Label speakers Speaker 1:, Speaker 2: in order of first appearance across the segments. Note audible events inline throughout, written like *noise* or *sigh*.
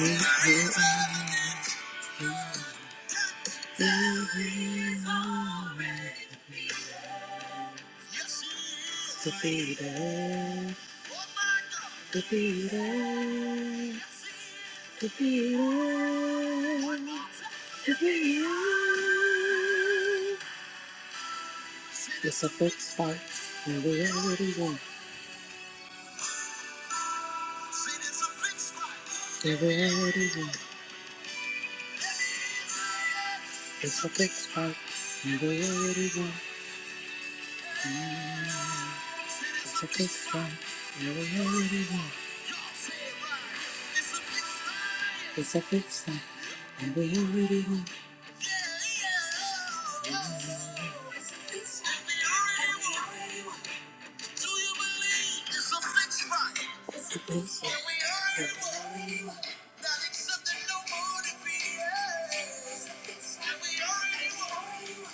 Speaker 1: We will defeat it, defeat it, defeat it, defeat It's a fixed fight, and we already won. And we already won. It's a fixed fight, and we already won. It's a good song. I really want. It's a good song. I really want. It's a good song.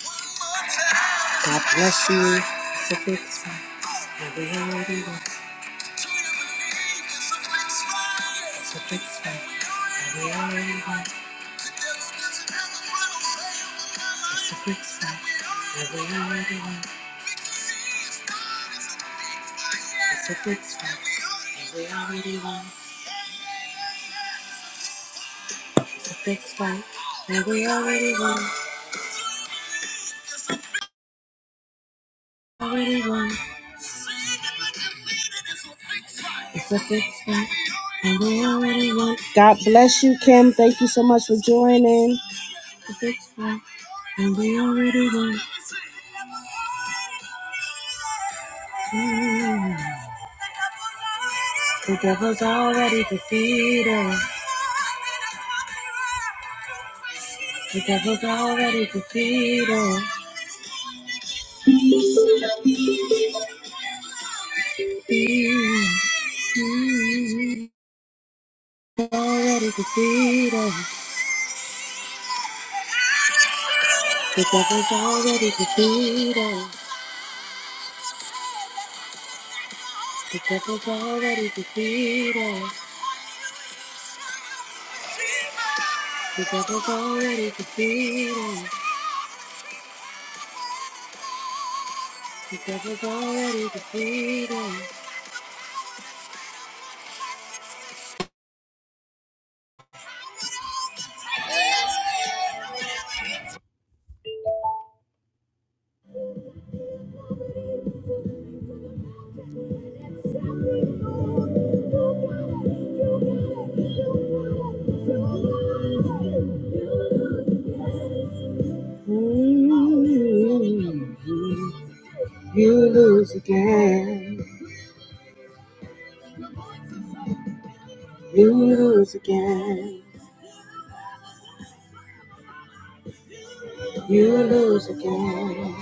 Speaker 1: God bless you. It's a fixed fight. We're already won. It's a fixed fight. We already won. It's a fixed fight. We already won. It's a fixed fight. And We already won. It's a fixed fight. And We already won. Already won. It's a fixed one. God bless you, Kim. Thank you so much for joining. It's fixed one. And we already won. Mm. The devil's already defeated. The devil's already defeated. Mm. Mm, Already defeated. The devil's already defeated. The devil's already defeated. The devil's already defeated. The devil's already defeated. Mm, You lose again. You lose again. You lose again.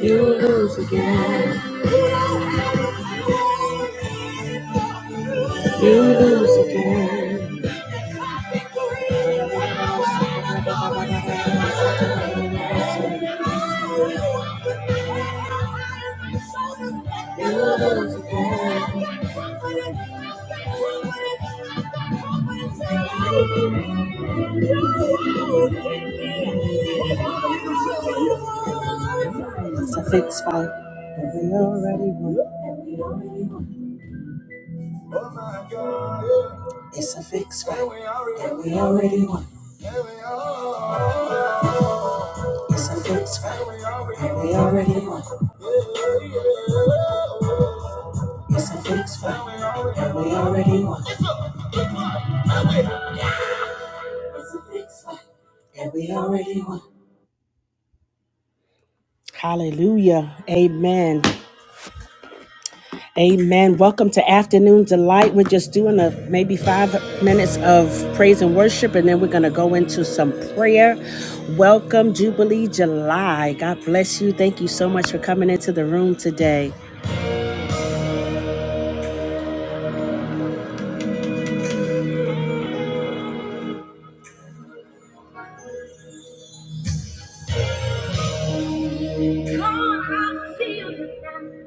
Speaker 1: You lose again. You lose again. You lose again. It's a fixed fight, but we already won. It's a fixed fight that we already won. It's a fixed fight that we already won. It's a fixed fight that we already won. That we already won. Hallelujah. Amen. Amen. Welcome to Afternoon Delight. We're just doing a maybe five minutes of praise and worship, and then we're going to go into some prayer. Welcome, Jubilee July. God bless you. Thank you so much for coming into the room today. Come on, I'm feeling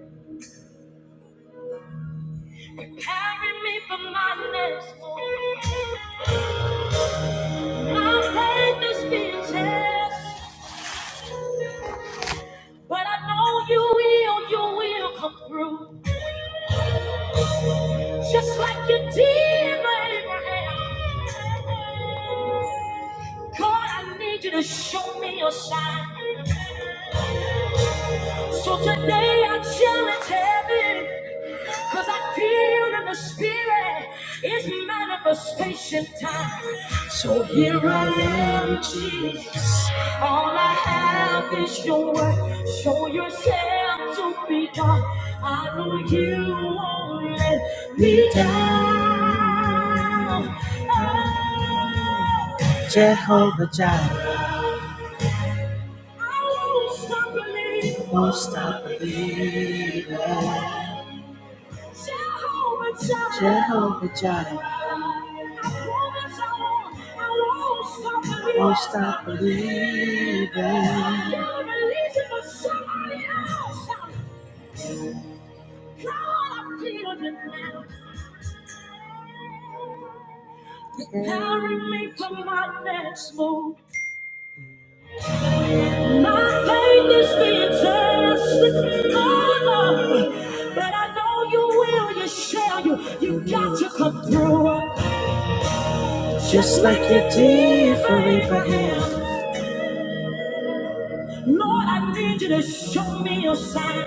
Speaker 1: Carry me for my next move. My faith is being tested, but I know you will, you will come through. Just like you did for Abraham. God, I need you to show me your sign. So today I challenge heaven, cause I feel in the spirit it's manifestation time. So here I am, Jesus. All I have is your word. Show yourself to be God. I know you won't let me down. Jehovah Jireh. I won't stop believing. Won't stop believing. Jehovah Jireh. I won't stop believing. Carry me to my next move. My pain is being tested. Oh, Lord. But I know you will, you shall, you, you got to come through. Just like you did for Abraham. Lord, I need you to show me your sign.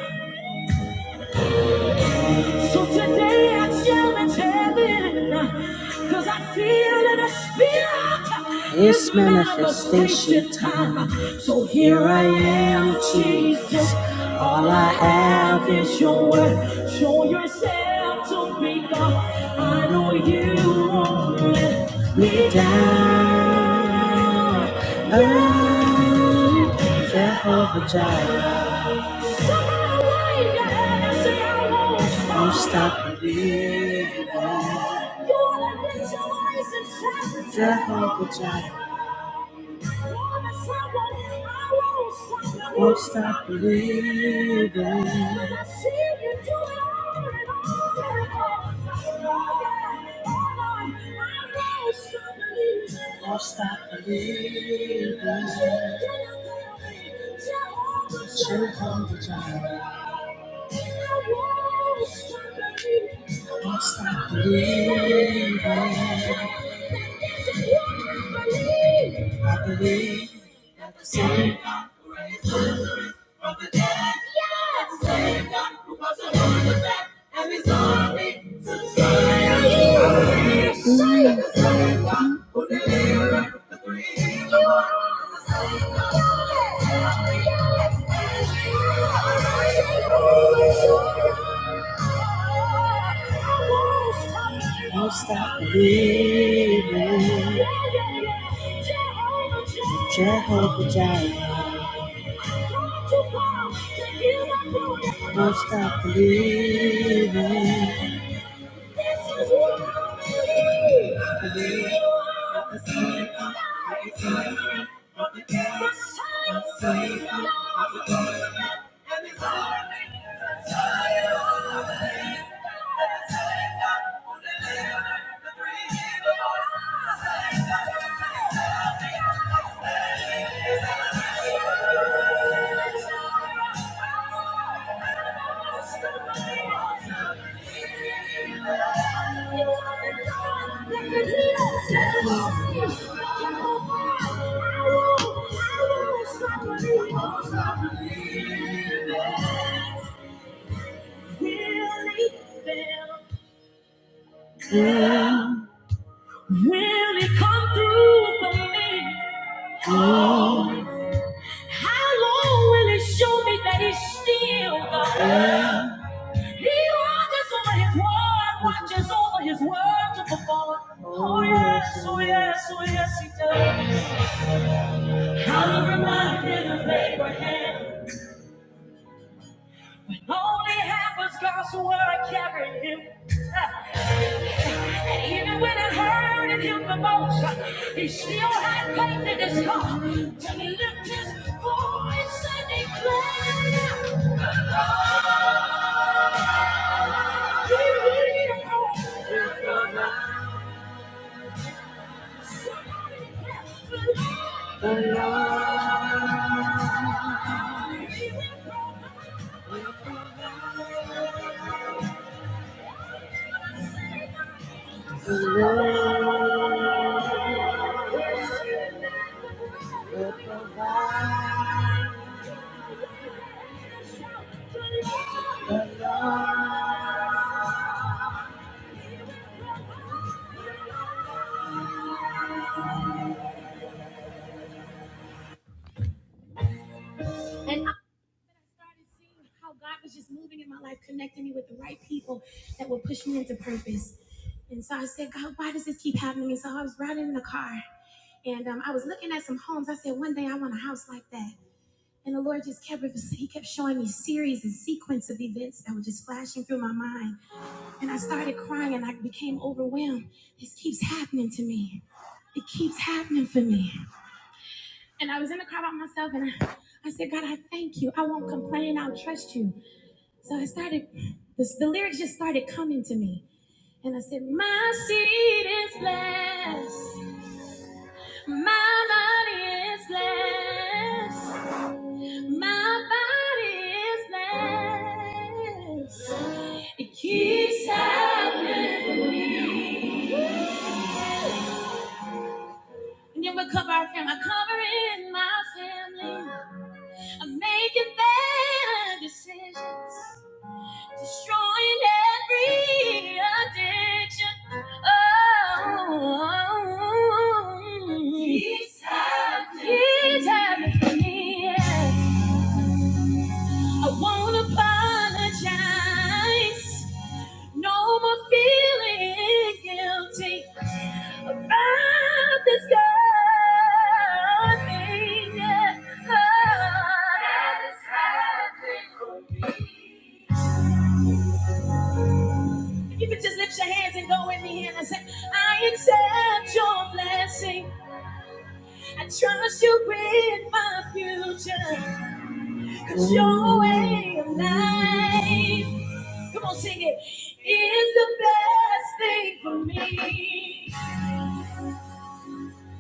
Speaker 1: So today I challenge heaven, cause I feel in the spirit. It's manifestation time. So here I am, Jesus. All I have is your word. Show yourself to me, God. I know you won't let me down. Oh, Jehovah Jireh. Won't stop believing. Jehovah Jireh. Won't stop believing. Won't stop believing. Jehovah Jireh. Won't stop believing. I believe that the same Won't stop believing. Jehovah Jireh. Won't stop believing. Will it come through for me? Oh. How long will He show me that he's still God? He watches over his word, watches over his word to perform. Oh yes, oh yes, oh yes, he does. I'm reminded of Abraham. Only half was God's word carried him. And even when it hurted him the most, he still had faith in his heart to lift his voice and declare. The Lord, the Lord. And after I started seeing how God was just moving in my life, connecting me with the right people that would push me into purpose. And so I said, God, why does this keep happening? And so I was riding in the car and um, I was looking at some homes. I said, one day I want a house like that. And the Lord just kept, he kept showing me series and sequence of events that were just flashing through my mind. And I started crying and I became overwhelmed. This keeps happening to me. It keeps happening for me. And I was in the car by myself and I, I said, God, I thank you. I won't complain. I'll trust you. So I started, the, the lyrics just started coming to me. And I said, My seed is blessed. My body is blessed. My body is blessed. It keeps happening for me. And then we cover our family. I'm covering my family. I'm making better decisions. Destroying every addiction. Oh, keeps happening. Keeps happening for me. yeah. I won't apologize. No more feeling guilty about this God thing. Yeah. That has happened for me. You can just lift your hands and go with me here and say, I accept your blessing. I trust you with my future. Cause your way of life. Come on, sing it. It's the best thing for me.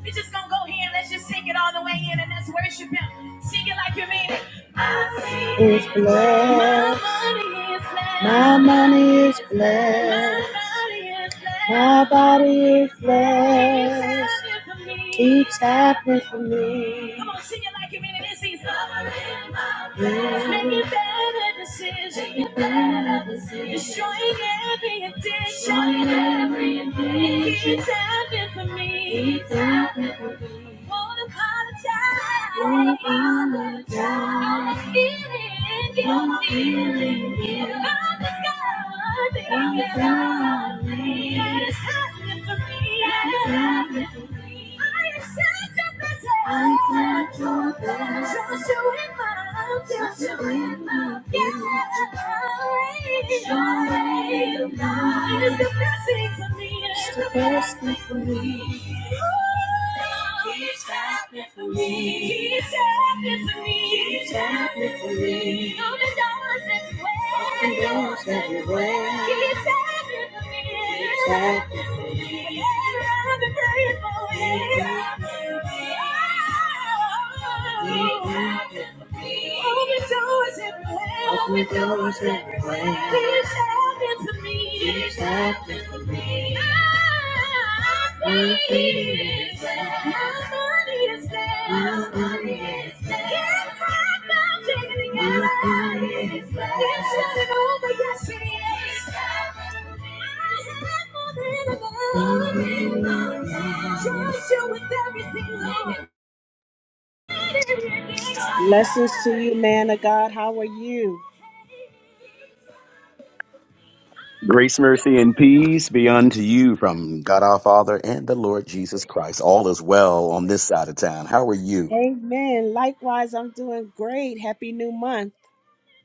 Speaker 1: We just gonna go here and let's just sing it all the way in and that's worship him. Sing it like you mean it. I see It's blessed. My money is blessed. My money is blessed. My body is blessed. Keeps happening for me. Come on, sing it like you mean it. This is Making better decisions. Destroying every addiction. Destroying every addiction. It's happened for me. It's happened for me. I won't apologize. Won't apologize. I'm feeling guilty. I'm feeling guilty. I'm just God. I'm just God. thing. That is happening for me. That is happening for me. I am Accept your blessings. Trust you with my Trust you with my yeah. Joy of mine. It's the best thing for me. It's the best thing for me. Keeps happening for me. Keeps happening for me. Keeps happening for me. Open doors everywhere. Open doors everywhere. Keeps happening for me. Keeps happening for me. Open doors everywhere. This happened to me. This happened to me. My feet is down. My money is down. My money is down. Can't find mountain in the My money is down. It's not over. Yes, it is. Blessings to you, man of God. How are you?
Speaker 2: Grace, mercy, and peace be unto you from God our Father and the Lord Jesus Christ. All is well on this side of town. How are you?
Speaker 1: Amen. Likewise, I'm doing great. Happy new month.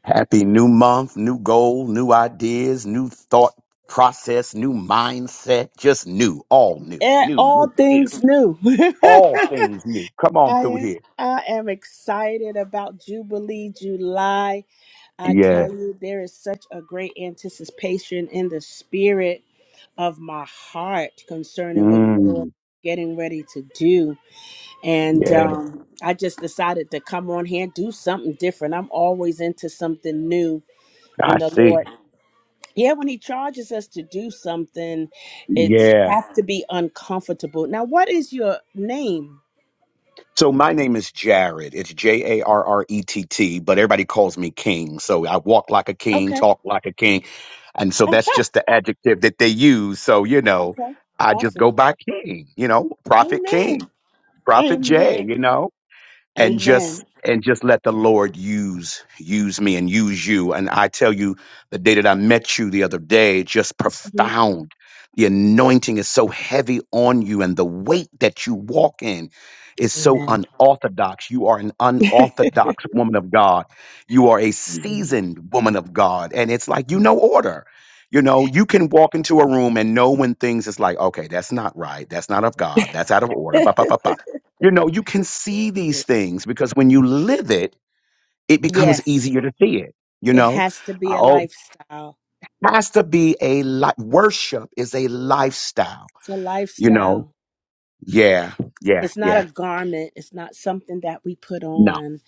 Speaker 2: Happy new month, new goal, new ideas, new thought process, new mindset, just new, all new,
Speaker 1: Eh,
Speaker 2: new, new,
Speaker 1: All
Speaker 2: new.
Speaker 1: things new. *laughs*
Speaker 2: all
Speaker 1: I
Speaker 2: things new. Come on through here.
Speaker 1: I am excited about Jubilee July. I
Speaker 2: Yeah.
Speaker 1: tell you, there is such a great anticipation in the spirit. of my heart concerning what the Lord
Speaker 2: Mm,
Speaker 1: is getting ready to do. And
Speaker 2: yeah.
Speaker 1: um, I just decided to come on here and do something different. I'm always into something new
Speaker 2: I
Speaker 1: when the
Speaker 2: see.
Speaker 1: Lord, yeah, when He charges us to do something, it
Speaker 2: Yeah.
Speaker 1: has to be uncomfortable. Now, what is your name?
Speaker 2: So my name is Jared. It's J A R R E T T, but everybody calls me King. So I walk like a king,
Speaker 1: Okay.
Speaker 2: talk like a king, and
Speaker 1: *laughs*
Speaker 2: so
Speaker 1: okay.
Speaker 2: that's just the adjective that they use. So you know, I just
Speaker 1: Awesome.
Speaker 2: go by King. You know, Prophet
Speaker 1: Amen.
Speaker 2: King, Prophet J.
Speaker 1: Amen.
Speaker 2: You know and just
Speaker 1: Amen.
Speaker 2: and just let the lord use use me and use you and i tell you the day that i met you the other day just
Speaker 1: Mhm.
Speaker 2: profound the anointing is so heavy on you and the weight that you walk in is so
Speaker 1: Amen.
Speaker 2: unorthodox you are an
Speaker 1: *laughs*
Speaker 2: unorthodox woman of god you are a
Speaker 1: Mhm.
Speaker 2: seasoned woman of god and it's like you know order you know you can walk into a room and know when things is like okay that's not right that's not of god that's out of order Ba, ba, ba,
Speaker 1: *laughs*
Speaker 2: ba. You know, you can see these things because when you live it, it becomes
Speaker 1: yes.
Speaker 2: easier to see it. You
Speaker 1: It
Speaker 2: know,
Speaker 1: has to be a
Speaker 2: oh,
Speaker 1: lifestyle.
Speaker 2: has to be a li- worship is a lifestyle.
Speaker 1: It's a
Speaker 2: You know,
Speaker 1: lifestyle.
Speaker 2: yeah, yeah,
Speaker 1: It's not
Speaker 2: yeah.
Speaker 1: a garment. It's not something that we put
Speaker 2: No,
Speaker 1: on.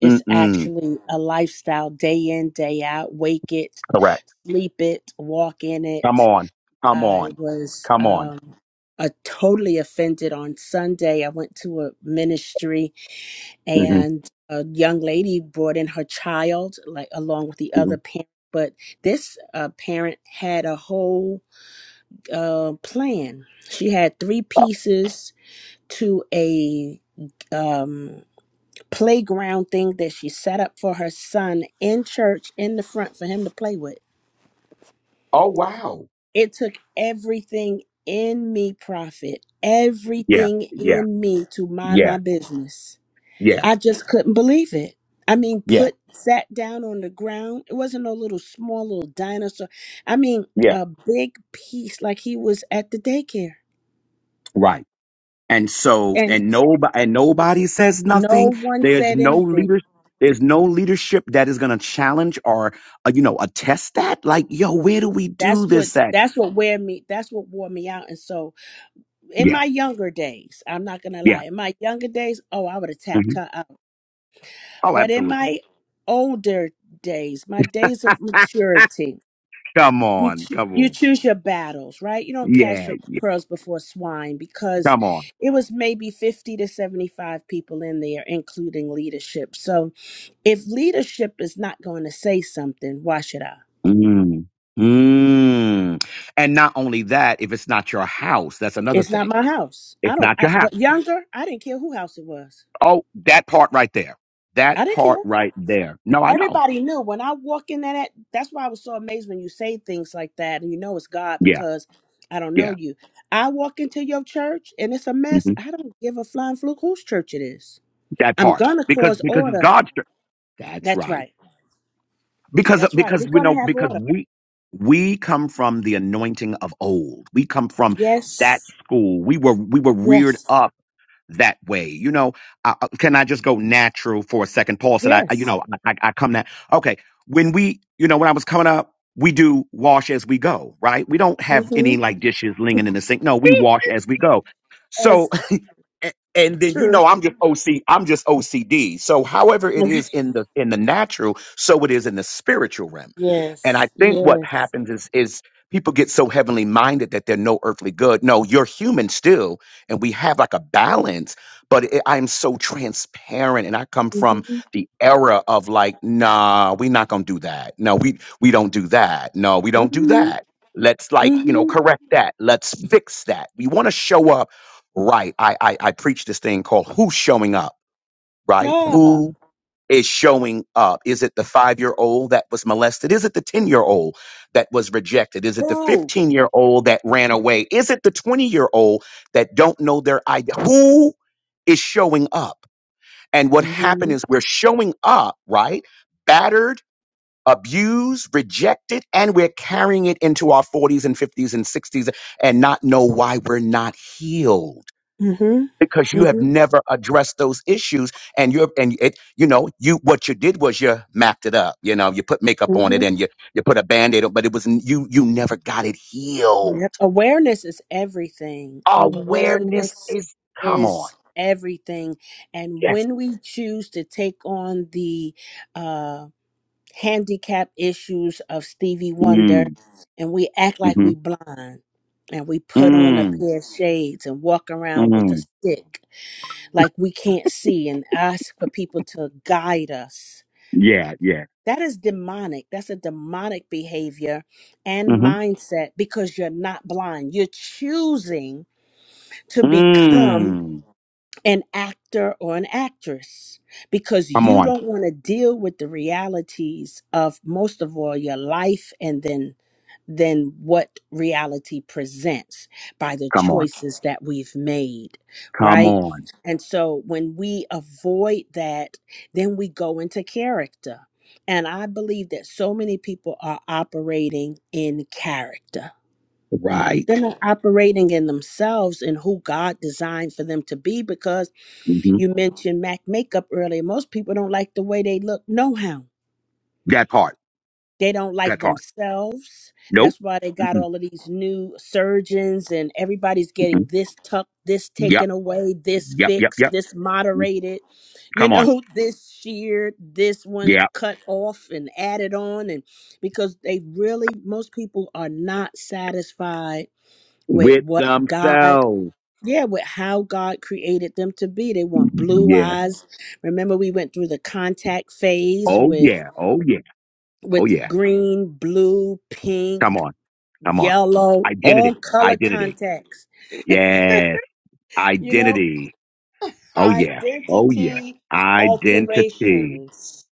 Speaker 1: It's
Speaker 2: mm-mm,
Speaker 1: actually a lifestyle day in, day out. Wake it,
Speaker 2: correct.
Speaker 1: sleep it, walk in
Speaker 2: Come
Speaker 1: it.
Speaker 2: on, come
Speaker 1: I
Speaker 2: on,
Speaker 1: was
Speaker 2: come on.
Speaker 1: um, uh, totally offended on Sunday. I went to a ministry
Speaker 2: hmm
Speaker 1: and a young lady brought in her child, like along with the other parent. But this uh, parent had a whole uh, plan. She had three pieces to a um, playground thing that she set up for her son in church in the front for him to play with.
Speaker 2: Oh wow.
Speaker 1: It took everything in me, Prophet,
Speaker 2: Yeah,
Speaker 1: everything
Speaker 2: yeah,
Speaker 1: in me to mind
Speaker 2: yeah,
Speaker 1: my business.
Speaker 2: yeah,
Speaker 1: I just couldn't believe it. I mean,
Speaker 2: yeah,
Speaker 1: put sat down on the ground. It wasn't no little small little dinosaur. I mean,
Speaker 2: yeah.
Speaker 1: a big piece like he was at the daycare.
Speaker 2: Right. And so,
Speaker 1: and.
Speaker 2: and nobody, and nobody says nothing.
Speaker 1: No one
Speaker 2: There's
Speaker 1: said
Speaker 2: no
Speaker 1: anything.
Speaker 2: leader. There's no leadership that is going to challenge or, uh, you know, attest that. Like, yo, where do we do
Speaker 1: That's what
Speaker 2: this at?
Speaker 1: that's what wear me that's what wore me out. And so in
Speaker 2: Yeah,
Speaker 1: my younger days, I'm not gonna
Speaker 2: yeah.
Speaker 1: lie, in my younger days, oh I would have
Speaker 2: hmm
Speaker 1: tapped her out.
Speaker 2: Oh,
Speaker 1: But in
Speaker 2: absolutely.
Speaker 1: my older days, my days of
Speaker 2: *laughs*
Speaker 1: maturity,
Speaker 2: come
Speaker 1: you
Speaker 2: on,
Speaker 1: cho-
Speaker 2: come
Speaker 1: you
Speaker 2: on.
Speaker 1: choose your battles, right? You don't cast
Speaker 2: Yeah,
Speaker 1: your
Speaker 2: yeah
Speaker 1: pearls before swine because
Speaker 2: come on.
Speaker 1: it was maybe 50 to 75 people in there, including leadership. So if leadership is not going to say something, why should I?
Speaker 2: Mm. Mm. And not only that, if it's not your house, that's another
Speaker 1: It's not
Speaker 2: thing.
Speaker 1: my house. I
Speaker 2: It's
Speaker 1: don't.
Speaker 2: not
Speaker 1: I,
Speaker 2: your house.
Speaker 1: but younger, I didn't care who house it was.
Speaker 2: Oh, that part right there.
Speaker 1: I
Speaker 2: That
Speaker 1: didn't
Speaker 2: part
Speaker 1: care.
Speaker 2: right there. No, I know.
Speaker 1: Everybody knew when I walk in that. That's why I was so amazed when you say things like that, and you know it's God
Speaker 2: Yeah,
Speaker 1: because I don't know
Speaker 2: yeah.
Speaker 1: you. I walk into your church and it's a
Speaker 2: Mm-hmm.
Speaker 1: mess. I don't give a flying fluke whose church it is.
Speaker 2: That
Speaker 1: I'm
Speaker 2: part.
Speaker 1: gonna
Speaker 2: Because
Speaker 1: cause
Speaker 2: because it's
Speaker 1: order.
Speaker 2: God's strength. That's
Speaker 1: That's
Speaker 2: right.
Speaker 1: right.
Speaker 2: Because
Speaker 1: That's right. We're
Speaker 2: because we know
Speaker 1: gonna have
Speaker 2: because
Speaker 1: order.
Speaker 2: we we come from the anointing of old. We come from that
Speaker 1: Yes.
Speaker 2: school. We were we were reared
Speaker 1: Yes.
Speaker 2: up that way. You know, I, I- can I just go natural for a second? Paul said, I I- you
Speaker 1: Yes.
Speaker 2: know I, I I come that okay. When we you know when I was coming up. We do wash as we go, right? We don't have any
Speaker 1: Mm-hmm.
Speaker 2: like dishes lingering in the sink. No, we wash as we go.
Speaker 1: *laughs*
Speaker 2: So
Speaker 1: That's
Speaker 2: a- and then you
Speaker 1: true.
Speaker 2: know I'm just OC I'm just OCD. So however it is
Speaker 1: *laughs*
Speaker 2: in the in the natural, so it is in the spiritual realm. And I
Speaker 1: yes.
Speaker 2: think what
Speaker 1: Yes.
Speaker 2: happens is is people get so heavenly minded that they're no earthly good. No, you're human still and we have like a balance, but it, I'm so transparent and I come from
Speaker 1: Mm-hmm.
Speaker 2: the era of like nah, we're not going to do that. No, we we don't do that. No, we don't do
Speaker 1: Mm-hmm.
Speaker 2: that. Let's like, you know,
Speaker 1: Mm-hmm.
Speaker 2: correct that. Let's fix that. We want to show up right i i, I preach this thing called who's showing up right
Speaker 1: Yeah.
Speaker 2: who is showing up is it the five year old that was molested is it the 10 year old that was rejected is it the
Speaker 1: Who?
Speaker 2: 15 year old that ran away is it the 20 year old that don't know their idea who is showing up and what happened
Speaker 1: Mm-hmm.
Speaker 2: is we're showing up right battered abused rejected and we're carrying it into our 40s and 50s and 60s and not know why we're not healed
Speaker 1: Mm-hmm.
Speaker 2: because you have
Speaker 1: Mm-hmm.
Speaker 2: never addressed those issues and you're and it you know you what you did was you mapped it up you know you put makeup on it
Speaker 1: Mm-hmm.
Speaker 2: and you you put a band-aid on but it was you you never got it healed
Speaker 1: Yep. Awareness is everything.
Speaker 2: awareness
Speaker 1: Awareness
Speaker 2: is come on
Speaker 1: is everything. And
Speaker 2: yes
Speaker 1: when we choose to take on the uh handicap issues of Stevie Wonder
Speaker 2: mm,
Speaker 1: and we act like
Speaker 2: mm-hmm.
Speaker 1: we blind and we put on a
Speaker 2: mm,
Speaker 1: pair of shades and walk around with a
Speaker 2: mm.
Speaker 1: stick like we can't see and ask for people to guide us
Speaker 2: yeah yeah
Speaker 1: That is demonic. That's a demonic behavior and
Speaker 2: mm-hmm.
Speaker 1: mindset because you're not blind. You're choosing to become
Speaker 2: mm.
Speaker 1: an actor or an actress because
Speaker 2: come
Speaker 1: you
Speaker 2: on
Speaker 1: don't want to deal with the realities of most of all your life and then than what reality presents by the
Speaker 2: come on
Speaker 1: choices that we've made,
Speaker 2: come
Speaker 1: right?
Speaker 2: on
Speaker 1: And so when we avoid that, then we go into character. And I believe that so many people are operating in character. They're
Speaker 2: right
Speaker 1: not operating in themselves and who God designed for them to be because
Speaker 2: mm-hmm.
Speaker 1: you mentioned MAC makeup earlier. Most people don't like the way they look, no how
Speaker 2: that part
Speaker 1: they don't like
Speaker 2: that part
Speaker 1: themselves.
Speaker 2: nope
Speaker 1: That's why they got
Speaker 2: Mm-mm,
Speaker 1: all of these new surgeons and everybody's getting
Speaker 2: mm-mm.
Speaker 1: this tucked, this
Speaker 2: yep
Speaker 1: taken away, this
Speaker 2: yep yep
Speaker 1: fixed,
Speaker 2: yep
Speaker 1: this
Speaker 2: Mm,
Speaker 1: moderated, you
Speaker 2: come on
Speaker 1: know, *laughs* this sheared, this one
Speaker 2: Yeah.
Speaker 1: cut off and added on. And because they really, most people are not satisfied with
Speaker 2: with
Speaker 1: what God.
Speaker 2: themselves.
Speaker 1: Yeah, with how God created them to be. They want blue
Speaker 2: Yeah.
Speaker 1: eyes. Remember, we went through the contact phase
Speaker 2: Oh
Speaker 1: with
Speaker 2: yeah. Oh yeah. Oh
Speaker 1: with
Speaker 2: yeah.
Speaker 1: green, blue, pink,
Speaker 2: Come on. Come on.
Speaker 1: yellow, all
Speaker 2: Identity.
Speaker 1: color
Speaker 2: Identity.
Speaker 1: contacts,
Speaker 2: Yes.
Speaker 1: you know,
Speaker 2: Identity. Oh yeah. Oh yeah.
Speaker 1: identity
Speaker 2: Identity.
Speaker 1: alterations,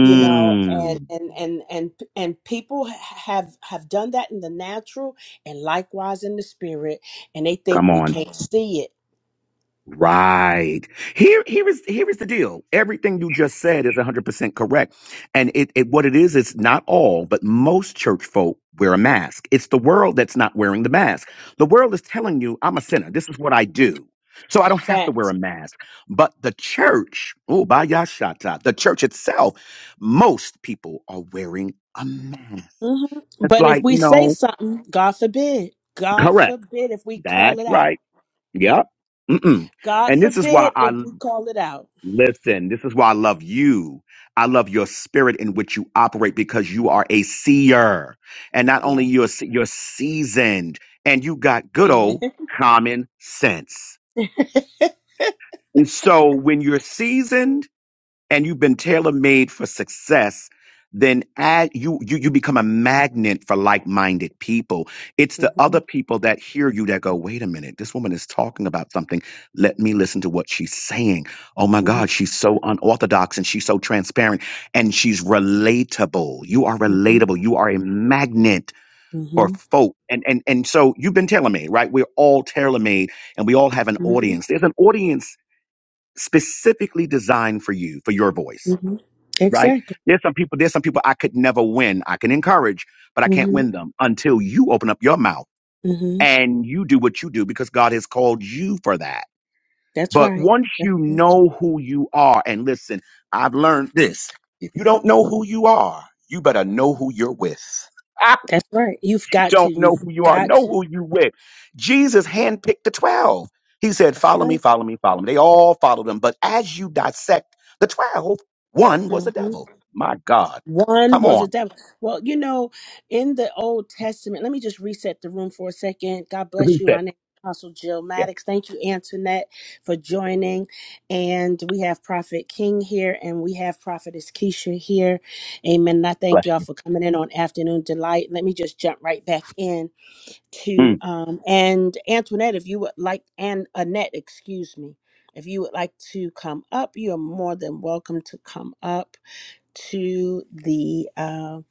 Speaker 1: you know, and and and and and people have have done that in the natural and likewise in the spirit, and they
Speaker 2: Come
Speaker 1: think we
Speaker 2: on.
Speaker 1: can't see it.
Speaker 2: Right. Here, here is here is the deal. Everything you just said is 100% correct. And it, it what it is is not all, but most church folk wear a mask. It's the world that's not wearing the mask. The world is telling you, I'm a sinner. This is what I do. So I don't have to wear
Speaker 1: Facts.
Speaker 2: a mask. But the church, oh, by yashata, the church itself, most people are wearing a mask.
Speaker 1: hmm
Speaker 2: It's
Speaker 1: But if
Speaker 2: like,
Speaker 1: we say
Speaker 2: no,
Speaker 1: something, God forbid, God
Speaker 2: correct.
Speaker 1: forbid if we call
Speaker 2: That's
Speaker 1: it out.
Speaker 2: right. Yep. Mm-mm.
Speaker 1: God
Speaker 2: And this is why
Speaker 1: forbid if
Speaker 2: I
Speaker 1: we call it out.
Speaker 2: Listen, this is why I love you. I love your spirit in which you operate because you are a seer. And not only
Speaker 1: Yeah.
Speaker 2: you're se- you're seasoned and you got good
Speaker 1: Amen.
Speaker 2: old common sense. And so when you're seasoned and you've been tailor made for success, then add, you, you you become a magnet for like minded people. It's the
Speaker 1: *laughs*
Speaker 2: other people that hear you that go, wait a minute, this woman is talking about something. Let me listen to what she's saying. Oh my
Speaker 1: Mhm.
Speaker 2: God, she's so unorthodox and she's so transparent and she's relatable. You are
Speaker 1: Mhm.
Speaker 2: relatable. You are a magnet for
Speaker 1: Mhm.
Speaker 2: folk. And and and so you've been tailor made, right? We're all tailor made and we all have an
Speaker 1: Mhm.
Speaker 2: audience. There's an audience specifically designed for you, for your voice
Speaker 1: Mhm.
Speaker 2: right?
Speaker 1: Exactly.
Speaker 2: There's some people, there's some people I could never win. I can encourage, but I can't
Speaker 1: Mhm.
Speaker 2: win them until you open up your mouth
Speaker 1: Mhm.
Speaker 2: and you do what you do because God has called you for that.
Speaker 1: That's
Speaker 2: But
Speaker 1: right.
Speaker 2: once
Speaker 1: That's
Speaker 2: you
Speaker 1: right.
Speaker 2: know who you are, and listen, I've learned this. If you don't know who you are, you better know who you're with. *laughs*
Speaker 1: That's right. You've got to.
Speaker 2: don't know
Speaker 1: You've
Speaker 2: who you are.
Speaker 1: got
Speaker 2: Know
Speaker 1: to.
Speaker 2: who you with. Jesus handpicked the 12. He said,
Speaker 1: That's
Speaker 2: Follow me,
Speaker 1: right.
Speaker 2: follow me, follow me. They all followed him. But as you dissect the twelve, one was the
Speaker 1: Mhm.
Speaker 2: devil. My God.
Speaker 1: One
Speaker 2: Come
Speaker 1: was a
Speaker 2: on.
Speaker 1: devil. Well, you know, in the Old Testament, let me just reset the room for a second. God bless you. My
Speaker 2: Reset.
Speaker 1: name is Apostle Jill
Speaker 2: Yeah.
Speaker 1: Maddox. Thank you, Antoinette, for joining. And we have Prophet King here, and we have Prophetess Keisha here. Amen. And I
Speaker 2: Bless
Speaker 1: thank y'all
Speaker 2: you.
Speaker 1: for coming in on Afternoon Delight. Let me just jump right back in to
Speaker 2: Mm,
Speaker 1: um and Antoinette, if you would like and Annette, excuse me. If you would like to come up, you are more than welcome to come up to the uh,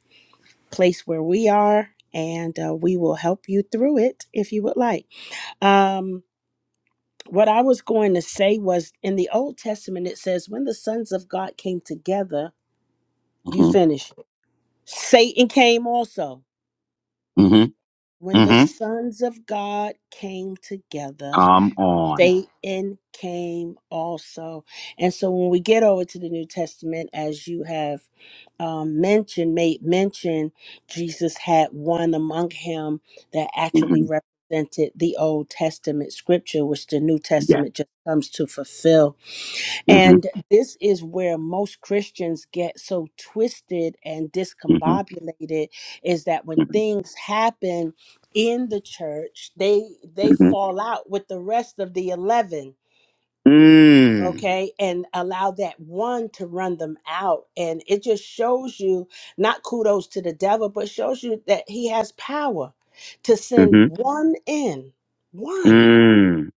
Speaker 1: place where we are, and uh, we will help you through it if you would like. Um, what I was going to say was in the Old Testament, it says, When the sons of God came together, you
Speaker 2: mm-hmm.
Speaker 1: finished. Satan came also.
Speaker 2: Mm-hmm.
Speaker 1: When the
Speaker 2: Mm-hmm.
Speaker 1: sons of God came together,
Speaker 2: Come on.
Speaker 1: Satan came also. And so when we get over to the New Testament, as you have um, mentioned, made mention, Jesus had one among him that actually
Speaker 2: Mm-hmm.
Speaker 1: represented the Old Testament scripture, which the New
Speaker 2: Yeah.
Speaker 1: Testament just comes to fulfill and
Speaker 2: Mm-hmm.
Speaker 1: this is where most Christians get so twisted and
Speaker 2: Mm-hmm.
Speaker 1: discombobulated is that when things happen in the church, they they
Speaker 2: Mm-hmm.
Speaker 1: fall out with the rest of the 11,
Speaker 2: mm
Speaker 1: okay? And allow that one to run them out. And it just shows you not kudos to the devil, but shows you that he has power to send
Speaker 2: Mm-hmm.
Speaker 1: one in, one
Speaker 2: Mm,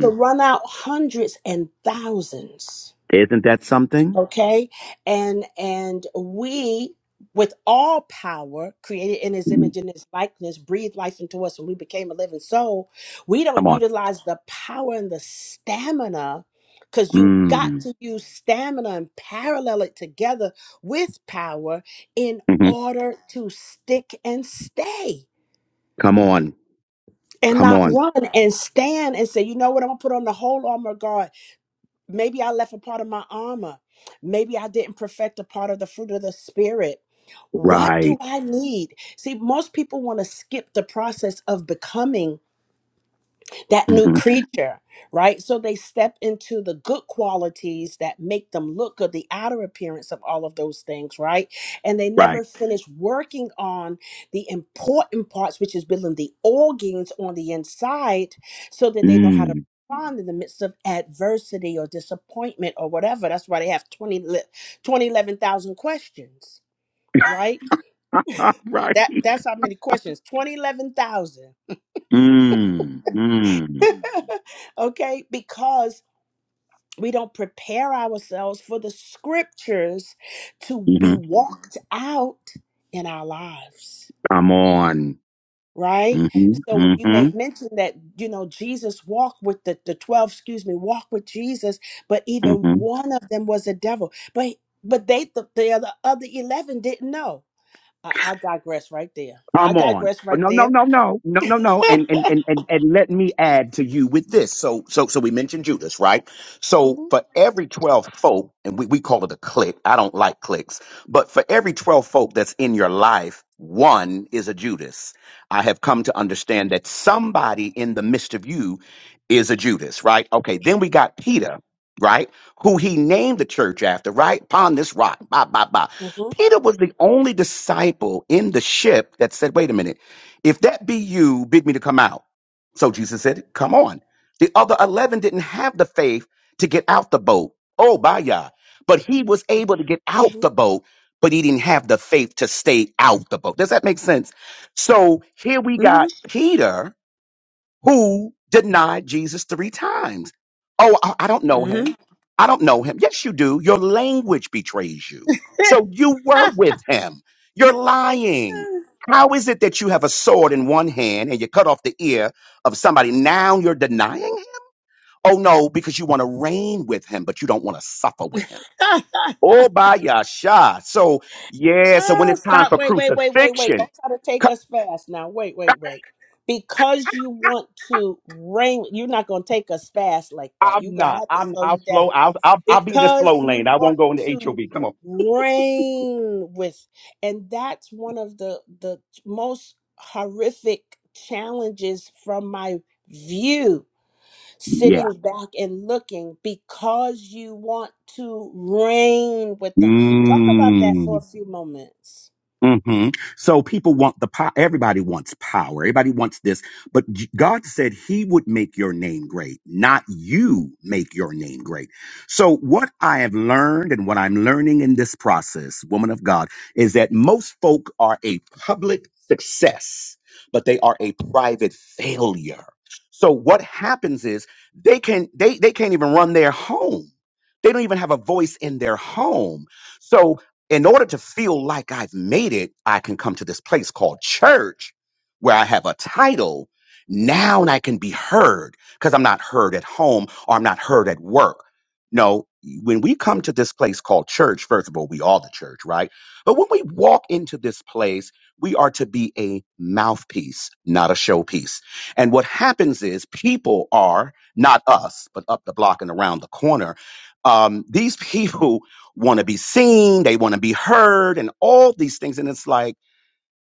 Speaker 1: to run out hundreds and thousands.
Speaker 2: Isn't that something?
Speaker 1: okay and and we with all power created in his
Speaker 2: Mhm.
Speaker 1: image and his likeness breathed life into us and we became a living soul we
Speaker 2: Come
Speaker 1: don't
Speaker 2: on.
Speaker 1: utilize the power and the stamina because you got
Speaker 2: Mm.
Speaker 1: to use stamina and parallel it together with power in
Speaker 2: hmm
Speaker 1: order to stick and stay
Speaker 2: Come on.
Speaker 1: and
Speaker 2: Come
Speaker 1: not
Speaker 2: on.
Speaker 1: run and stand and say you know what i'm gonna put on the whole armor of God Maybe I left a part of my armor. Maybe I didn't perfect a part of the fruit of the spirit. What do
Speaker 2: Right.
Speaker 1: I need? See, most people want to skip the process of becoming that new
Speaker 2: hmm
Speaker 1: creature, right? So they step into the good qualities that make them look good, the outer appearance of all of those things, right? And they
Speaker 2: Right.
Speaker 1: never finish working on the important parts, which is building the organs on the inside so that they know how to
Speaker 2: Mm.
Speaker 1: respond in the midst of adversity or disappointment or whatever. That's why they have 20, le- 20 eleven thousand questions, right?
Speaker 2: *laughs* right.
Speaker 1: That That's how many questions, 20 11,000.
Speaker 2: Mm. Mm.
Speaker 1: *laughs* okay, because we don't prepare ourselves for the scriptures to
Speaker 2: hmm
Speaker 1: be walked out in our lives
Speaker 2: Come on.
Speaker 1: right
Speaker 2: hmm
Speaker 1: so when you
Speaker 2: hmm
Speaker 1: made mention that you know jesus walked with the, the 12 excuse me walked with jesus but
Speaker 2: hmm
Speaker 1: even one of them was a devil but but they the, the other other 11 didn't know I, I digress right there i
Speaker 2: Come on.
Speaker 1: digress
Speaker 2: Oh,
Speaker 1: right
Speaker 2: No, no,
Speaker 1: there
Speaker 2: no, no, no, no, no.
Speaker 1: *laughs*
Speaker 2: And, and and and and let me add to you with this. So so so we mentioned Judas, right?
Speaker 1: Mhm.
Speaker 2: So for every 12 folk, and we, we call it a clique. I don't like cliques, but for every 12 folk that's in your life, one is a Judas. I have come to understand that somebody in the midst of you is a Judas, right? Okay, then we got Peter. Right, who he named the church after, right? Upon this rock, bah, bah, bah.
Speaker 1: Mm-hmm.
Speaker 2: Peter was the only disciple in the ship that said, wait a minute, if that be you, bid me to come out. So Jesus said, come on. The other 11 didn't have the faith to get out the boat. Oh, by Yah. But he was able to get out the boat, but he didn't have the faith to stay out the boat. Does that make sense? So here we
Speaker 1: Mm-hmm.
Speaker 2: got Peter who denied Jesus three times. Oh, I, I don't know him.
Speaker 1: Mm-hmm.
Speaker 2: I don't know him. Yes, you do. Your language betrays you. So you were with him. You're lying. How is it that you have a sword in one hand and you cut off the ear of somebody? Now you're denying him? Oh, no, because you want to reign with him, but you don't want to suffer with him.
Speaker 1: *laughs* Mhm.
Speaker 2: Oh, by Yasha. So, yeah, so when
Speaker 1: Ah,
Speaker 2: it's time
Speaker 1: stop.
Speaker 2: for
Speaker 1: Wait, wait, wait, wait, wait.
Speaker 2: crucifixion,
Speaker 1: Don't try to take us fast now. Wait, wait, wait. Because you want to reign, you're not going to take us fast like that. You're
Speaker 2: I'm
Speaker 1: going to
Speaker 2: not.
Speaker 1: have to
Speaker 2: I'm.
Speaker 1: slow
Speaker 2: I'll
Speaker 1: you down.
Speaker 2: slow. I'll. I'll. I'll be in the
Speaker 1: Because
Speaker 2: slow
Speaker 1: you
Speaker 2: lane. I won't
Speaker 1: want
Speaker 2: go in the
Speaker 1: to
Speaker 2: HOV. Come on.
Speaker 1: reign with, and that's one of the, the most horrific challenges from my view
Speaker 2: Yeah.
Speaker 1: sitting back and looking because you want to reign with them. Talk about that
Speaker 2: Mm.
Speaker 1: for a few moments.
Speaker 2: hmm So people want the power. Everybody wants power. Everybody wants this. But J- God said He would make your name great, not you make your name great. So what I have learned and what I'm learning in this process, woman of God, is that most folk are a public success, but they are a private failure. So what happens is they can they they can't even run their home. They don't even have a voice in their home. So in order to feel like I've made it, I can come to this place called church where I have a title. Now I can be heard because I'm not heard at home or I'm not heard at work. No, when we come to this place called church, first of all, we are the church, right? But when we walk into this place, we are to be a mouthpiece, not a showpiece. And what happens is people are, not us, but up the block and around the corner, um, these *laughs* people want to be seen, they want to be heard, and all these things. And it's like,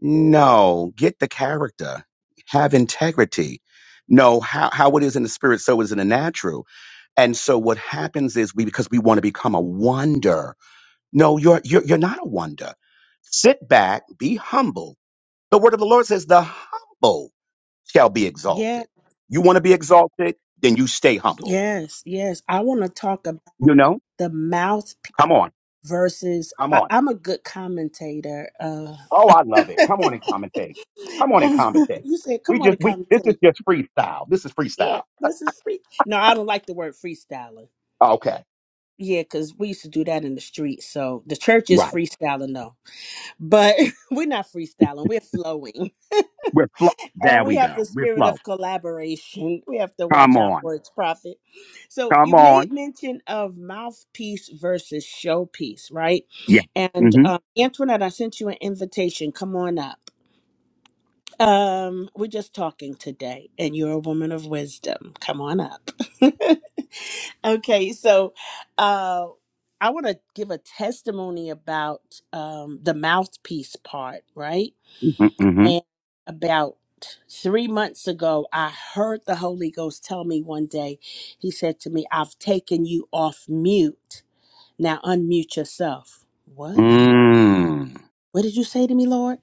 Speaker 2: no, get the character, have integrity. No, how, how it is in the spirit, so is in the natural. And so what happens is we because we want to become a wonder. No, you're you're you're not a wonder. Sit back, be humble. The word of the Lord says, "The humble shall be
Speaker 1: Yeah,
Speaker 2: exalted." You want to be exalted, then you stay humble.
Speaker 1: yes, yes. I want to talk about
Speaker 2: You know?
Speaker 1: the mouth
Speaker 2: Come on.
Speaker 1: versus.
Speaker 2: Come
Speaker 1: I,
Speaker 2: on.
Speaker 1: I'm a good commentator. Uh,
Speaker 2: Oh, I love
Speaker 1: *laughs*
Speaker 2: it. Come on and commentate. Come on and commentate.
Speaker 1: you said,
Speaker 2: We
Speaker 1: "Come on
Speaker 2: just
Speaker 1: and
Speaker 2: we this is
Speaker 1: commentate."
Speaker 2: just freestyle. This is
Speaker 1: Yeah,
Speaker 2: freestyle.
Speaker 1: this is free. No, I don't like the word freestyling.
Speaker 2: Okay.
Speaker 1: Yeah, because we used to do that in the street. So the church is
Speaker 2: Right.
Speaker 1: freestyling, though. But *laughs* we're not freestyling, we're flowing.
Speaker 2: We're flow.
Speaker 1: and
Speaker 2: There
Speaker 1: we
Speaker 2: we go.
Speaker 1: have the
Speaker 2: We're
Speaker 1: spirit
Speaker 2: flow.
Speaker 1: of collaboration. We have to
Speaker 2: Come
Speaker 1: watch our
Speaker 2: on.
Speaker 1: words, prophet. So
Speaker 2: Come
Speaker 1: you
Speaker 2: on.
Speaker 1: made mention of mouthpiece versus showpiece, right?
Speaker 2: Yeah.
Speaker 1: And
Speaker 2: Mm-hmm.
Speaker 1: um, Antoinette, I sent you an invitation. Come on up. Um, we're just talking today, and you're a woman of wisdom. Come on up. *laughs* okay, so uh, I want to give a testimony about um, the mouthpiece part, right?
Speaker 2: Mm-hmm.
Speaker 1: And about three months ago, I heard the Holy Ghost tell me one day, He said to me, I've taken you off mute. Now unmute yourself.
Speaker 2: Mm-hmm.
Speaker 1: What?
Speaker 2: Mm.
Speaker 1: What did you say to me, Lord?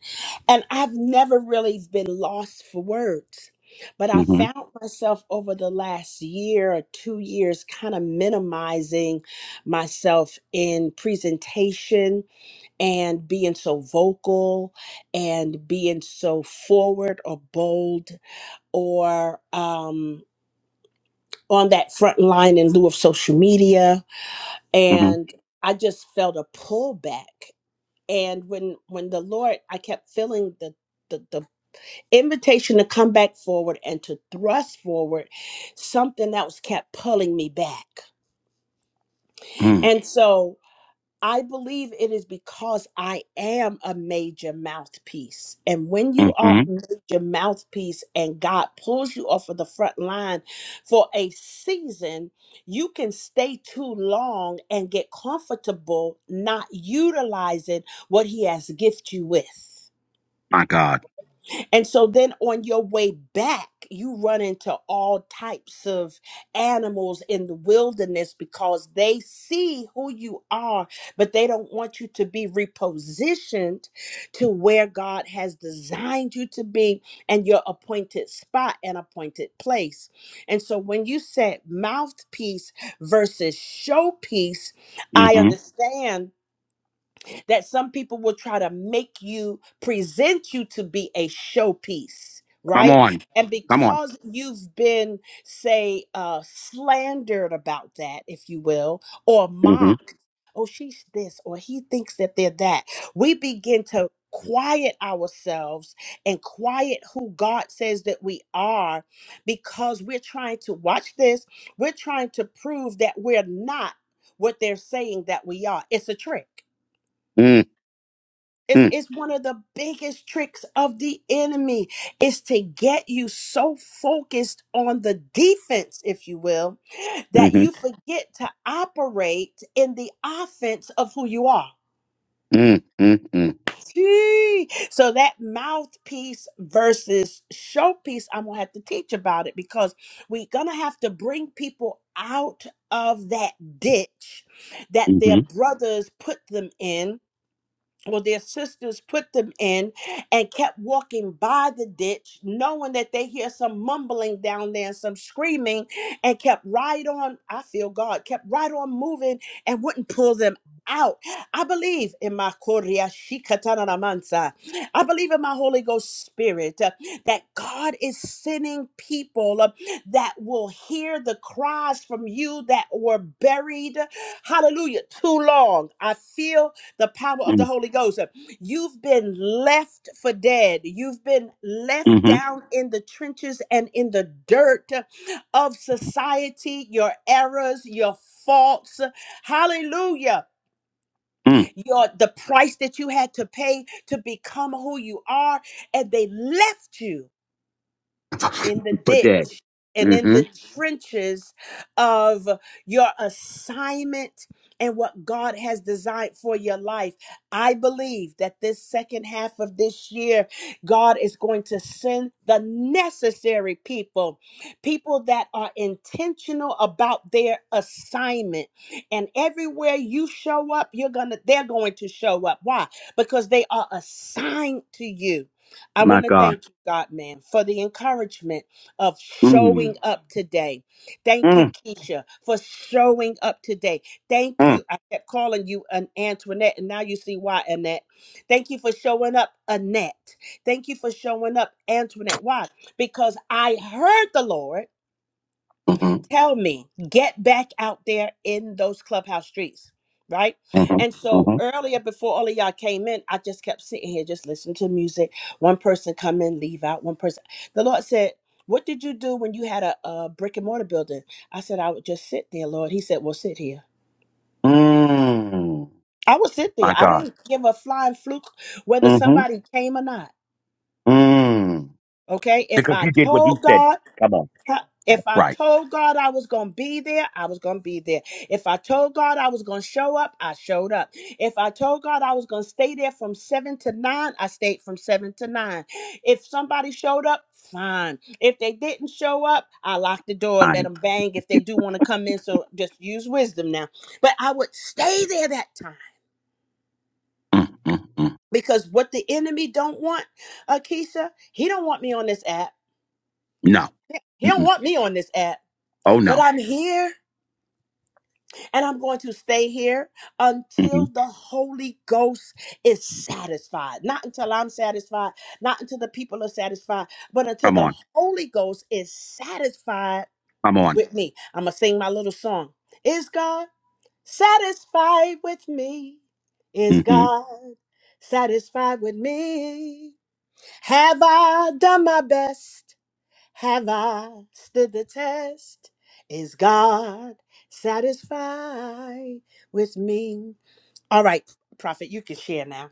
Speaker 1: And I've never really been lost for words. But I
Speaker 2: Mm-hmm.
Speaker 1: found myself over the last year or two years kind of minimizing myself in presentation and being so vocal and being so forward or bold or um, on that front line in lieu of social media
Speaker 2: Mm-hmm.
Speaker 1: and i just felt a pullback and when when the lord i kept feeling the the, the invitation to come back forward and to thrust forward something else kept pulling me back
Speaker 2: Mm. hmm
Speaker 1: and so I believe it is because I am a major mouthpiece. And when you
Speaker 2: mm
Speaker 1: are
Speaker 2: hmm
Speaker 1: a
Speaker 2: mm
Speaker 1: major mouthpiece and God pulls you off of the front line for a season, you can stay too long and get comfortable not utilizing what He has gifted you with.
Speaker 2: mm hmm mm hmm mm hmm My God.
Speaker 1: And so then on your way back, you run into all types of animals in the wilderness because they see who you are, but they don't want you to be repositioned to where God has designed you to be and your appointed spot and appointed place. And so when you said mouthpiece versus showpiece, I
Speaker 2: Mm-hmm.
Speaker 1: understand that some people will try to make you present you to be a showpiece
Speaker 2: Come
Speaker 1: right
Speaker 2: on.
Speaker 1: and
Speaker 2: Come on.
Speaker 1: because you've been say uh slandered about that if you will or
Speaker 2: Mm-hmm.
Speaker 1: mocked oh she's this or he thinks that they're that we begin to quiet ourselves and quiet who god says that we are because we're trying to watch this we're trying to prove that we're not what they're saying that we are it's a trick
Speaker 2: Mm.
Speaker 1: it's,
Speaker 2: Mm.
Speaker 1: it's one of the biggest tricks of the enemy is to get you so focused on the defense, if you will, that you
Speaker 2: Mm-hmm.
Speaker 1: forget to operate in the offense of who you are.
Speaker 2: Mm. Mhm.
Speaker 1: Gee. So that mouthpiece versus showpiece, I'm gonna have to teach about it because we're gonna have to bring people out of that ditch that their
Speaker 2: Mm.
Speaker 1: brothers put them in well, their sisters put them in and kept walking by the ditch, knowing that they hear some mumbling down there and some screaming, and kept right on. I feel God kept right on moving and wouldn't pull them out. I believe in my Korea Shikatana Mansa. I believe in my Holy Ghost Spirit uh, that God is sending people uh, that will hear the cries from you that were buried. Hallelujah. Too long. I feel the power
Speaker 2: Mm-hmm.
Speaker 1: of
Speaker 2: Mm.
Speaker 1: the Holy Ghost. You've been left for dead. You've been
Speaker 2: *laughs* mm mm mm hmm
Speaker 1: left
Speaker 2: mm
Speaker 1: down in the trenches and in the dirt of society, your errors, your faults. Hallelujah.
Speaker 2: hmm Mm.
Speaker 1: Your the price that you had to pay to become who you are and they left you in the
Speaker 2: But dead.
Speaker 1: ditch and in
Speaker 2: Mm-hmm.
Speaker 1: the trenches of your assignment and what God has designed for your life. I believe that this second half of this year, God is going to send the necessary people, people that are intentional about their assignment. And everywhere you show up, you're going to they're going to show up. Why? Because they are assigned to you. I
Speaker 2: My
Speaker 1: want to
Speaker 2: God.
Speaker 1: thank you, God, man, for the encouragement of showing
Speaker 2: Mm-hmm.
Speaker 1: up today. Thank you, Keisha, for showing up today. Thank
Speaker 2: Mm.
Speaker 1: you. I kept calling you an Antoinette, and now you see why, Annette. Thank you for showing up, Annette. Thank you for showing up, Antoinette. Why? Because I heard the Lord
Speaker 2: Mm hmm
Speaker 1: tell me get back out there in those clubhouse streets right
Speaker 2: mm
Speaker 1: and
Speaker 2: hmm mm
Speaker 1: so
Speaker 2: hmm
Speaker 1: earlier before all of y'all came in i just kept sitting here just listening to music one person come in leave out one person the lord said what did you do when you had a, a brick and mortar building i said i would just sit there lord he said well sit here
Speaker 2: Mm.
Speaker 1: i would sit there
Speaker 2: My
Speaker 1: i
Speaker 2: God.
Speaker 1: didn't give a flying fluke whether
Speaker 2: Mm hmm
Speaker 1: somebody came or not
Speaker 2: Mm.
Speaker 1: okay if
Speaker 2: Because
Speaker 1: i
Speaker 2: you did what he
Speaker 1: told
Speaker 2: said.
Speaker 1: god
Speaker 2: Come on.
Speaker 1: Huh,
Speaker 2: That's
Speaker 1: If I
Speaker 2: right.
Speaker 1: told God I was going to be there, I was going to be there. If I told God I was going to show up, I showed up. If I told God I was going to stay there from 7 to 9, I stayed from 7 to 9. If somebody showed up, fine. If they didn't show up, I locked the door, let
Speaker 2: Fine.
Speaker 1: them bang if they do want to come in. So just use wisdom now. But I would stay there that time
Speaker 2: Mm, mm, mm.
Speaker 1: because what the enemy don't want, Akisa, he don't want me on this app.
Speaker 2: No.
Speaker 1: He don't
Speaker 2: Mm-mm.
Speaker 1: want me on this app,
Speaker 2: Oh,
Speaker 1: but
Speaker 2: no.
Speaker 1: I'm here. and I'm going to stay here
Speaker 2: Mm hmm
Speaker 1: until the Holy Ghost is satisfied. Not until I'm satisfied, not until the people are satisfied, but until
Speaker 2: Come
Speaker 1: the
Speaker 2: on.
Speaker 1: Holy Ghost is satisfied
Speaker 2: Come on.
Speaker 1: with me. I'm going to sing my little song. Is God satisfied with me? Is
Speaker 2: Mm-hmm.
Speaker 1: God satisfied with me? Have I done my best? Have I stood the test? Is God satisfied with me? All right, Prophet, you can share now.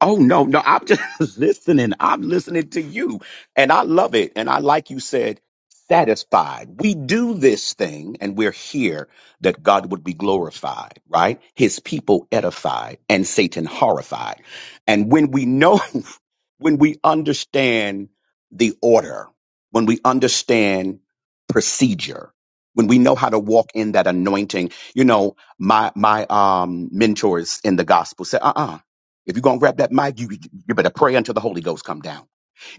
Speaker 2: Oh no, no, I'm just *laughs* listening. I'm listening to you. And I love it. And I like you said, satisfied. We do this thing and we're here that God would be glorified, right? His people edified and Satan horrified. And when we know *laughs* when we understand the order, when we understand procedure, when we know how to walk in that anointing, you know, my my um mentors in the gospel say, uh-uh. If you're gonna grab that mic, you you better pray until the Holy Ghost come down.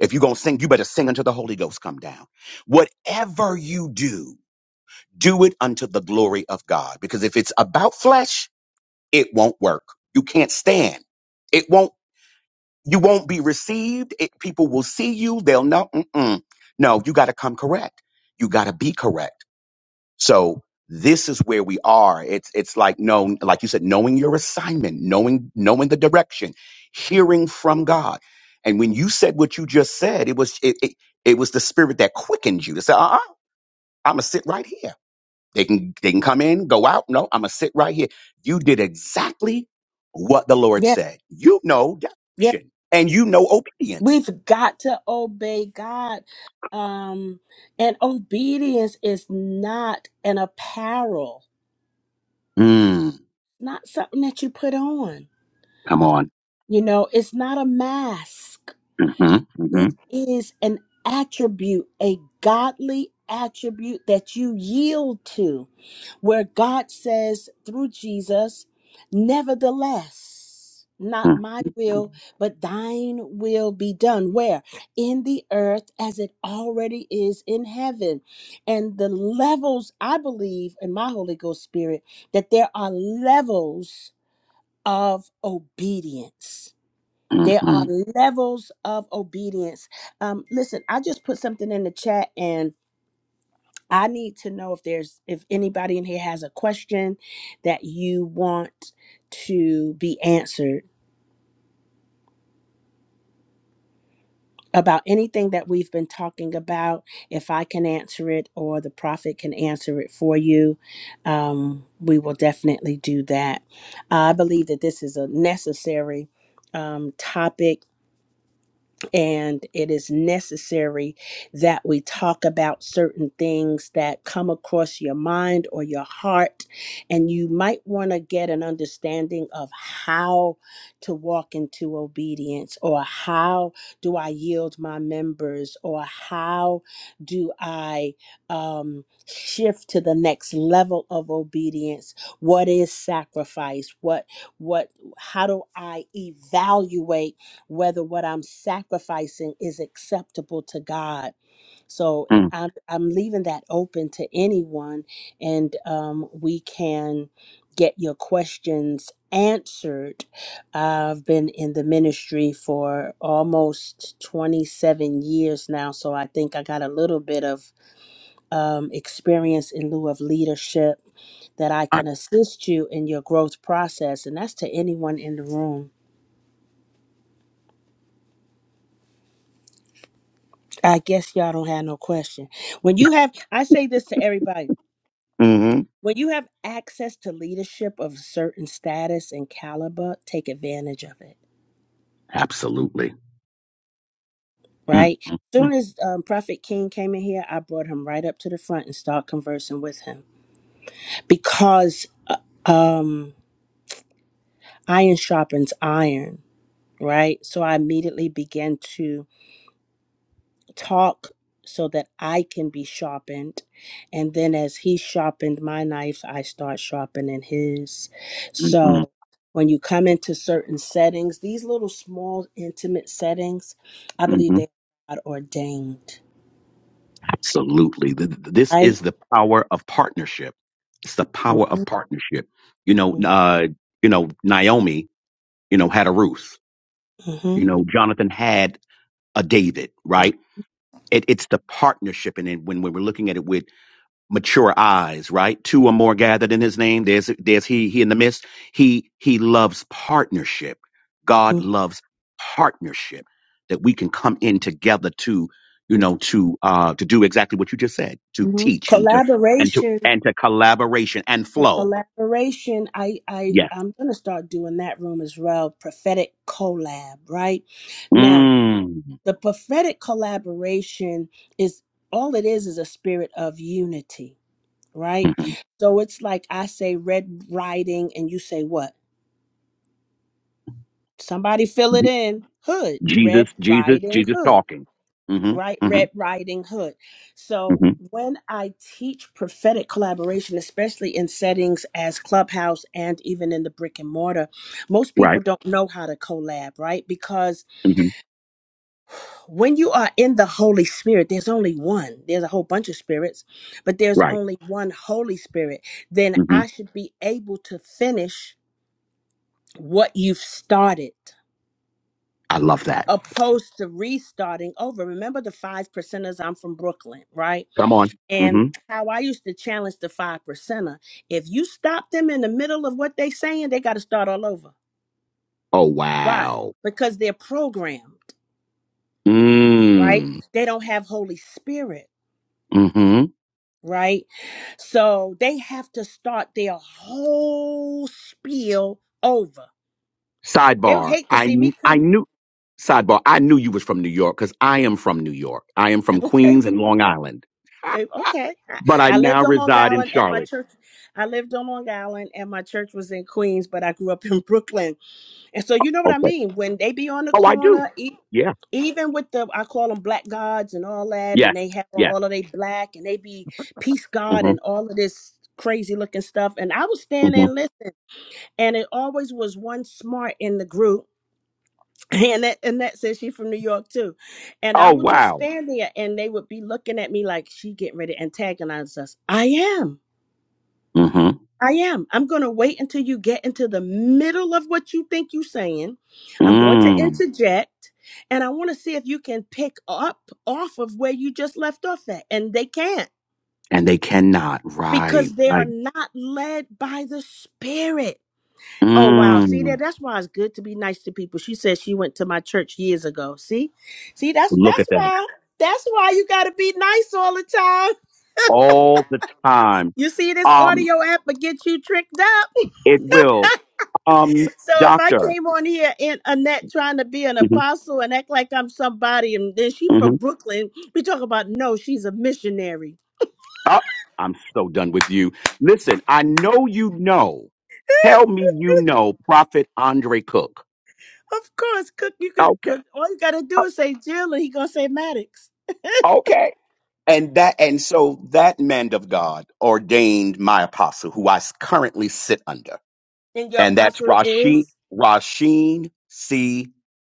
Speaker 2: If you're gonna sing, you better sing until the Holy Ghost come down. Whatever you do, do it unto the glory of God. Because if it's about flesh, it won't work. You can't stand. It won't. You won't be received. It, people will see you. They'll know. Mm-mm. No, you got to come correct. You got to be correct. So this is where we are. It's it's like known, like you said, knowing your assignment, knowing knowing the direction, hearing from God. And when you said what you just said, it was it it, it was the spirit that quickened you to say, uh-uh, I'm gonna sit right here. They can they can come in, go out. No, I'm gonna sit right here. You did exactly what the Lord
Speaker 1: Yes,
Speaker 2: said. You know
Speaker 1: yes.
Speaker 2: direction and you know obedience.
Speaker 1: We've got to obey God. Um, and obedience is not an apparel,
Speaker 2: Mm,
Speaker 1: not something that you put on.
Speaker 2: come on.
Speaker 1: You know, it's not a mask.
Speaker 2: hmm
Speaker 1: It is an attribute, a godly attribute that you yield to. where God says through Jesus, Nevertheless, not my will, but thine will be done. Where? In the earth as it already is in heaven. And the levels, I believe in my Holy Ghost Spirit, that there are levels of obedience. There
Speaker 2: hmm
Speaker 1: are levels of obedience. Um, listen, I just put something in the chat, and. I need to know if there's if anybody in here has a question that you want to be answered about anything that we've been talking about. If I can answer it or the prophet can answer it for you, um, we will definitely do that. I believe that this is a necessary um, topic and it is necessary that we talk about certain things that come across your mind or your heart and you might want to get an understanding of how to walk into obedience or how do i yield my members or how do i um, shift to the next level of obedience what is sacrifice what what how do i evaluate whether what I'm sacrificing is acceptable to God. So eh,
Speaker 2: hmm
Speaker 1: I'm, I'm leaving that open to anyone, and um, we can get your questions answered. I've been in the ministry for almost 27 years now, so I think I got a little bit of um, experience in lieu of leadership that I can assist you in your growth process, and that's to anyone in the room. I guess y'all don't have no question. When you have, I say this to everybody
Speaker 2: hmm
Speaker 1: when you have access to leadership of certain status and caliber, take advantage of it,
Speaker 2: Absolutely. mm
Speaker 1: right?
Speaker 2: mm
Speaker 1: Soon as um, Prophet King came in here, I brought him right up to the front and start conversing with him because uh, um, iron sharpens iron, right? So I immediately began to talk so that I can be sharpened. And then as he sharpened my knife, I start sharpening his.
Speaker 2: mm
Speaker 1: So when you come into certain settings, these little small intimate settings, I believe
Speaker 2: Mm-hmm.
Speaker 1: they are ordained,
Speaker 2: Absolutely. Th- th- This
Speaker 1: right?
Speaker 2: is the power of partnership. It's the power
Speaker 1: hmm
Speaker 2: of partnership. You know, uh, you know, Naomi, you know, had a Ruth.
Speaker 1: hmm
Speaker 2: You know, Jonathan had a David, right? It, it's the partnership, and then when, when we're looking at it with mature eyes, right? Two or more gathered in His name. There's there's He He in the midst. He He loves partnership. God
Speaker 1: hmm
Speaker 2: loves partnership that we can come in together to, you know, to uh to do exactly what you just said, to
Speaker 1: hmm
Speaker 2: teach and to and to
Speaker 1: Collaboration.
Speaker 2: and to collaboration and
Speaker 1: The
Speaker 2: flow.
Speaker 1: collaboration, I, I,
Speaker 2: Yes.
Speaker 1: I'm gonna start doing that room as well. Prophetic collab, right? Now,
Speaker 2: Mm.
Speaker 1: The prophetic collaboration is all it is is a spirit of unity,
Speaker 2: hmm
Speaker 1: right?
Speaker 2: *laughs*
Speaker 1: So it's like I say red riding and you say what? Somebody fill it in. Hood,
Speaker 2: Jesus,
Speaker 1: red
Speaker 2: Jesus,
Speaker 1: riding
Speaker 2: Jesus
Speaker 1: hood,
Speaker 2: talking.
Speaker 1: right?
Speaker 2: Mm-hmm.
Speaker 1: Red
Speaker 2: Mm-hmm.
Speaker 1: riding hood. So
Speaker 2: hmm
Speaker 1: when I teach prophetic collaboration, especially in settings as clubhouse and even in the brick and mortar, most people
Speaker 2: Right.
Speaker 1: don't know how to collab, right? Because
Speaker 2: hmm
Speaker 1: when you are in the Holy Spirit, there's only one. There's a whole bunch of spirits, but there's
Speaker 2: Right.
Speaker 1: only one Holy Spirit. Then
Speaker 2: Mm-hmm.
Speaker 1: I should be able to finish what you've started
Speaker 2: I love that.
Speaker 1: opposed to restarting over. Remember the five percenters? I'm from Brooklyn, right?
Speaker 2: Come on. Mm-hmm.
Speaker 1: And how I used to challenge the five percenter. If you stop them in the middle of what they saying, they got to start all over.
Speaker 2: Oh
Speaker 1: Why?
Speaker 2: wow.
Speaker 1: Because they're programmed, right?
Speaker 2: Mm.
Speaker 1: They don't have Holy Spirit.
Speaker 2: Mm-hmm.
Speaker 1: right? So they have to start their whole spiel over. They would
Speaker 2: Sidebar.
Speaker 1: hate to
Speaker 2: I
Speaker 1: see me
Speaker 2: I
Speaker 1: coming.
Speaker 2: knew sidebar. I knew you was from New York because I am from New York. I am
Speaker 1: *laughs*
Speaker 2: from
Speaker 1: Okay.
Speaker 2: Queens and Long Island,
Speaker 1: Eh, Okay. I,
Speaker 2: but I
Speaker 1: I
Speaker 2: now
Speaker 1: lived on Long
Speaker 2: reside in
Speaker 1: Island and my
Speaker 2: Charlotte.
Speaker 1: church, I lived on Long Island and my church was in Queens, but I grew up in Brooklyn. And so you know what I
Speaker 2: Okay.
Speaker 1: mean? When they be on the
Speaker 2: Oh, I do.
Speaker 1: corner, e-
Speaker 2: Yeah.
Speaker 1: even with the, I call them black gods and all that, and
Speaker 2: Yes.
Speaker 1: they have on
Speaker 2: Yes.
Speaker 1: all of they black and they be peace God
Speaker 2: Mm-hmm.
Speaker 1: and all of this crazy looking stuff. And I was standing
Speaker 2: Mm-hmm.
Speaker 1: and listen. and it always was one smart in the group *laughs* *clears throat* and that and that says she from new york too and i
Speaker 2: Oh
Speaker 1: would just
Speaker 2: wow.
Speaker 1: stand there and they would be looking at me like she getting ready to antagonize us i am
Speaker 2: Mm-hmm.
Speaker 1: i am i'm going to wait until you get into the middle of what you think you're saying i'm going to
Speaker 2: Mm.
Speaker 1: interject and i want to see if you can pick up off of where you just left off at and they can't
Speaker 2: And they cannot. Right.
Speaker 1: because they are
Speaker 2: Right.
Speaker 1: not led by the spirit Oh wow! See
Speaker 2: Mm.
Speaker 1: that? That's why it's good to be nice to people. She said she went to my church years ago. See, see that's
Speaker 2: Look at
Speaker 1: that's
Speaker 2: that
Speaker 1: why that's why you got to be nice all the time.
Speaker 2: all the time.
Speaker 1: You see this
Speaker 2: Um,
Speaker 1: audio app will get you tricked up. *laughs*
Speaker 2: it will. Um,
Speaker 1: So if I
Speaker 2: doctor.
Speaker 1: came on here and Annette trying to be an
Speaker 2: hmm
Speaker 1: apostle and act like I'm somebody, and then she
Speaker 2: hmm
Speaker 1: from Brooklyn, we talk about no, she's a missionary.
Speaker 2: Oh, I'm so done with you. Listen, I know you know. Tell me you know Prophet Andre Cook.
Speaker 1: Of course, cook you could
Speaker 2: Okay.
Speaker 1: cook. All you got to do is say Jill, and he gonna say Maddox,
Speaker 2: Okay. And that and so that man of God ordained my apostle, who I s- currently sit under.
Speaker 1: and your
Speaker 2: And that's
Speaker 1: apostle
Speaker 2: Rasheen
Speaker 1: is
Speaker 2: Rasheen C.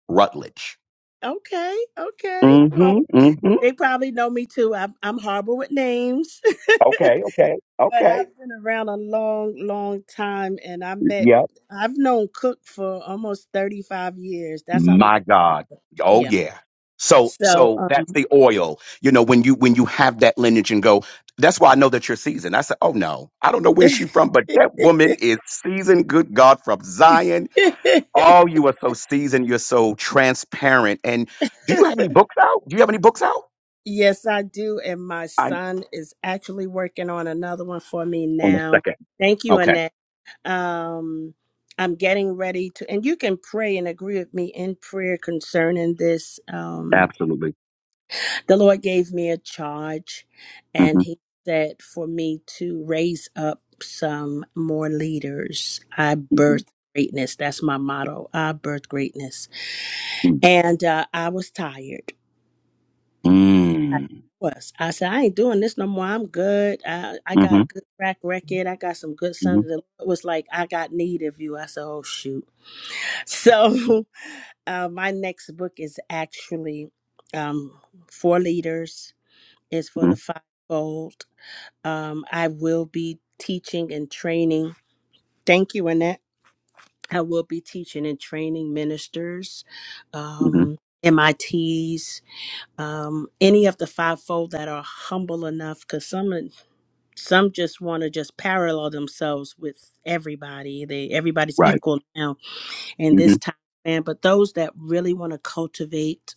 Speaker 2: Rutledge.
Speaker 1: okay, okay. Well.
Speaker 2: Mm-hmm. Mm-hmm.
Speaker 1: They probably know me too. I'm, I'm horrible with names, *laughs*
Speaker 2: Okay, okay,
Speaker 1: but
Speaker 2: okay.
Speaker 1: I've been around a long, long time, and I met,
Speaker 2: Yep.
Speaker 1: I've known Cook for almost 35 years. That's how
Speaker 2: My
Speaker 1: long.
Speaker 2: God. Oh
Speaker 1: Yeah.
Speaker 2: yeah. So
Speaker 1: So,
Speaker 2: so
Speaker 1: um,
Speaker 2: that's the oil. You know, when you when you have that lineage and go, that's why I know that you're seasoned. I said, Oh no, I don't know where she from, but that woman is seasoned, good God, from Zion.
Speaker 1: *laughs*
Speaker 2: Oh, you are so seasoned, you're so transparent. And do you have any books out? Do you have any books out?
Speaker 1: yes, I do. And my
Speaker 2: I
Speaker 1: son is actually working on another one for me
Speaker 2: on the
Speaker 1: now.
Speaker 2: second.
Speaker 1: Thank you,
Speaker 2: Okay.
Speaker 1: Annette. Um, I'm getting ready to, and you can pray and agree with me in prayer concerning this. Um,
Speaker 2: Absolutely.
Speaker 1: the Lord gave me a charge
Speaker 2: Mm-hmm.
Speaker 1: and He said for me to raise up some more leaders. I birth
Speaker 2: Mm-hmm.
Speaker 1: greatness. That's my motto. I birth greatness. And uh, I was tired. I
Speaker 2: Mm-hmm.
Speaker 1: was. I said, I ain't doing this no more. I'm good. I, I got
Speaker 2: Mm-hmm.
Speaker 1: a good track record. I got some good
Speaker 2: Mm-hmm.
Speaker 1: sons.
Speaker 2: Mm-hmm.
Speaker 1: The Lord was like, I got need of you. I said, oh, shoot. So *laughs* uh, my next book is actually um, for leaders. It's for the
Speaker 2: Mm-hmm.
Speaker 1: fivefold Um, I will be teaching and training. Thank you, Annette. I will be teaching and training ministers,
Speaker 2: Mm-hmm.
Speaker 1: um, MITs, um, any of the fivefold that are humble enough, because some some just want to just parallel themselves with everybody. They everybody's
Speaker 2: Right.
Speaker 1: equal now in this
Speaker 2: Mm-hmm.
Speaker 1: time span. But those that really want to cultivate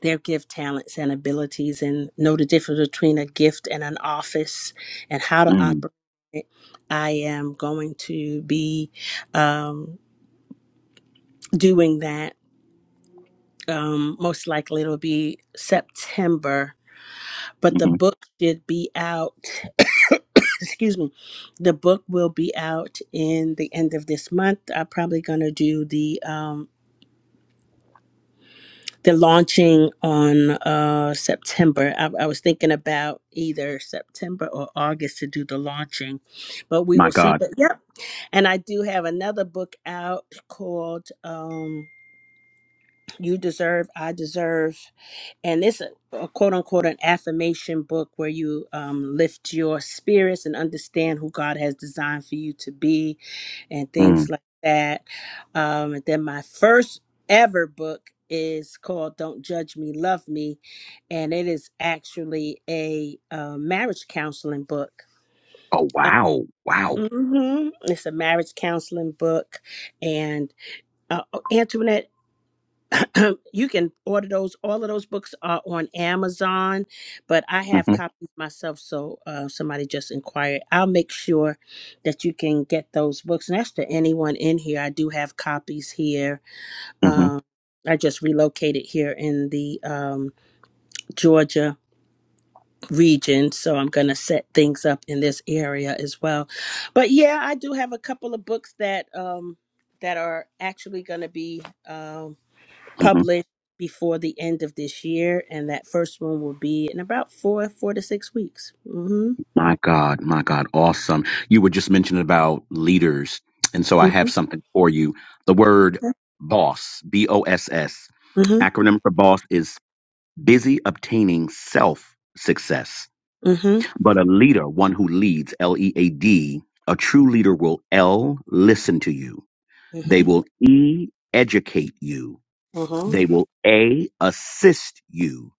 Speaker 1: their gift, talents, and abilities and know the difference between a gift and an office and how to operate.
Speaker 2: Mm-hmm.
Speaker 1: it. I am going to be um, doing that. Um, most likely it'll be September, but the
Speaker 2: Mm-hmm.
Speaker 1: book should be out. *laughs* excuse me. The book will be out in the end of this month. I'm probably going to do the um, They're launching on uh, September. I, I was thinking about either September or August to do the launching, but we
Speaker 2: My
Speaker 1: will see.
Speaker 2: God.
Speaker 1: But yep. And I do have another book out called. Um, you deserve, I deserve. And it's a, a quote unquote an affirmation book where you um, lift your spirits and understand who God has designed for you to be and
Speaker 2: Mm.
Speaker 1: things like that. Um, and then my first ever book is called Don't Judge Me, Love Me. And it is actually a uh, marriage counseling book.
Speaker 2: Oh
Speaker 1: Uh,
Speaker 2: wow, wow.
Speaker 1: mhm. It's a marriage counseling book. And uh, Antoinette, *clears throat* you can order those all of those books are on amazon but i have
Speaker 2: hmm
Speaker 1: copies myself so uh, somebody just inquired i'll make sure that you can get those books and that's to anyone in here i do have copies here
Speaker 2: hmm
Speaker 1: um, i just relocated here in the um, georgia region so i'm going to set things up in this area as well but yeah i do have a couple of books that um, that are actually going to be Um,
Speaker 2: hmm
Speaker 1: published before the end of this year, and that first one will be in about four four to six weeks. Mm-hmm.
Speaker 2: My God, my God, awesome. You were just mentioning about leaders, and so I
Speaker 1: Mm-hmm.
Speaker 2: have something for you. The word boss, B O S S,
Speaker 1: Mm-hmm.
Speaker 2: acronym for boss is busy obtaining self success.
Speaker 1: Mm-hmm.
Speaker 2: But a leader, one who leads, L E A D, a true leader will L listen to you. They
Speaker 1: Mm-hmm.
Speaker 2: will E educate you.
Speaker 1: Mm-hmm.
Speaker 2: They will A assist you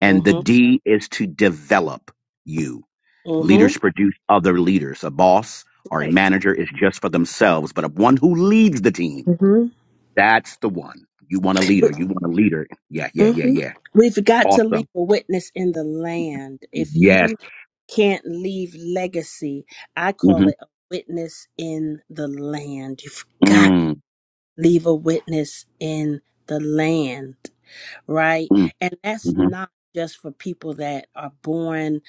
Speaker 2: And the
Speaker 1: Mm-hmm.
Speaker 2: D is to develop you.
Speaker 1: Mm-hmm.
Speaker 2: Leaders produce other leaders. A boss or a
Speaker 1: Right.
Speaker 2: manager is just for themselves, but a one who leads the team,
Speaker 1: Mm-hmm.
Speaker 2: that's the one. You want a leader. You want a leader. Yeah, yeah, yeah,
Speaker 1: Mm-hmm.
Speaker 2: yeah.
Speaker 1: We've got to
Speaker 2: Awesome.
Speaker 1: leave a witness in the land. If
Speaker 2: Yes.
Speaker 1: you can't leave legacy, I
Speaker 2: hmm
Speaker 1: call it a witness in the land. You've got to
Speaker 2: Mm,
Speaker 1: leave a witness in the land. right?
Speaker 2: mm,
Speaker 1: And that's
Speaker 2: hmm
Speaker 1: not just for people that are born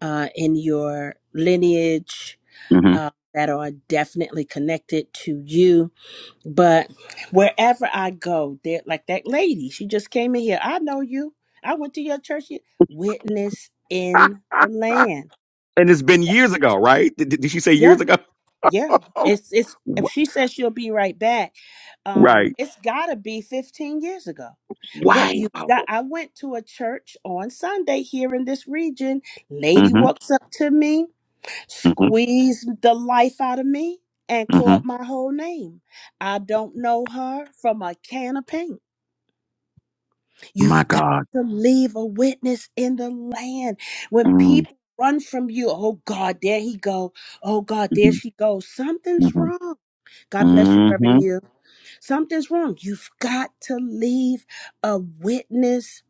Speaker 1: uh, in your lineage,
Speaker 2: hmm
Speaker 1: uh, that are definitely connected to you. But wherever I go, there, like that lady, she just came in here. I know you. I went to your church. You- Witness in the
Speaker 2: *laughs*
Speaker 1: land.
Speaker 2: and it's
Speaker 1: Y-
Speaker 2: been years ago, right? Did, did did she say years
Speaker 1: Yeah,
Speaker 2: ago? *laughs*
Speaker 1: yeah. It's it's. If
Speaker 2: Wh-
Speaker 1: she says she'll be right back, um,
Speaker 2: right.
Speaker 1: it's got to be 15 years ago
Speaker 2: Wow.
Speaker 1: But you got, I went to a church on Sunday here in this region.
Speaker 2: hmm
Speaker 1: Lady walks up to me,
Speaker 2: hmm
Speaker 1: squeezed the life out of me, and
Speaker 2: hmm
Speaker 1: called my whole name. I don't know her from a can of paint.
Speaker 2: My
Speaker 1: You've got
Speaker 2: God.
Speaker 1: to leave a witness in the land. When
Speaker 2: Mm-hmm.
Speaker 1: people run from you, oh God, there he go. Oh God, there she goes. Something's wrong. God bless you,
Speaker 2: hmm
Speaker 1: Reverend you. Something's wrong. You've got to leave a witness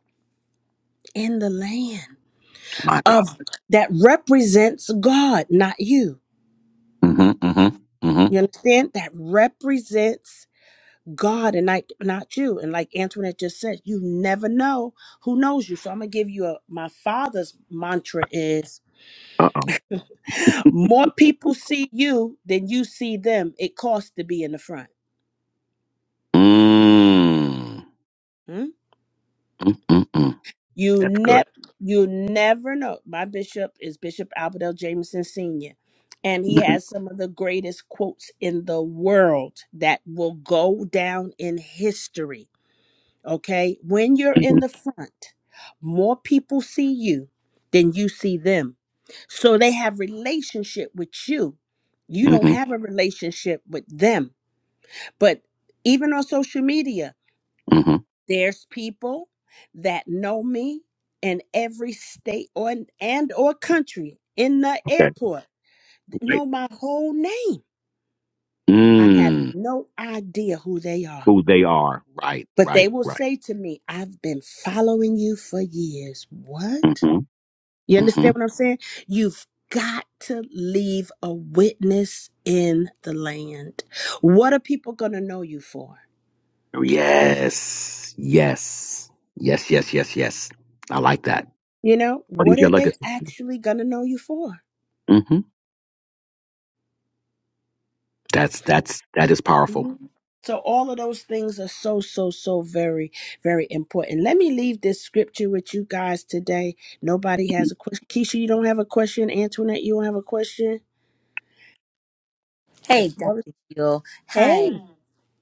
Speaker 1: in the land.
Speaker 2: My God.
Speaker 1: of that represents God, not you.
Speaker 2: hmm hmm hmm
Speaker 1: You understand? That represents God and like not you. And like Antoinette just said, you never know who knows you. So I'm gonna give you a my father's mantra is
Speaker 2: Uh oh.
Speaker 1: more people see you than you see them. It costs to be in the front.
Speaker 2: Mm.
Speaker 1: Hmm?
Speaker 2: Mm-mm-mm.
Speaker 1: You
Speaker 2: That's good.
Speaker 1: ne- you never know. My bishop is Bishop Albert L. Jameson Sr. And he
Speaker 2: Mm-hmm.
Speaker 1: has some of the greatest quotes in the world that will go down in history. Okay. When you're
Speaker 2: Mm-hmm.
Speaker 1: in the front, more people see you than you see them. So they have relationship with you. You don't
Speaker 2: Mm-hmm.
Speaker 1: have a relationship with them. But even on social media,
Speaker 2: Mm-hmm.
Speaker 1: there's people that know me in every state or and or country in the
Speaker 2: Okay.
Speaker 1: airport
Speaker 2: Right.
Speaker 1: know my whole name. I have
Speaker 2: Mm.
Speaker 1: no idea who they are.
Speaker 2: Who they are. Right.
Speaker 1: But they
Speaker 2: Right.
Speaker 1: will
Speaker 2: Right.
Speaker 1: say to me, I've been following you for years. What?
Speaker 2: Mm-hmm.
Speaker 1: You
Speaker 2: Mm-hmm.
Speaker 1: understand what I'm saying? You've got to leave a witness in the land. What are people going to know you for?
Speaker 2: Yes. Yes. Yes. Yes. Yes. Yes. I like that.
Speaker 1: You know,
Speaker 2: What is
Speaker 1: what
Speaker 2: your
Speaker 1: are they
Speaker 2: legacy?
Speaker 1: actually going to know you for?
Speaker 2: Mm-hmm. That's that's that is powerful.
Speaker 1: Mhm. So all of those things are so so so very very important. Let me leave this scripture with you guys today. Nobody
Speaker 2: hmm
Speaker 1: has a question. Keisha, you don't have a question. Antoinette, you don't have a question. The
Speaker 3: Hey,
Speaker 1: floor is-
Speaker 3: Dr. Hill. Hi.
Speaker 1: Hey,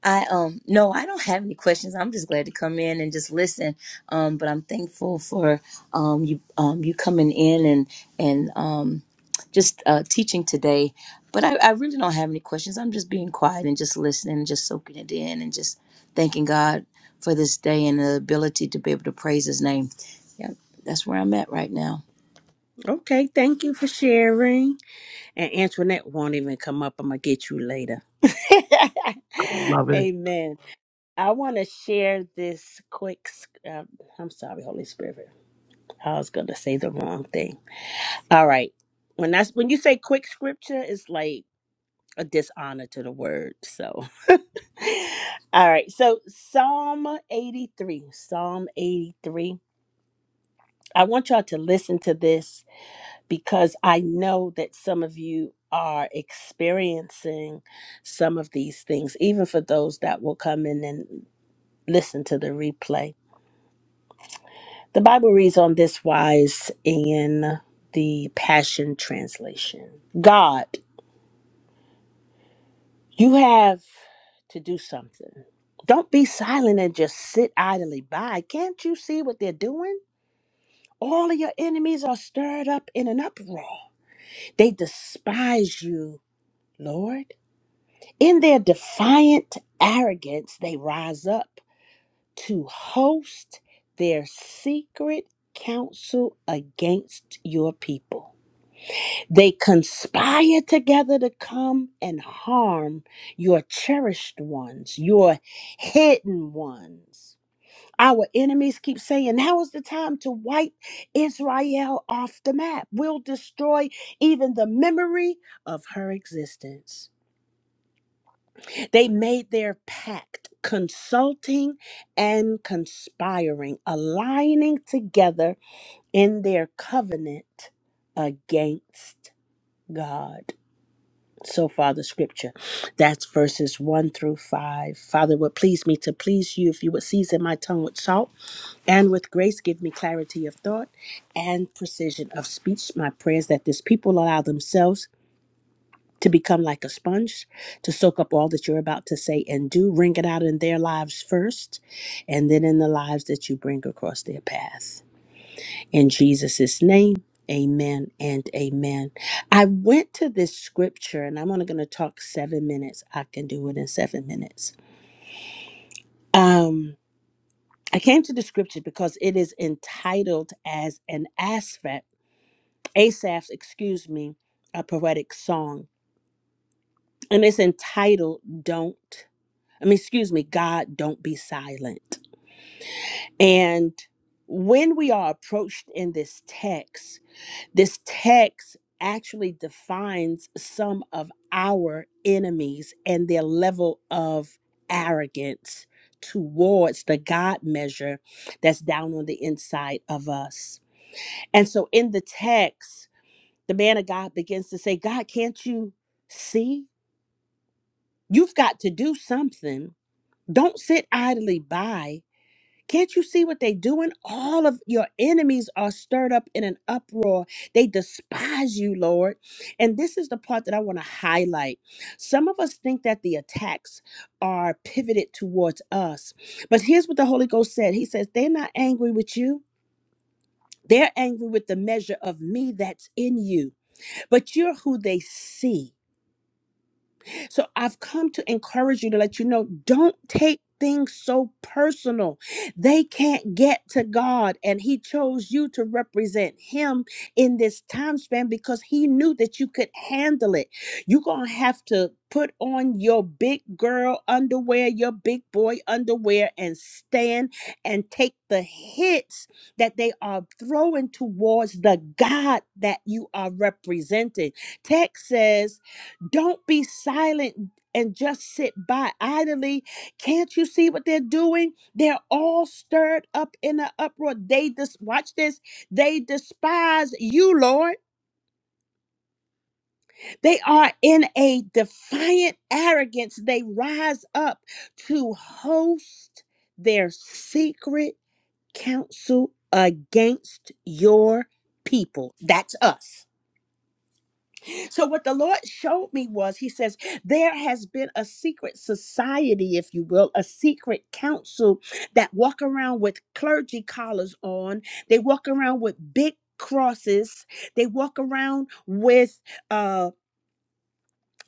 Speaker 3: I um no, I don't have any questions. I'm just glad to come in and just listen. Um, but I'm thankful for um you um you coming in and and um just uh teaching today. But I, I really don't have any questions. I'm just being quiet and just listening and just soaking it in and just thanking God for this day and the ability to be able to praise his name. Yeah, that's where I'm at right now.
Speaker 1: okay. Thank you for sharing. And Antoinette won't even come up. I'm gonna get you later.
Speaker 2: I
Speaker 1: *laughs*
Speaker 2: love it.
Speaker 1: Amen. I want to share this quick. sc- Uh, I'm sorry, Holy Spirit. I was gonna say the wrong thing. All right. When that's when you say quick scripture, it's like a dishonor to the word. So *laughs* all right. So Psalm 83. Psalm 83. I want y'all to listen to this because I know that some of you are experiencing some of these things, even for those that will come in and listen to the replay. The Bible reads on this wise in the Passion Translation. God. You have to do something. Don't be silent and just sit idly by. Can't you see what they're doing? All of your enemies are stirred up in an uproar. They despise you, Lord. In their defiant arrogance, they rise up to host their secret counsel against your people. They conspire together to come and harm your cherished ones, your hidden ones. Our enemies keep saying, Now is the time to wipe Israel off the map. We'll destroy even the memory of her existence. They made their pact, consulting and conspiring, aligning together in their covenant against God. So, Father, scripture. That's verses 1 through 5. Father, would please me to please you if you would season my tongue with salt and with grace give me clarity of thought and precision of speech. My prayers that this people allow themselves to become like a sponge, to soak up all that you're about to say and do. wring it out in their lives first, and then in the lives that you bring across their path. In Jesus' name, amen and amen. I went to this scripture and I'm only going to talk seven minutes. I can do it in seven minutes. Um, I came to the scripture because it is entitled as an aspect, Asaph's, excuse me, a poetic song. And it's entitled, Don't, I mean, excuse me, God, Don't Be Silent. And when we are approached in this text, This text actually defines some of our enemies and their level of arrogance towards the God measure that's down on the inside of us. And so in the text, the man of God begins to say, God, can't you see? You've got to do something. Don't sit idly by can't you see what they doing? All of your enemies are stirred up in an uproar. They despise you, Lord. And this is the part that I want to highlight. Some of us think that the attacks are pivoted towards us. But here's what the Holy Ghost said He says, They're not angry with you. They're angry with the measure of me that's in you, but you're who they see. So I've come to encourage you to let you know don't take things so personal. They can't get to God, and He chose you to represent Him in this time span because He knew that you could handle it. You're going to have to put on your big girl underwear, your big boy underwear, and stand and take the hits that they are throwing towards the God that you are representing. Text says, don't be silent and just sit by idly. Can't you see what they're doing? They're all stirred up in an uproar. They dis- watch this. They despise you, Lord. They are in a defiant arrogance. They rise up to host their secret council against your people. That's us. So, what the Lord showed me was He says, There has been a secret society, if you will, a secret council that walk around with clergy collars on. They walk around with big crosses. They walk around with uh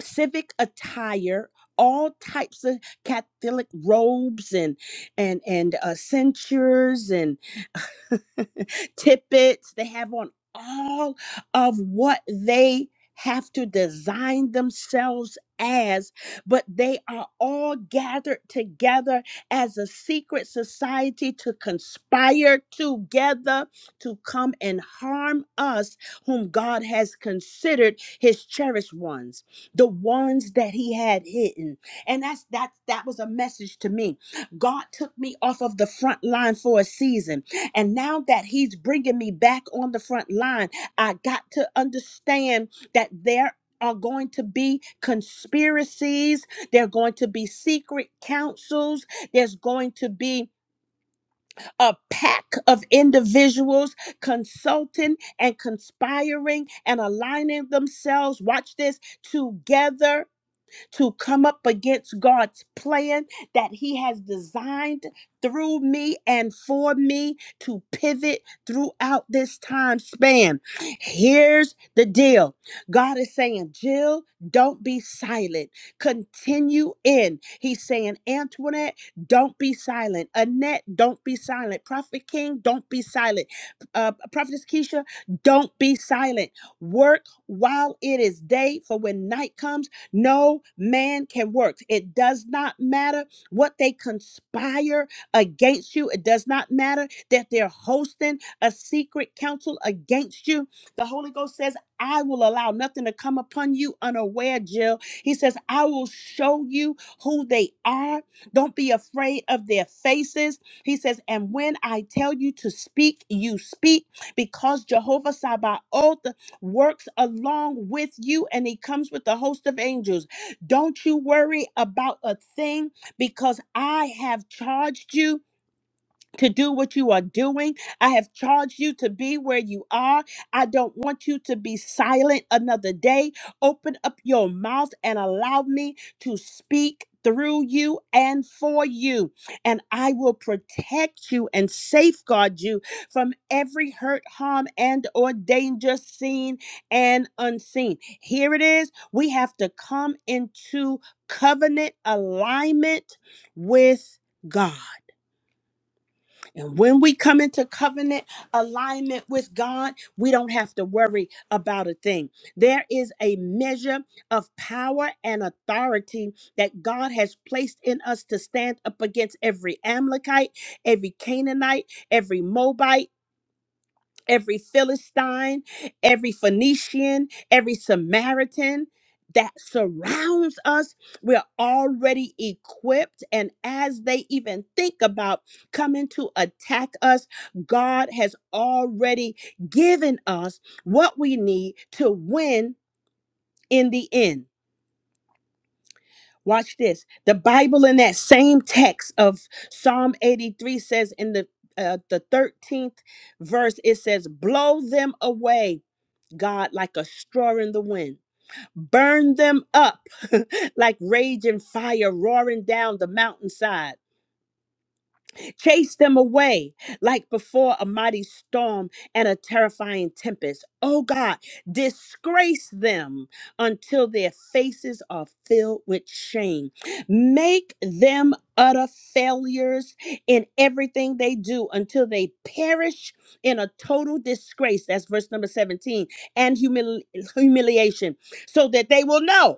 Speaker 1: civic attire all types of catholic robes and and and uh, censures and *laughs* tippets they have on all of what they have to design themselves as but they are all gathered together as a secret society to conspire together to come and harm us whom God has considered his cherished ones the ones that he had hidden and that's that that was a message to me god took me off of the front line for a season and now that he's bringing me back on the front line i got to understand that there are going to be conspiracies. There are going to be secret councils. There's going to be a pack of individuals consulting and conspiring and aligning themselves. Watch this together to come up against God's plan that He has designed through me and for me to pivot throughout this time span. Here's the deal God is saying, Jill, don't be silent. Continue in. He's saying, Antoinette, don't be silent. Annette, don't be silent. Prophet King, don't be silent. Uh, Prophetess Keisha, don't be silent. Work while it is day, for when night comes, no man can work. It does not matter what they conspire against you. It does not matter that they're hosting a secret council against you. The Holy Ghost says, I will allow nothing to come upon you unaware, Jill. He says, I will show you who they are. Don't be afraid of their faces. He says, And when I tell you to speak, you speak because Jehovah Sabaoth works along with you, and he comes with a host of angels. Don't you worry about a thing because I have charged you to do what you are doing. I have charged you to be where you are. I don't want you to be silent another day. Open up your mouth and allow me to speak through you and for you. And I will protect you and safeguard you from every hurt, harm, and or danger seen and unseen. Here it is. We have to come into covenant alignment with God. And when we come into covenant alignment with God, we don't have to worry about a thing. There is a measure of power and authority that God has placed in us to stand up against every Amalekite, every Canaanite, every Moabite every Philistine, every Phoenician, every Samaritan that surrounds us, we're already equipped. And as they even think about coming to attack us, God has already given us what we need to win in the end. Watch this. The Bible in that same text of Psalm 83 says in the uh, the 13th verse, it says, Blow them away God, like a straw in the wind. Burn them up *laughs* like raging fire roaring down the mountainside. Chase them away like before a mighty storm and a terrifying tempest. Oh God, disgrace them until their faces are filled with shame. Make them utter failures in everything they do until they perish in a total disgrace. That's verse number 17 and humili- humiliation so that they will know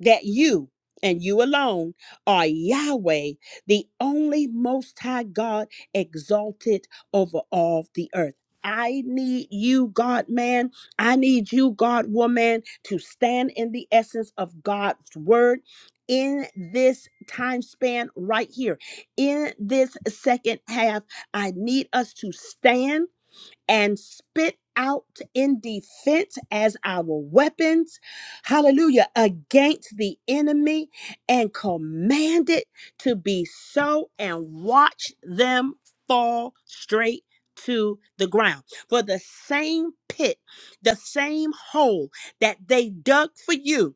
Speaker 1: that you and you alone are Yahweh, the only Most High God, exalted over all the earth. I need you, God man. I need you, God woman, to stand in the essence of God's word in this time span right here. In this second half, I need us to stand and spit out in defense as our weapons, hallelujah, against the enemy and command it to be so and watch them fall straight to the ground. For the same pit, the same hole that they dug for you.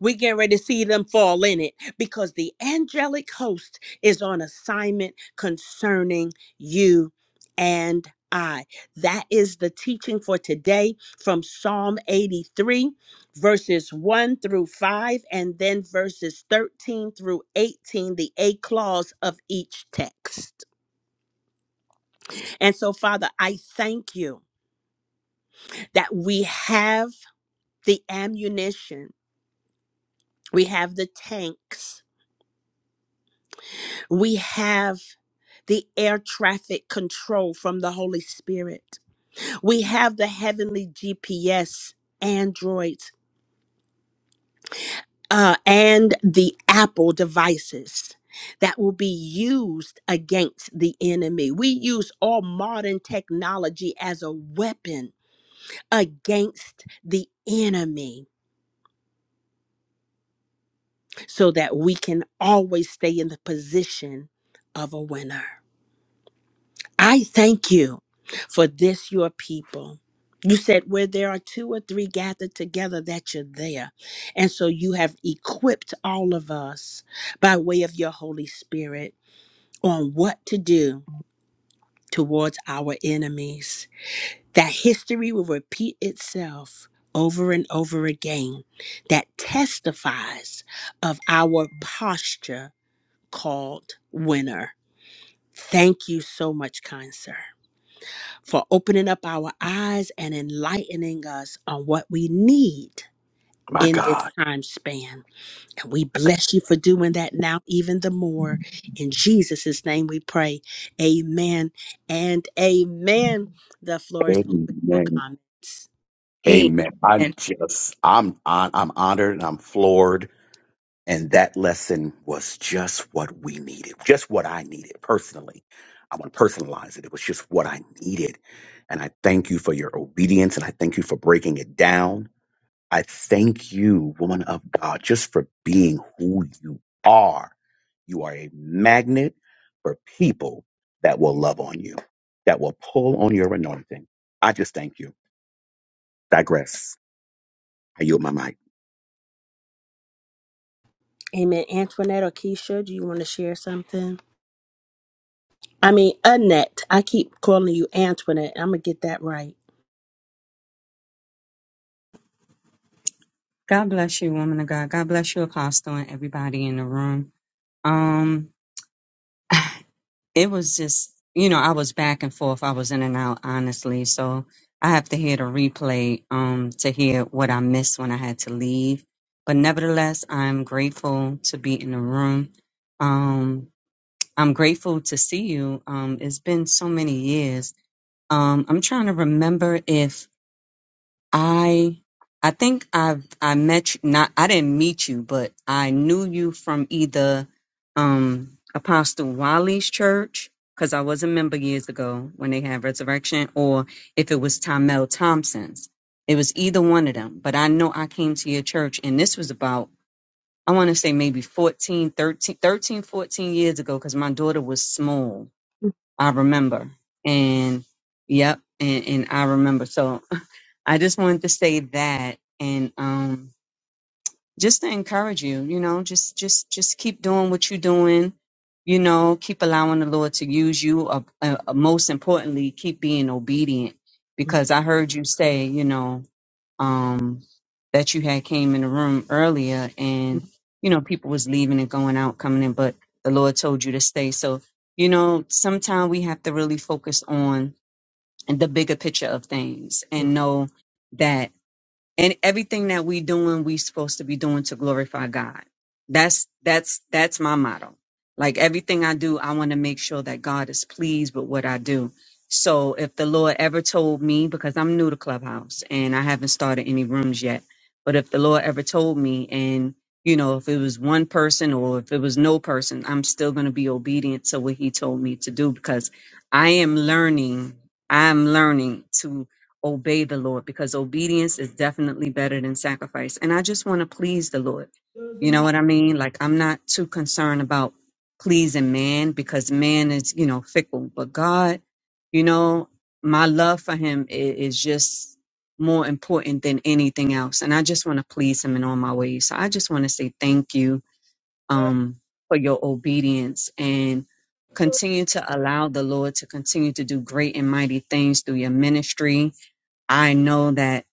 Speaker 1: We're getting ready to see them fall in it because the angelic host is on assignment concerning you and I. That is the teaching for today from Psalm 83, verses 1 through 5, and then verses 13 through 18, the A clause of each text. And so, Father, I thank you that we have the ammunition, we have the tanks, we have the air traffic control from the Holy Spirit. We have the heavenly GPS, Androids, uh, and the Apple devices that will be used against the enemy. We use all modern technology as a weapon against the enemy so that we can always stay in the position of a winner. I thank you for this, your people. You said where there are two or three gathered together, that you're there. And so you have equipped all of us by way of your Holy Spirit on what to do towards our enemies. That history will repeat itself over and over again, that testifies of our posture called winner. Thank you so much, kind sir. for opening up our eyes and enlightening us on what we need
Speaker 2: My
Speaker 1: in this
Speaker 2: God.
Speaker 1: time span. And we bless you for doing that now, even the more. In Jesus' name we pray. Amen and amen. The floor is open for
Speaker 2: Amen.
Speaker 1: comments.
Speaker 2: Amen. I
Speaker 3: Amen.
Speaker 2: just I'm I'm I'm honored and I'm floored And that lesson was just what we needed, just what I needed personally. I want to personalize it. It was just what I needed. And I thank you for your obedience and I thank you for breaking it down. I thank you, woman of God, just for being who you are. You are a magnet for people that will love on you, that will pull on your anointing. I just thank you. Digress. I yield my mic.
Speaker 1: Amen. Antoinette or Keisha, do you want to share something? I mean, Annette. I keep calling you Antoinette. I'm going to get that right.
Speaker 4: God bless you, woman of God. God bless you, Apostle, and everybody in the room. Um, it was just, you know, I was back and forth. I was in and out, honestly. So I have to hear the replay um, to hear what I missed when I had to leave. But nevertheless, I'm grateful to be in the room. Um, I'm grateful to see you. Um, it's been so many years. Um, I'm trying to remember if I I think I've I met you not I didn't meet you, but I knew you from either um Apostle Wally's church, because I was a member years ago when they had resurrection, or if it was Tomel Thompson's. It was either one of them. But I know I came to your church and this was about I want to say maybe 14 13 13 fourteen years ago, because my daughter was small. I remember. And yep, and, and I remember. So I just wanted to say that and um just to encourage you, you know, just just just keep doing what you're doing. You know, keep allowing the Lord to use you. Uh, uh, uh, most importantly, keep being obedient
Speaker 1: Mm.
Speaker 4: because I heard you say, you know, um that you had came in the room earlier and
Speaker 1: Mhm.
Speaker 4: you know people was leaving and going out, coming in, but the Lord told you to stay. So, you know, sometimes we have to really focus on the bigger picture of things and know that and everything that we doing we supposed to be doing to glorify god that's that's that's my motto like everything i do i want to make sure that god is pleased with what i do so if the lord ever told me because i'm new to clubhouse and i haven't started any rooms yet but if the lord ever told me and you know if it was one person or if it was no person i'm still going to be obedient to what he told me to do because i am learning i'm learning to obey the Lord because obedience is definitely better than sacrifice. And I just want to please the Lord. You know what I mean? Like, I'm not too concerned about pleasing man because man is, you know, fickle. But God, you know, my love for him i- is, just more important than anything else. And I just want to please him in all my ways. So I just want to say thank you um, for your obedience and continue to allow the Lord to continue to do great and mighty things through your ministry I know that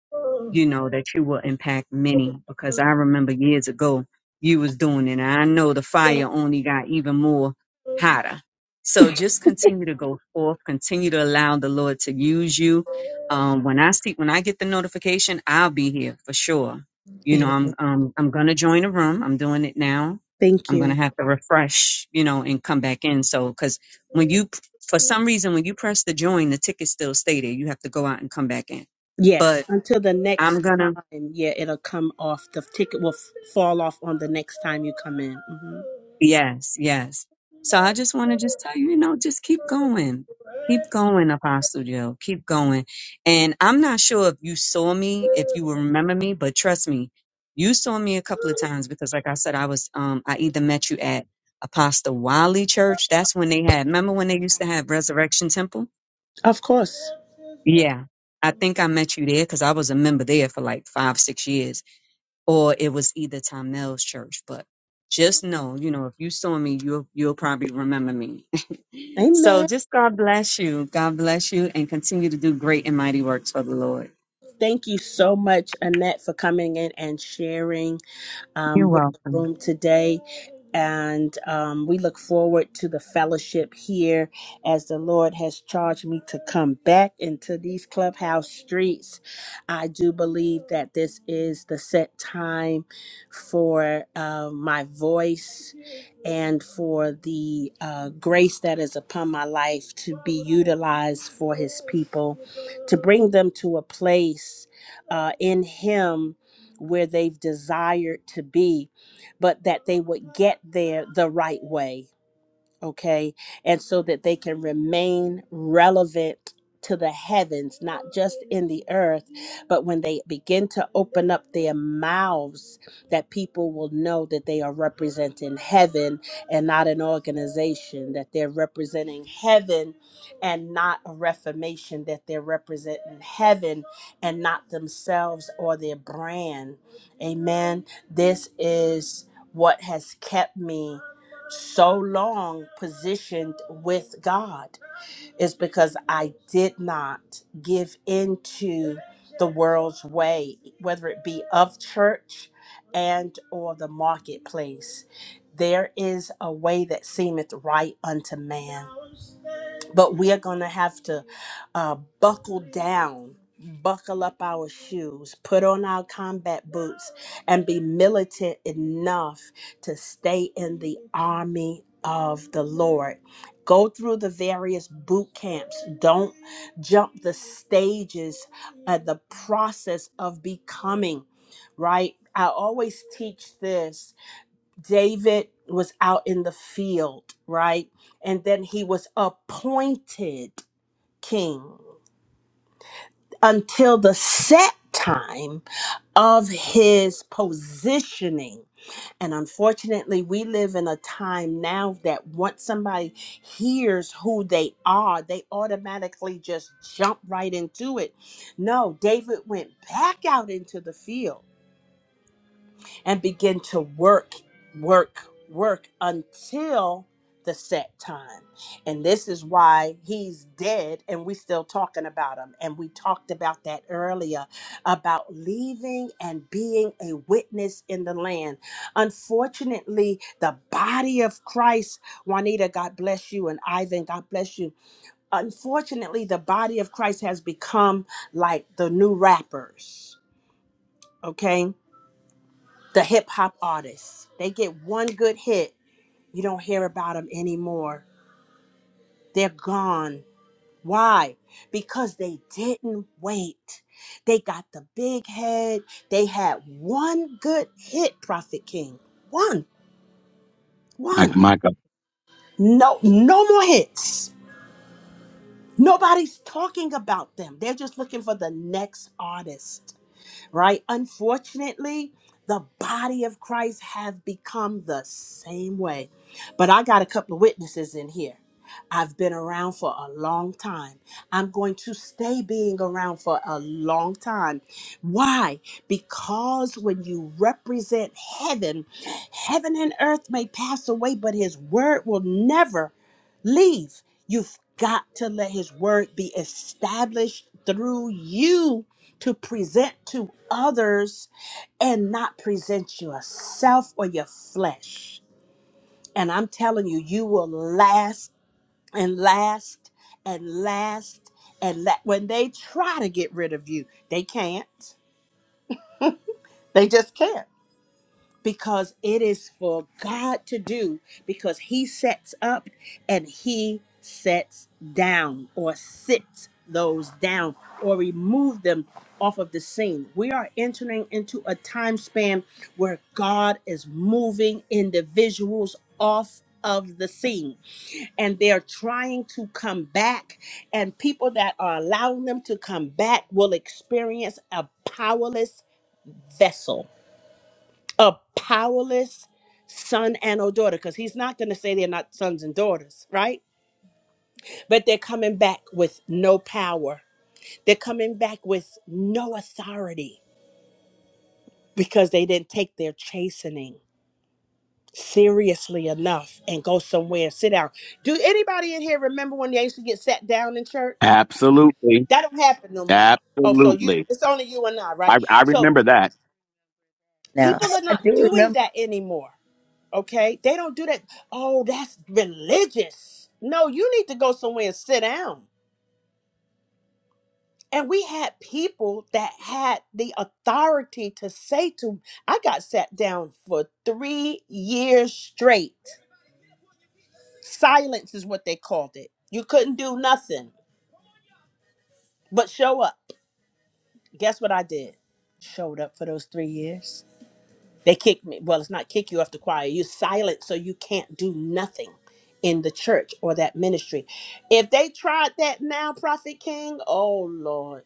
Speaker 4: you know, that you will impact many because I remember years ago you was doing it. And I know the
Speaker 1: Mhm.
Speaker 4: fire only got even more hotter. So just continue to go forth, continue to allow the Lord to use you. Um, when I see, when I get the notification, I'll be here for sure. You know,
Speaker 1: Amen.
Speaker 4: I'm, um, I'm going to join a room. I'm doing it now.
Speaker 1: Thank
Speaker 4: I'm
Speaker 1: you.
Speaker 4: going to have to refresh, you know, and come back in. So, cause when you, for some reason, when you press the join, the tickets still stay there. You have to go out and come back in. But
Speaker 1: Yes, until the
Speaker 4: I'm
Speaker 1: next
Speaker 4: gonna,
Speaker 1: time. Yeah, it'll come off. The ticket will f- fall off on the next time you come in. hmm
Speaker 4: yes, yes. So I just want to just tell you, you know, just keep going. Keep going, Apostle Joe. Keep going. And I'm not sure if you saw me, if you remember me, but trust me, you saw me a couple of times because, like I said, I was, um, I either met you at Apostle Wiley Church. That's when they had, remember when they used to have Resurrection Temple?
Speaker 1: Of course.
Speaker 4: Yeah. I think I met you there because I was a member there for like five, six years or it was either Mel's church. But just know, you know, if you saw me, you'll you'll probably remember me. *laughs* so
Speaker 1: Amen.
Speaker 4: just God bless you. God bless you and continue to do great and mighty works for the Lord.
Speaker 1: Thank you so much, Annette, for coming in and sharing.
Speaker 4: You're
Speaker 1: um, we're in the
Speaker 4: welcome.
Speaker 1: room today. And um, we look forward to the fellowship here as the Lord has charged me to come back into these clubhouse streets. I do believe that this is the set time for uh, my voice and for the uh, grace that is upon my life to be utilized for His people, to bring them to a place uh, in Him where they've desired to be, but that they would get there the right way okay? And so that they can remain relevant to the heavens, not just in the earth, but when they begin to open up their mouths, that people will know that they are representing heaven and not an organization, that they're representing heaven and not a reformation, that they're representing heaven and not themselves or their brand. Amen. This is what has kept me so long positioned with God is because I did not give into the world's way, whether it be of church and or the marketplace. There is a way that seemeth right unto man, but we are going to have to uh, buckle down buckle up our shoes put on our combat boots and be militant enough to stay in the army of the lord go through the various boot camps don't jump the stages uh, the process of becoming right i always teach this David was out in the field, right? And then he was appointed king until the set time of his positioning. And unfortunately, we live in a time now that once somebody hears who they are, they automatically just jump right into it. No, David went back out into the field and begin to work, work, work until the set time. And this is why he's dead and we still talking about him. And we talked about that earlier about leaving and being a witness in the land. Unfortunately, the body of Christ, Juanita, God bless you, and Ivan, God bless you. Unfortunately, the body of Christ has become like the new rappers. Okay the hip hop artists. They get one good hit, you don't hear about them anymore. They're gone. Why? Because they didn't wait. They got the big head. They had one good hit, Prophet King. One,
Speaker 2: Mike,
Speaker 1: one.
Speaker 2: Michael.
Speaker 1: No, no more hits. Nobody's talking about them. They're just looking for the next artist. right? Unfortunately, the body of Christ have become the same way. But I got a couple of witnesses in here. I've been around for a long time. I'm going to stay being around for a long time. Why? Because when you represent heaven, heaven and earth may pass away, but his word will never leave. You've got to let his word be established through you to present to others and not present yourself or your flesh. And I'm telling you, you will last and last and last and la- when they try to get rid of you, they can't. They just can't because it is for God to do because he sets up and he sets down or sits those down or remove them off of the scene. We are entering into a time span where God is moving individuals off of the scene and they're trying to come back and people that are allowing them to come back will experience a powerless vessel a powerless son and or daughter because he's not going to say they're not sons and daughters right but they're coming back with no power they're coming back with no authority because they didn't take their chastening seriously enough and go somewhere and sit down do anybody in here remember when they used to get sat down in church
Speaker 2: Absolutely.
Speaker 1: that don't happen no more oh so you
Speaker 2: Absolutely.
Speaker 1: it's only you and i right
Speaker 2: I I
Speaker 1: so
Speaker 2: remember that.
Speaker 3: Now
Speaker 1: people are
Speaker 3: *laughs* I
Speaker 1: not
Speaker 3: do remember
Speaker 1: doing that anymore Okay? They don't do that. Oh, that's religious. No, you need to go somewhere and sit down. And we had people that had the authority to say to I got sat down for three years straight. Silence is what they called it. You couldn't do nothing but show up. Guess what I did? Showed up for those three years. They kick me. Well, it's not kick you off the choir. You're silent, so you can't do nothing in the church or that ministry. If they tried that now, Prophet King, oh Lord,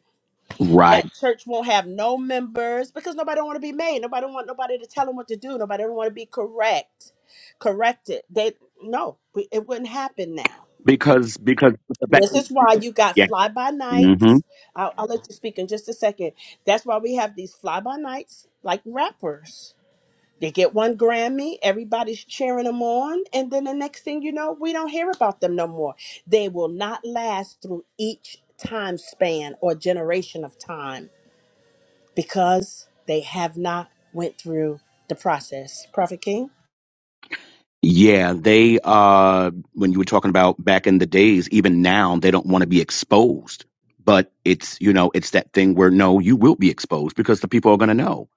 Speaker 1: that
Speaker 2: Right.
Speaker 1: church won't have no members because nobody don't want to be made. Nobody want nobody to tell them what to do. Nobody don't want to be correct, corrected. They no, we- it wouldn't happen now.
Speaker 2: Because because back
Speaker 1: This
Speaker 2: in,
Speaker 1: is why you got
Speaker 2: yeah.
Speaker 1: fly by
Speaker 2: hmm
Speaker 1: nights. I'll, I'll let you speak in just a second. That's why we have these fly by nights like rappers they get one Grammy, everybody's cheering them on, and then the next thing you know, we don't hear about them no more. They will not last through each time span or generation of time because they have not went through the process. Prophet King?
Speaker 2: Yeah, they uh when you were talking about back in the days, even now they don't want to be exposed. But it's, you know, it's that thing where no, you will be exposed because the people are going to know.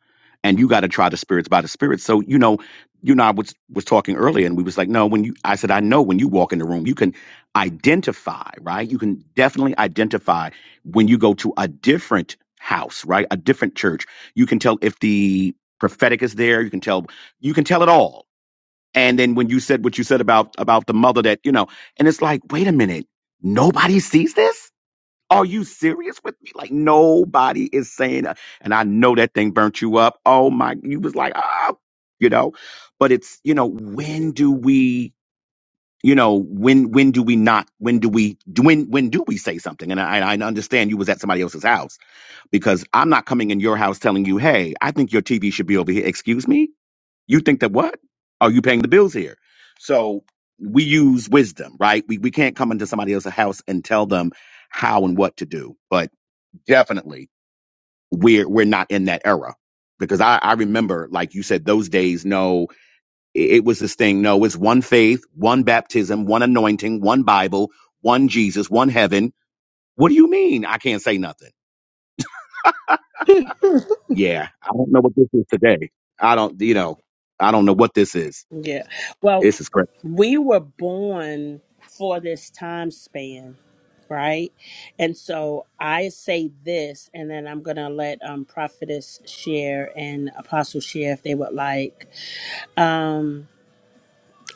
Speaker 2: And you got to try the spirits by the spirits. So, you know, you and I was was talking earlier and we was like, "No, when you I said I know when you walk in the room, you can identify, right? You can definitely identify when you go to a different house, right? A different church. You can tell if the prophetic is there, you can tell you can tell it all and then when you said what you said about about the mother that you know, and it's like, wait a minute, nobody sees this. Are you serious with me? Like nobody is saying. that. And I know that thing burnt you up. Oh my, you was like, ah, you know. But it's you know, when do we? You know, when when do we not? When do we? When when do we say something? And I, I understand you was at somebody else's house because I'm not coming in your house telling you, hey, I think your TV should be over here. Excuse me you think that what? Are you paying the bills here? So we use wisdom, right? We we can't come into somebody else's house and tell them how and what to do. But definitely we're we're not in that era. Because I, I remember, like you said, those days, no, it, it was this thing, no, it's one faith, one baptism, one anointing, one Bible, one Jesus, one heaven. What do you mean I can't say nothing? Yeah, I don't know what this is today. I don't, you know, I don't know what this is.
Speaker 1: Yeah. Well,
Speaker 2: This is crazy.
Speaker 1: we were born for this time span, right? And so I say this, and then I'm gonna let um prophetess share and apostle share if they would like um,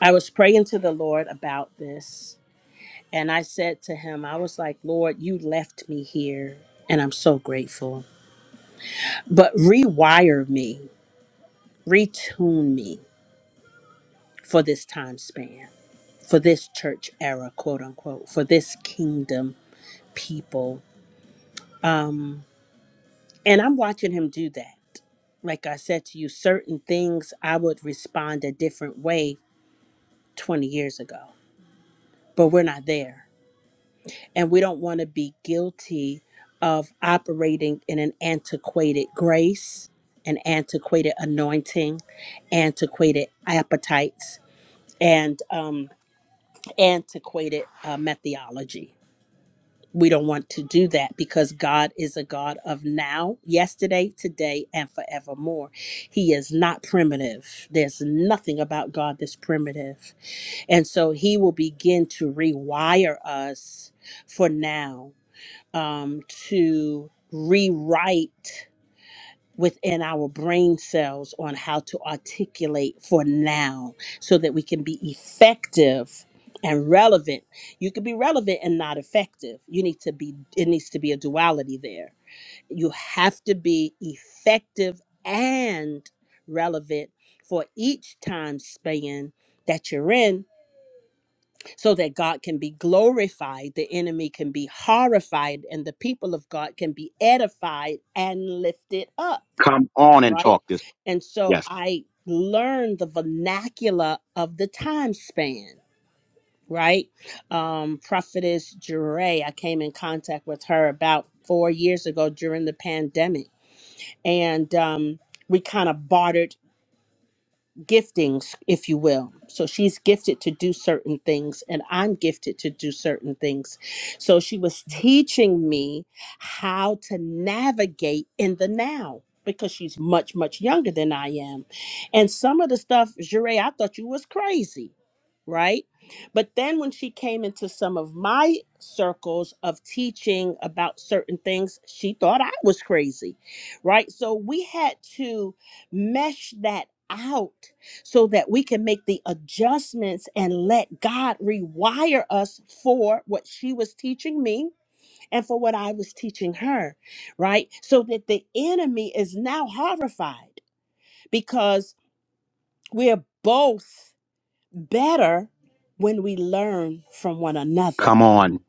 Speaker 1: I was praying to the Lord about this, and I said to him, I was like, Lord, you left me here, and I'm so grateful. But rewire me, retune me for this time span, for this church era, quote unquote, for this kingdom people. Um, and I'm watching him do that. Like I said to you, certain things I would respond a different way 20 years ago, but we're not there and we don't want to be guilty of operating in an antiquated grace, an antiquated anointing, antiquated appetites, and um, antiquated uh, methodology. We don't want to do that because God is a God of now, yesterday, today, and forevermore. He is not primitive. There's nothing about God that's primitive. And so he will begin to rewire us for now um, to rewrite within our brain cells on how to articulate for now so that we can be effective and relevant. You can be relevant and not effective. You need to be, it needs to be a duality there. You have to be effective and relevant for each time span that you're in so that God can be glorified, the enemy can be horrified, and the people of God can be edified and lifted up,
Speaker 2: Come on and
Speaker 1: right?
Speaker 2: talk this.
Speaker 1: And so
Speaker 2: Yes.
Speaker 1: I learned the vernacular of the time span, right? Um, Prophetess Jure, I came in contact with her about four years ago during the pandemic, and um, we kind of bartered giftings, if you will. So she's gifted to do certain things, and I'm gifted to do certain things. So she was teaching me how to navigate in the now because she's much, much younger than I am. And some of the stuff, Jure, I thought you was crazy, right? But then when she came into some of my circles of teaching about certain things, she thought I was crazy, right? So we had to mesh that out so that we can make the adjustments and let God rewire us for what she was teaching me and for what I was teaching her, right? So that the enemy is now horrified because we're both better when we learn from one another
Speaker 2: Come on.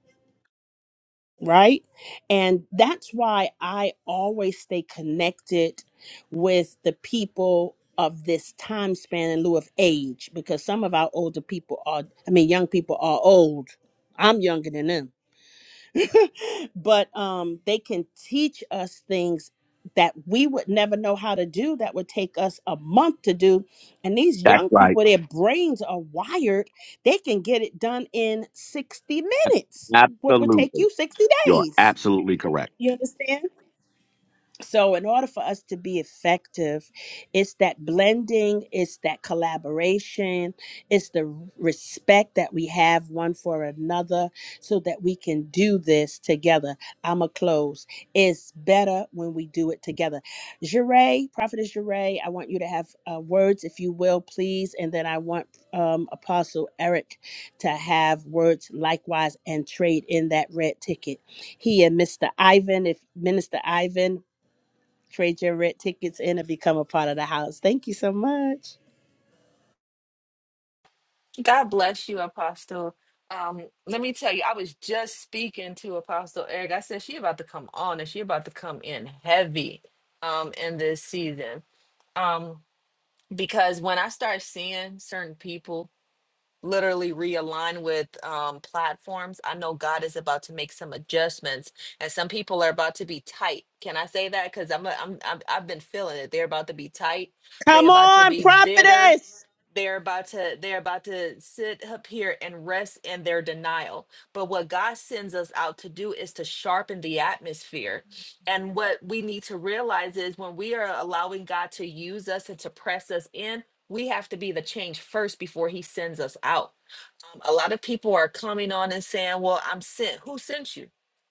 Speaker 1: right? And that's why I always stay connected with the people of this time span in lieu of age because some of our older people are I mean young people are old. I'm younger than them. But um they can teach us things that we would never know how to do that would take us a month to do. And these
Speaker 2: That's
Speaker 1: young
Speaker 2: right.
Speaker 1: people their brains are wired. They can get it done in 60
Speaker 2: A-
Speaker 1: minutes. What would take
Speaker 2: Absolutely.
Speaker 1: you 60
Speaker 2: You're
Speaker 1: days
Speaker 2: absolutely correct.
Speaker 1: you understand? So, in order for us to be effective, it's that blending, it's that collaboration, it's the respect that we have one for another so that we can do this together. I'm going to close. It's better when we do it together. Jure, Prophetess Jure, I want you to have uh, words, if you will, please. And then I want um, Apostle Eric to have words likewise and trade in that red ticket. He and Mr. Ivan, if Minister Ivan, Trade your red tickets in and become a part of the house. Thank you so much.
Speaker 5: God bless you, Apostle. Um, let me tell you, I was just speaking to Apostle Eric. I said she about to come on and she about to come in heavy um in this season. Um, because when I start seeing certain people literally realign with um, platforms. I know God is about to make some adjustments, and some people are about to be tight. Can I say that? Because I'm, a, I'm, I'm I've been feeling it. They're about to be tight.
Speaker 1: Come
Speaker 5: They're about to
Speaker 1: on,
Speaker 5: be bitter
Speaker 1: prophetess.
Speaker 5: they're about to they're about to sit up here and rest in their denial but what god sends us out to do is to sharpen the atmosphere and what we need to realize is when we are allowing god to use us and to press us in we have to be the change first before he sends us out. Um, a lot of people are coming on and saying, Well, I'm sent. Who sent you?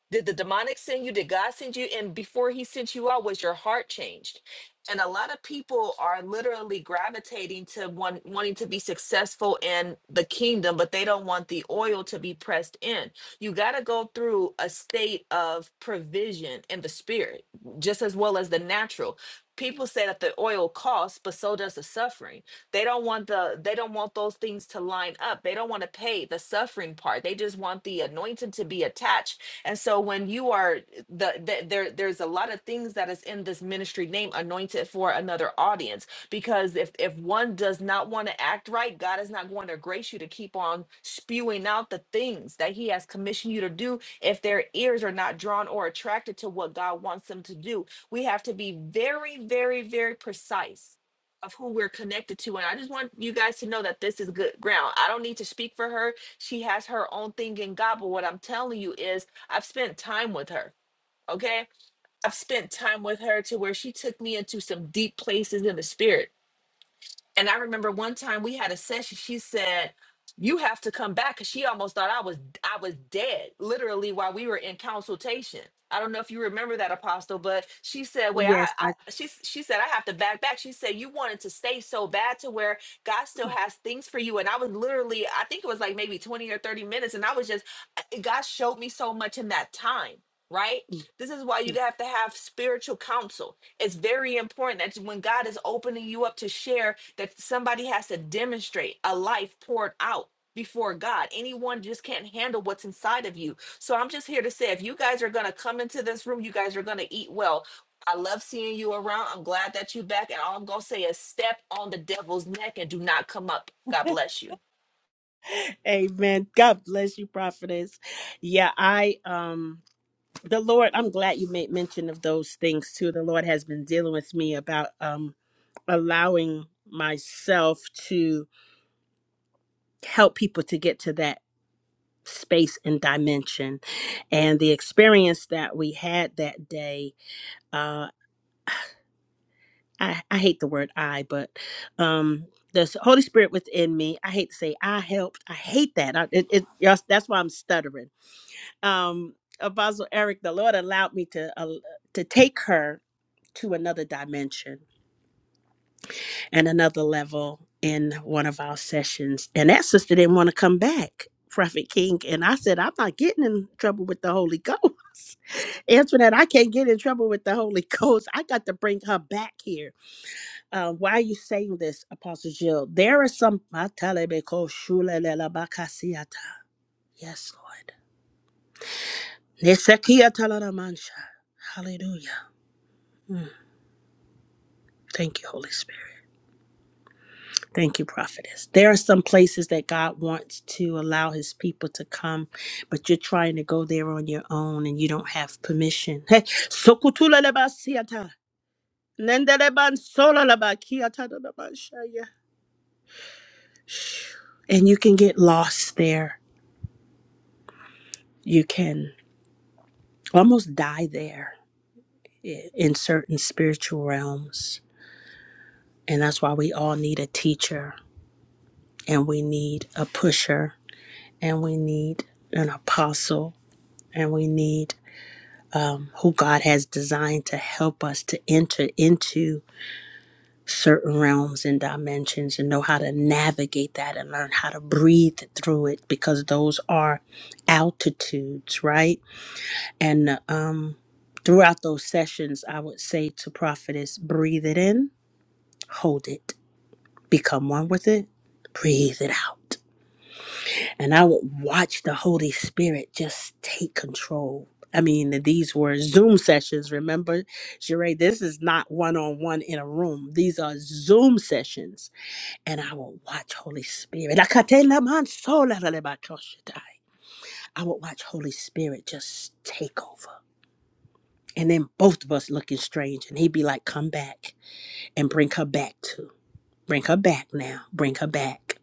Speaker 5: Did the demonic send you? Did God send you? And before he sent you out, was your heart changed? And a lot of people are literally gravitating to one, wanting to be successful in the kingdom, but they don't want the oil to be pressed in. You got to go through a state of provision in the spirit, just as well as the natural. People say that the oil costs, but so does the suffering they don't want the they don't want those things to line up. They don't want to pay the suffering part. They just want the anointing to be attached. And so when you are the, the there there's a lot of things that is in this ministry name anointed for another audience because if if one does not want to act right, God is not going to grace you to keep on spewing out the things that he has commissioned you to do if their ears are not drawn or attracted to what God wants them to do. We have to be very very very precise of who we're connected to. And I just want you guys to know that this is good ground. I don't need to speak for her. She has her own thing in God. But what I'm telling you is, I've spent time with her. Okay. I've spent time with her to where she took me into some deep places in the spirit and I remember one time we had a session. She said, "You have to come back," because she almost thought I was I was dead, literally, while we were in consultation. I don't know if you remember that, Apostle, but she said, "Wait, I,
Speaker 1: Yes, I
Speaker 5: I she s- she said I have to back back." She said, "You wanted to stay so bad to where God still has things for you," and I was literally, I think it was like maybe twenty or thirty minutes, and I was just, I- God showed me so much in that time. Right? This is why you have to have spiritual counsel it's very important that when God is opening you up to share, that somebody has to demonstrate a life poured out before God. Anyone just can't handle what's inside of you. So I'm just here to say if you guys are going to come into this room, you guys are going to eat well. I love seeing you around. I'm glad that you're back. And all I'm going to say is step on the devil's neck and do not come up. God bless you.
Speaker 1: Amen. God bless you, prophetess. Yeah, I um the Lord, I'm glad you made mention of those things too. The Lord has been dealing with me about um allowing myself to help people to get to that space and dimension and the experience that we had that day uh i, I hate the word i but um the holy spirit within me i hate to say i helped i hate that I, it, it yes, that's why i'm stuttering um apostle eric the lord allowed me to uh, to take her to another dimension and another level in one of our sessions. And that sister didn't want to come back, Prophet King. And I said, I'm not getting in trouble with the Holy Ghost. *laughs* Antoinette, I can't get in trouble with the Holy *laughs* Ghost. I got to bring her back here. Uh, why are you saying this, Apostle Jill? There are some. *laughs* Matalebeko shulelelabakasiata. Yes, Lord. Nesekiatalaramancha. Hallelujah. Mm, Thank you, Holy Spirit. Thank you, prophetess. There are some places that God wants to allow his people to come, but you're trying to go there on your own and you don't have permission. *laughs* Hey, sokutulalabasiata, nendelebansolalabakiatadadabashaya. And you can get lost there. You can almost die there i- in certain spiritual realms. And that's why we all need a teacher and we need a pusher and we need an apostle and we need um, who God has designed to help us to enter into certain realms and dimensions and know how to navigate that and learn how to breathe through it because those are altitudes, right? And um, throughout those sessions, I would say to prophetess, breathe it in, hold it, become one with it, breathe it out. and I would watch the Holy Spirit just take control. I mean, these were Zoom sessions. Remember, Sheree, this is not one on one in a room. These are Zoom sessions, and I would watch Holy Spirit. I would watch Holy Spirit just take over. And then both of us looking strange, and he'd be like, Come back and bring her back too. Bring her back now. Bring her back.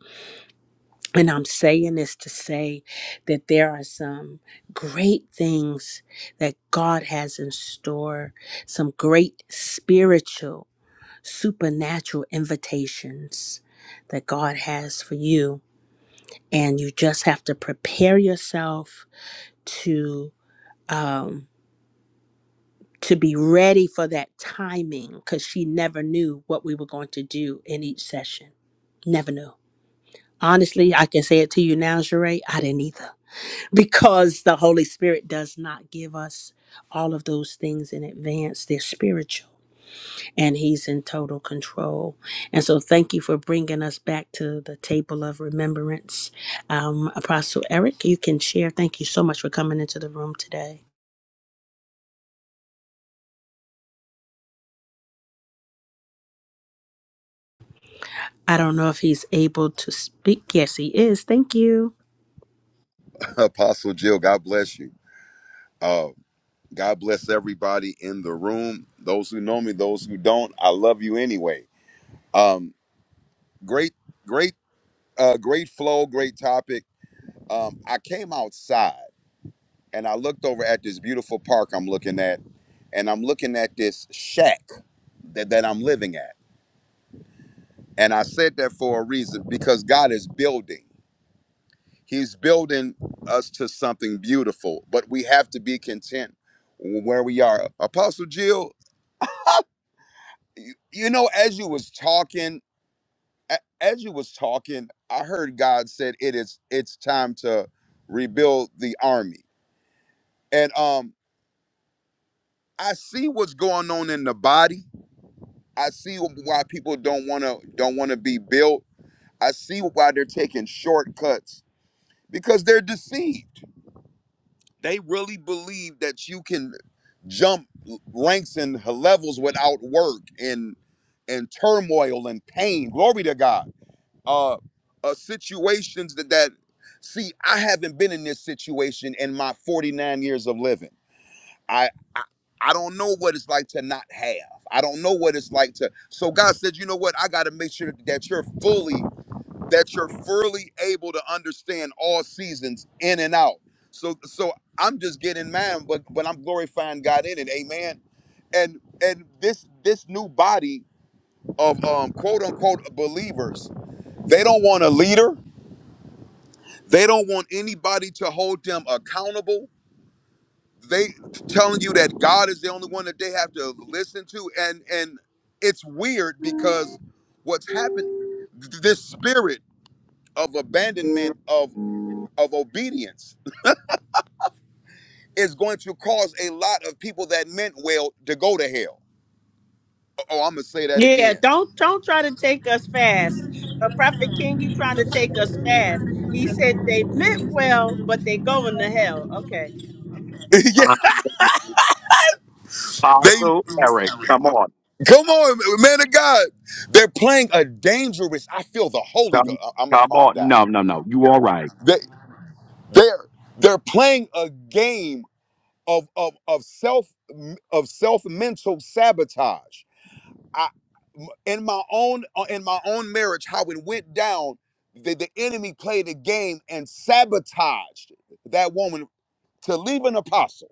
Speaker 1: And I'm saying this to say that there are some great things that God has in store, some great spiritual, supernatural invitations that God has for you. And you just have to prepare yourself to um, to be ready for that timing because she never knew what we were going to do in each session. Never knew. Honestly, I can say it to you now, Jeray, I didn't either because the Holy Spirit does not give us all of those things in advance. They're spiritual and He's in total control. And so, thank you for bringing us back to the table of remembrance. Um, Apostle Eric, you can share. Thank you so much for coming into the room today. I don't know if he's able to speak. Yes, he is. Thank you.
Speaker 6: Apostle Jill, God bless you. Uh, God bless everybody in the room. Those who know me, those who don't, I love you anyway. Um, great, great, uh, great flow, great topic. Um, I came outside and I looked over at this beautiful park I'm looking at, and I'm looking at this shack that, that I'm living at. And I said that for a reason because God is building. He's building us to something beautiful, but we have to be content where we are. Apostle Jill, you, you know as you was talking a- as you was talking i heard god said it is it's time to rebuild the army and um i see what's going on in the body i see why people don't want to don't want to be built i see why they're taking shortcuts because they're deceived they really believe that you can jump ranks and levels without work and and turmoil and pain glory to god uh, uh situations that, that see i haven't been in this situation in my 49 years of living I, I i don't know what it's like to not have i don't know what it's like to so god said you know what i got to make sure that you're fully that you're fully able to understand all seasons in and out so so i'm just getting mine but but i'm glorifying god in it amen and and this this new body of um quote unquote believers they don't want a leader they don't want anybody to hold them accountable. They telling you that God is the only one that they have to listen to, and and it's weird because what's happened, th- this spirit of abandonment of of obedience is going to cause a lot of people that meant well to go to hell. Oh, I'm gonna say that
Speaker 1: Yeah,
Speaker 6: again.
Speaker 1: don't don't try to take us fast. The prophet king, he trying to take us fast. He said they meant well, but they going to hell. Okay.
Speaker 6: *laughs* yeah,
Speaker 2: Uh,
Speaker 6: They
Speaker 2: Apostle Eric, come on.
Speaker 6: come on, man of God. They're playing a dangerous. I feel the Holy
Speaker 2: Come,
Speaker 6: Ghost. I'm gonna
Speaker 2: come
Speaker 6: calm
Speaker 2: on.
Speaker 6: down.
Speaker 2: No, no, no. You all right.
Speaker 6: They they're they're playing a game of of of self of self mental sabotage. I in my own uh, in my own marriage, how it went down. The, the enemy played a game and sabotaged that woman to leave an apostle.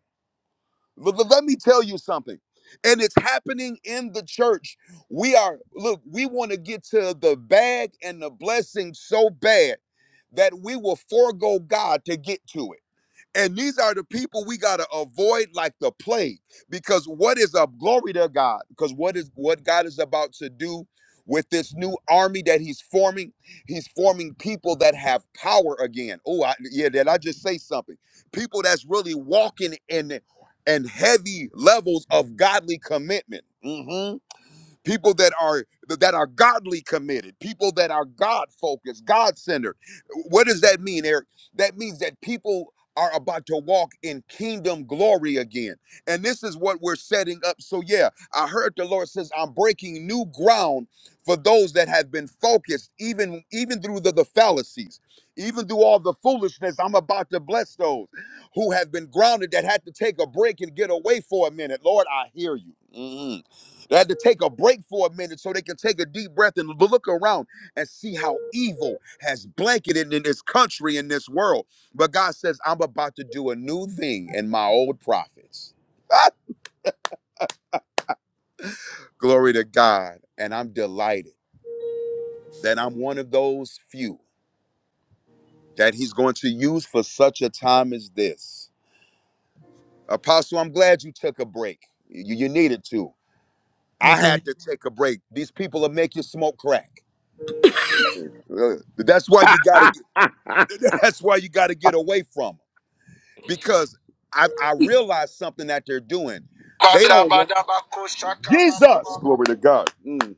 Speaker 6: L- l- let me tell you something. And it's happening in the church. We are, look, we want to get to the bag and the blessing so bad that we will forego God to get to it. And these are the people we gotta avoid like the plague. Because what is up? Glory to God. Because what is what God is about to do with this new army that He's forming? He's forming people that have power again. Oh, I, yeah, did I just say something? People that's really walking in and heavy levels of godly commitment. Mhm people that are that are godly committed people that are god focused god centered what does that mean eric that means that people are about to walk in kingdom glory again and this is what we're setting up so yeah i heard the lord says i'm breaking new ground for those that have been focused even even through the, the fallacies even through all the foolishness i'm about to bless those who have been grounded that had to take a break and get away for a minute lord i hear you Mhm. They had to take a break for a minute so they can take a deep breath and look around and see how evil has blanketed in this country, in this world. But God says, I'm about to do a new thing in my old prophets. Ah, glory to God. And I'm delighted that I'm one of those few that He's going to use for such a time as this. Apostle, I'm glad you took a break. You, you needed to. I
Speaker 1: Amen.
Speaker 6: had to take a break. These people will make you smoke crack. Uh, That's
Speaker 2: *laughs*
Speaker 6: why you got to.
Speaker 2: come
Speaker 6: *laughs* That's why you got to get away from them because I, I realized something that they're doing. They don't want
Speaker 1: Badabadabako
Speaker 6: Jesus,
Speaker 1: shakabababa.
Speaker 6: glory to God. Mm.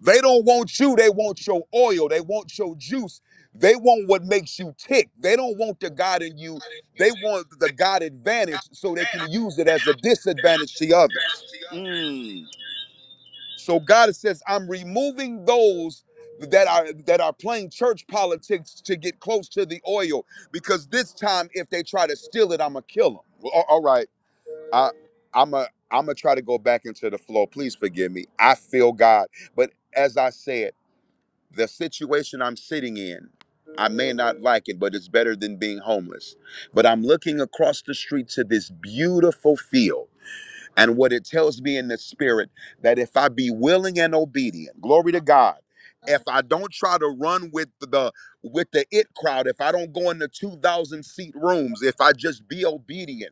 Speaker 6: They don't want you. They want your oil. They want your juice. They want what makes you tick. They don't want the God in you. They want the God advantage so they can use it as a disadvantage to others. Mm. So God says, I'm removing those that are that are playing church politics to get close to the oil because this time if they try to steal it, I'm gonna kill them. all right, I I'm a I'm gonna try to go back into the flow. Please forgive me. I feel God, but as I said, the situation I'm sitting in. I may not like it, but it's better than being homeless. But I'm looking across the street to this beautiful field and what it tells me in the spirit that if I be willing and obedient, glory to God, if I don't try to run with the with the it crowd, if I don't go into 2,000 seat rooms, if I just be obedient,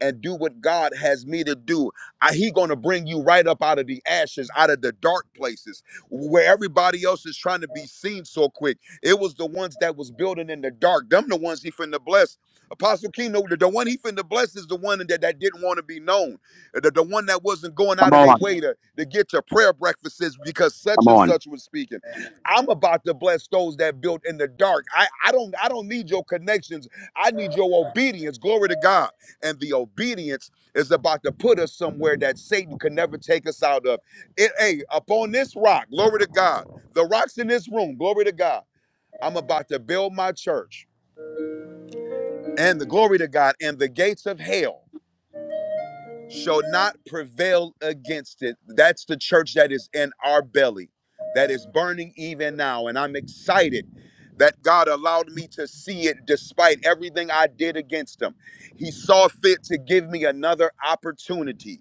Speaker 6: and do what God has me to do. I, he going to bring you right up out of the ashes, out of the dark places where everybody else is trying to be seen so quick. It was the ones that was building in the dark. Them the ones he finna bless. Apostle Kino, the, the one he finna bless is the one that, that didn't want to be known. Uh, The, the one that wasn't going out of their
Speaker 2: on.
Speaker 6: way to, to get your prayer breakfasts because such
Speaker 2: Come
Speaker 6: and
Speaker 2: on.
Speaker 6: such was speaking. I'm about to bless those that built in the dark. I, I don't I don't need your connections. I need your obedience. Glory to God and the obedience is about to put us somewhere that Satan can never take us out of. It, hey, upon this rock, glory to God. The rocks in this room, glory to God. I'm about to build my church, and the glory to God, and the gates of hell shall not prevail against it. That's the church that is in our belly, that is burning even now, and I'm excited. That God allowed me to see it despite everything I did against him. He saw fit to give me another opportunity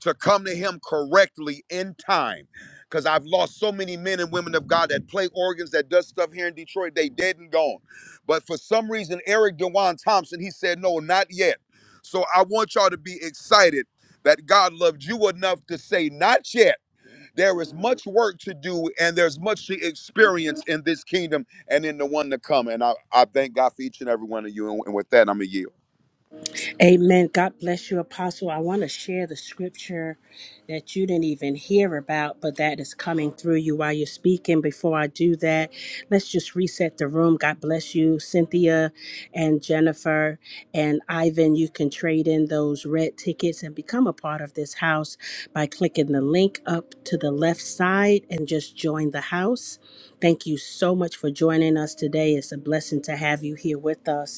Speaker 6: to come to him correctly in time because i've lost so many men and women of god that play organs that does stuff here in detroit they dead and gone but for some reason eric dewan thompson he said no not yet so i want y'all to be excited that god loved you enough to say not yet there is much work to do and there's much to experience in this kingdom and in the one to come and i, I thank god for each and every one of you and, and with that i'm a yield
Speaker 1: Amen. God bless you, Apostle. I want to share the scripture that you didn't even hear about, but that is coming through you while you're speaking. Before I do that, let's just reset the room. God bless you, Cynthia and Jennifer and Ivan. You can trade in those red tickets and become a part of this house by clicking the link up to the left side and just join the house. Thank you so much for joining us today. It's a blessing to have you here with us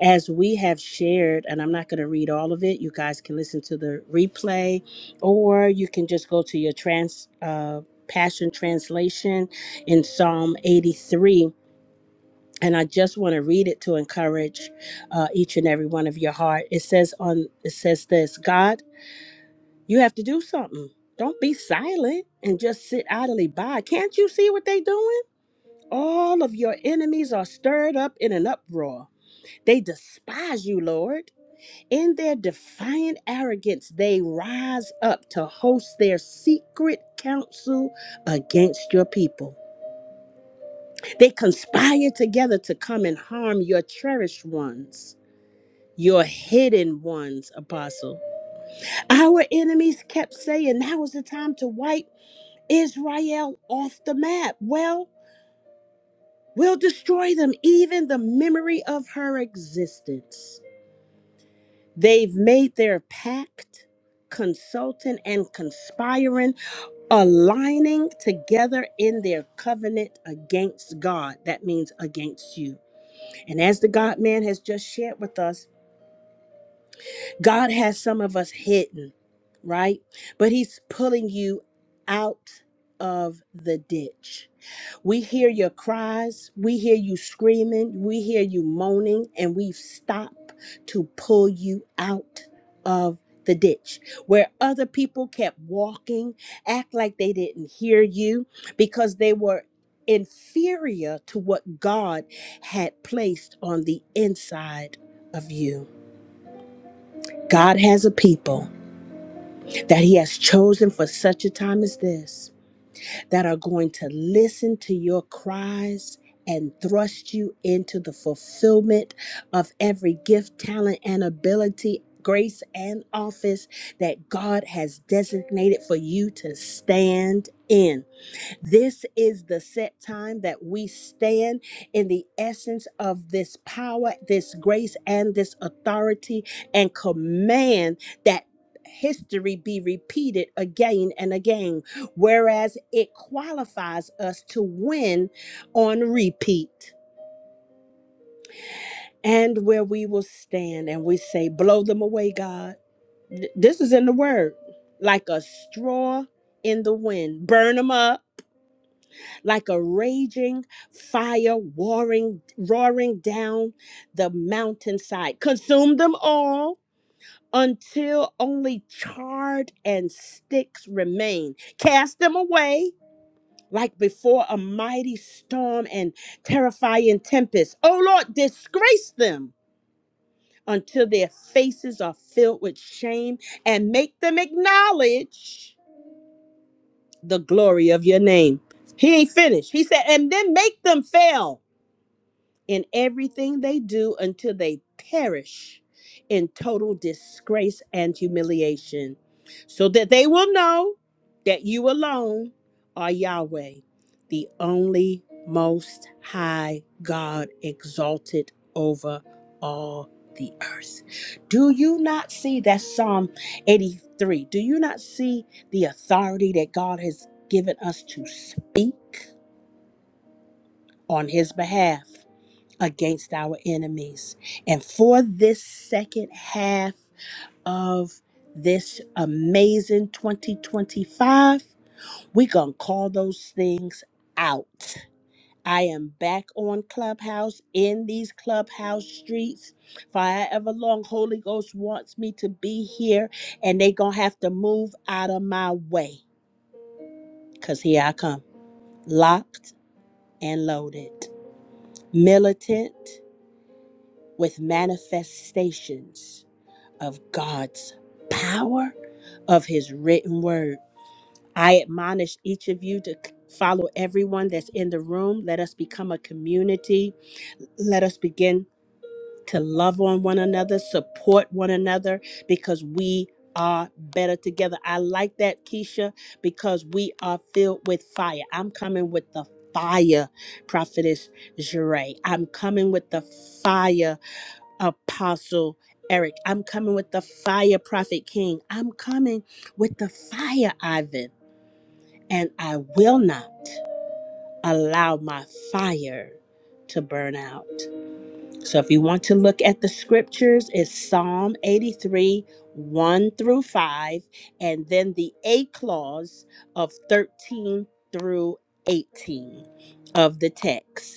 Speaker 1: as we have shared, and I'm not going to read all of it. You guys can listen to the replay, or you can just go to your trans uh, passion translation in Psalm 83. And I just want to read it to encourage uh, each and every one of your heart. It says on it says this: God, you have to do something. Don't be silent and just sit idly by. Can't you see what they're doing? All of your enemies are stirred up in an uproar. They despise you, Lord. In their defiant arrogance, they rise up to host their secret council against your people. They conspire together to come and harm your cherished ones, your hidden ones, Apostle. Our enemies kept saying now is the time to wipe Israel off the map. Well, we'll destroy them, even the memory of her existence. They've made their pact, consulting and conspiring aligning together in their covenant against God. That means against you. And as the God man has just shared with us, God has some of us hidden, right? But he's pulling you out of the ditch. We hear your cries, we hear you screaming, we hear you moaning, and we've stopped to pull you out of the ditch where other people kept walking, act like they didn't hear you because they were inferior to what God had placed on the inside of you. God has a people that He has chosen for such a time as this that are going to listen to your cries and thrust you into the fulfillment of every gift, talent, and ability. Grace and office that God has designated for you to stand in. This is the set time that we stand in the essence of this power, this grace, and this authority, and command that history be repeated again and again, whereas it qualifies us to win on repeat. And where we will stand and we say, Blow them away, God. Th- This is in the word like a straw in the wind, burn them up like a raging fire roaring roaring down the mountainside consume them all until only charred and sticks remain cast them away like before a mighty storm and terrifying tempest oh lord disgrace them until their faces are filled with shame and make them acknowledge the glory of your name he ain't finished he said and then make them fail in everything they do until they perish in total disgrace and humiliation, so that they will know that you alone are Yahweh, the only most high God exalted over all the earth. Do you not see that Psalm 83? Do you not see the authority that God has given us to speak on his behalf? against our enemies. And for this second half of this amazing 2025, we're going to call those things out. I am back on Clubhouse in these Clubhouse streets for however long Holy Ghost wants me to be here, and they going to have to move out of my way because here I come, locked and loaded, militant with manifestations of God's power of his written word. I admonish each of you to c- follow everyone that's in the room. Let us become a community. Let us begin to love on one another, support one another, because we are better together. I like that, Keisha, because we are filled with fire. I'm coming with the fire, Prophetess Jure. I'm coming with the fire Apostle Eric. I'm coming with the fire, Prophet King. I'm coming with the fire, Ivan. And I will not allow my fire to burn out. So if you want to look at the scriptures, it's Psalm 83, 1 through 5, and then the A clause of 13 through 18 of the text.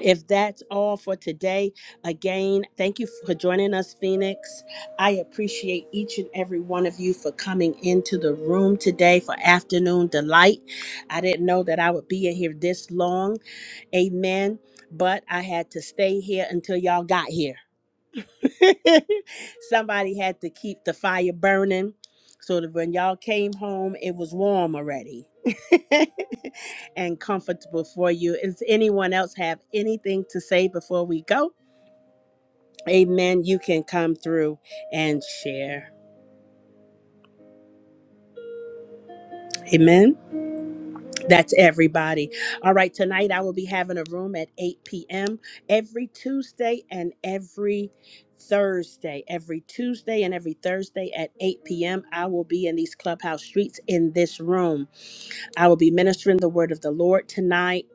Speaker 1: If that's all for today, again, thank you for joining us, Phoenix. I appreciate each and every one of you for coming into the room today for afternoon delight. I didn't know that I would be in here this long. Amen. But I had to stay here until y'all got here. *laughs* Somebody had to keep the fire burning so that when y'all came home, it was warm already *laughs* and comfortable for you. Does anyone else have anything to say before we go? Amen. You can come through and share. Amen. That's everybody. All right, tonight I will be having a room at 8 p.m. every Tuesday and every Thursday. Every Tuesday and every Thursday at 8 p.m. I will be in these clubhouse streets in this room. I will be ministering the word of the Lord tonight,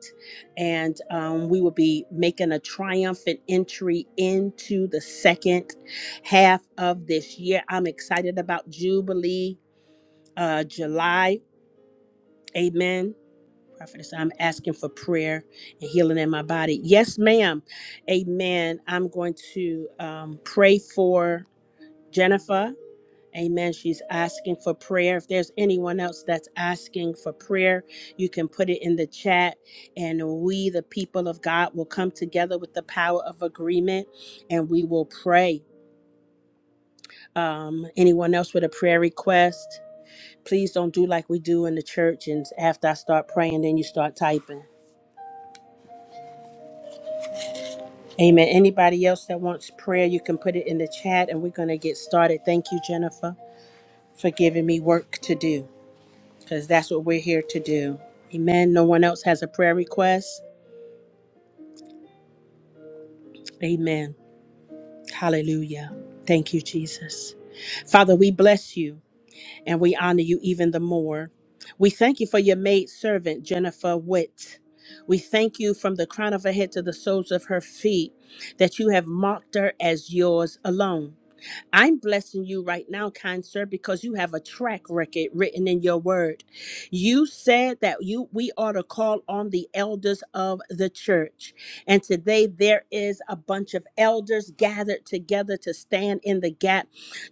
Speaker 1: and um, we will be making a triumphant entry into the second half of this year. I'm excited about Jubilee uh, July. Amen Prophetess, I'm asking for prayer and healing in my body. Yes, ma'am. Amen. I'm going to um, pray for Jennifer. Amen. She's asking for prayer. If there's anyone else that's asking for prayer, you can put it in the chat, and we, the people of God, will come together with the power of agreement and we will pray. Um, anyone else with a prayer request? Please don't do like we do in the church. And after I start praying, then you start typing. Amen. Anybody else that wants prayer, you can put it in the chat and we're going to get started. Thank you, Jennifer, for giving me work to do because that's what we're here to do. Amen. No one else has a prayer request. Amen. Hallelujah. Thank you, Jesus. Father, we bless you and we honor you even the more. We thank you for your maid servant, Jennifer Witt. We thank you from the crown of her head to the soles of her feet that you have marked her as yours alone. I'm blessing you right now, kind sir, because you have a track record written in your word. You said that you we ought to call on the elders of the church. And today there is a bunch of elders gathered together to stand in the gap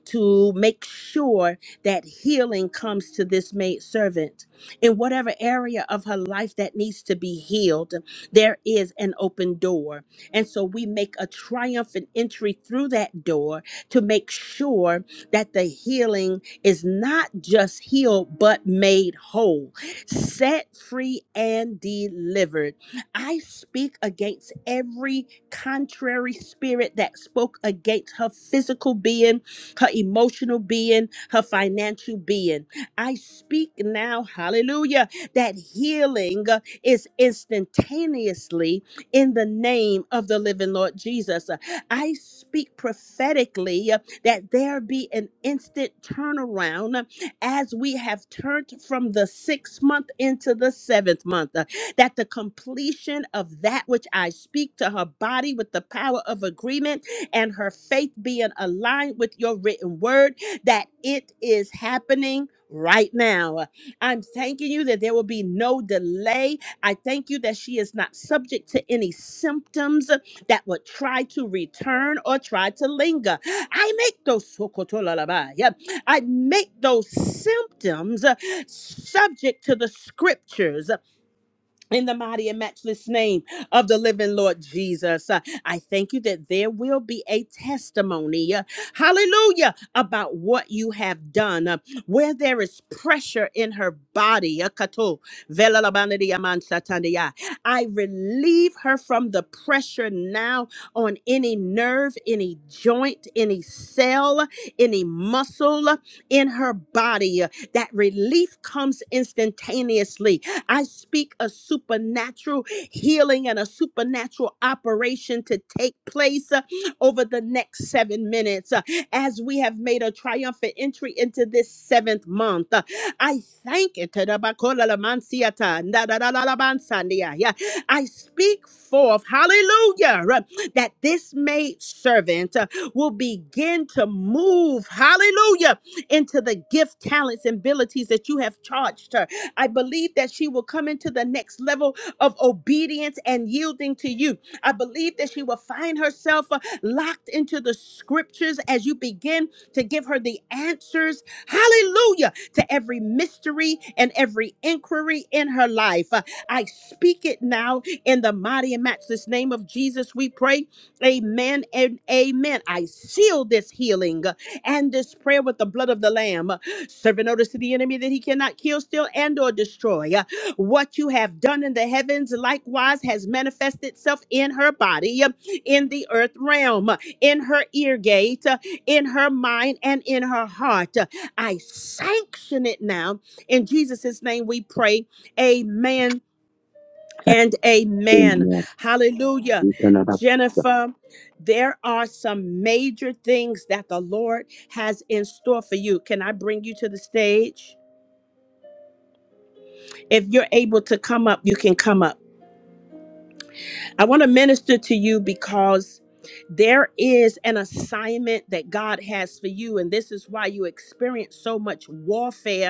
Speaker 1: to make sure that healing comes to this maid servant. In whatever area of her life that needs to be healed, there is an open door. And so we make a triumphant entry through that door to make sure that the healing is not just healed, but made whole, set free, and delivered. I speak against every contrary spirit that spoke against her physical being, her emotional being, her financial being. I speak now, hallelujah, that healing uh, is instantaneously in the name of the living Lord Jesus. I speak prophetically uh, that there be an instant turnaround uh, as we have turned from the sixth month into the seventh month. uh, That the completion of that which I speak to her body with the power of agreement and her faith being aligned with your written word, that it is happening right now. I'm thanking you that there will be no delay. I thank you that she is not subject to any symptoms that would try to return or try to linger. I make those sokotolalabaya, I make those symptoms uh, subject to the scriptures in the mighty and matchless name of the living Lord Jesus, Uh, I thank you that there will be a testimony, uh, hallelujah, about what you have done. Uh, where there is pressure in her body, uh, kato, vela labanadi aman satandia, I relieve her from the pressure now on any nerve, any joint, any cell, any muscle uh, in her body. Uh, That relief comes instantaneously I speak a supernatural healing and a supernatural operation to take place uh, over the next seven minutes uh, as we have made a triumphant entry into this seventh month. Uh, I thank it. Tadabakolalamansiata, ndadadadadabansandia. Yeah. I speak forth, hallelujah, uh, that this maid servant uh, will begin to move, hallelujah, into the gift, talents, and abilities that you have charged her. I believe that she will come into the next level of obedience and yielding to you. I believe that she will find herself uh, locked into the scriptures as you begin to give her the answers, hallelujah, to every mystery and every inquiry in her life. Uh, I speak it now in the mighty and matchless name of Jesus. We pray, amen and amen. I seal this healing. uh, and this prayer with the blood of the Lamb, serving notice to the enemy that he cannot kill, steal, and or destroy. What you have done in the heavens likewise has manifested itself in her body, in the earth realm, in her ear gate, in her mind, and in her heart. I sanction it now. In Jesus' name we pray. Amen and amen. Hallelujah.
Speaker 2: Amen.
Speaker 1: Jennifer, there are some major things that the Lord has in store for you. Can I bring you to the stage? If you're able to come up, you can come up. I want to minister to you because there is an assignment that God has for you, and this is why you experience so much warfare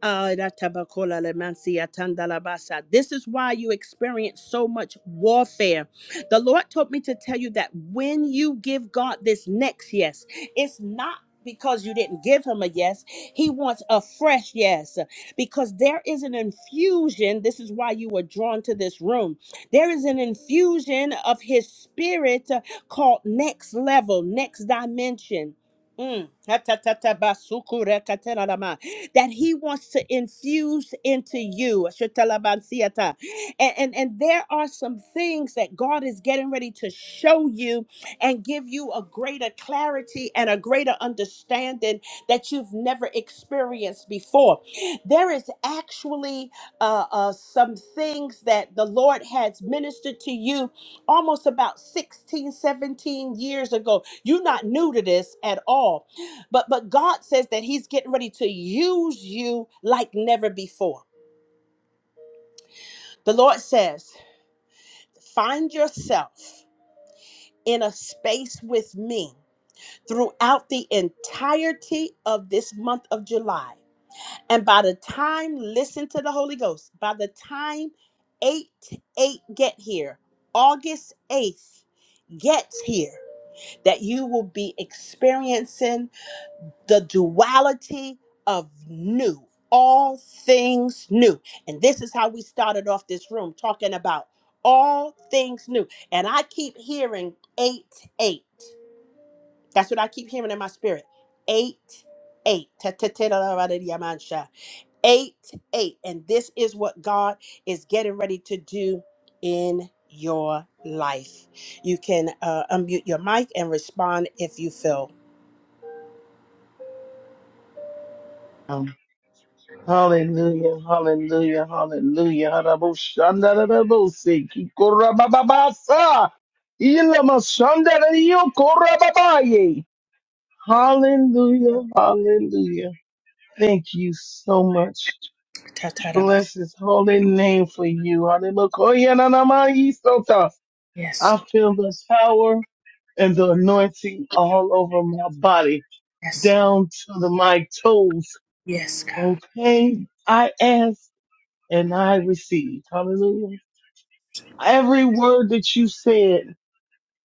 Speaker 1: Ah, da tabakola le mansi atanda la basa. This is why you experience so much warfare. The Lord told me to tell you that when you give God this next yes, it's not because you didn't give him a yes. He wants a fresh yes because there is an infusion. This is why you were drawn to this room. There is an infusion of his spirit uh, called next level, next dimension. Mm that He wants to infuse into you. Shatalabansiata. And, and, and there are some things that God is getting ready to show you and give you a greater clarity and a greater understanding that you've never experienced before. There is actually uh, uh, some things that the Lord has ministered to you almost about 16, 17 years ago. You're not new to this at all but but God says that He's getting ready to use you like never before. The Lord says, find yourself in a space with me throughout the entirety of this month of July. And by the time, listen to the Holy Ghost, by the time 8 8 get here, August 8th gets here, that you will be experiencing the duality of new, all things new. And this is how we started off this room talking about all things new. And I keep hearing 8 8. That's what I keep hearing in my spirit. 8 8. Ta- ta- ta- da- da- da- da- da- man- sha. 8 8. And this is what God is getting ready to do in your life. You can uh, unmute your mic and respond if you feel.
Speaker 7: Hallelujah, hallelujah, hallelujah. Haraboshandarabose, kikorabababasa, ilamashandarariyokorababaye. Hallelujah, hallelujah. Thank you so much.
Speaker 1: Tataraba.
Speaker 7: Bless his holy name for you. Hallelujah.
Speaker 1: Yes,
Speaker 7: I
Speaker 1: Lord.
Speaker 7: feel the power and the anointing all over my body,
Speaker 1: Yes, Lord.
Speaker 7: down to the, my toes.
Speaker 1: Yes, God.
Speaker 7: Okay. I ask. and I received. Hallelujah. Every word that you said,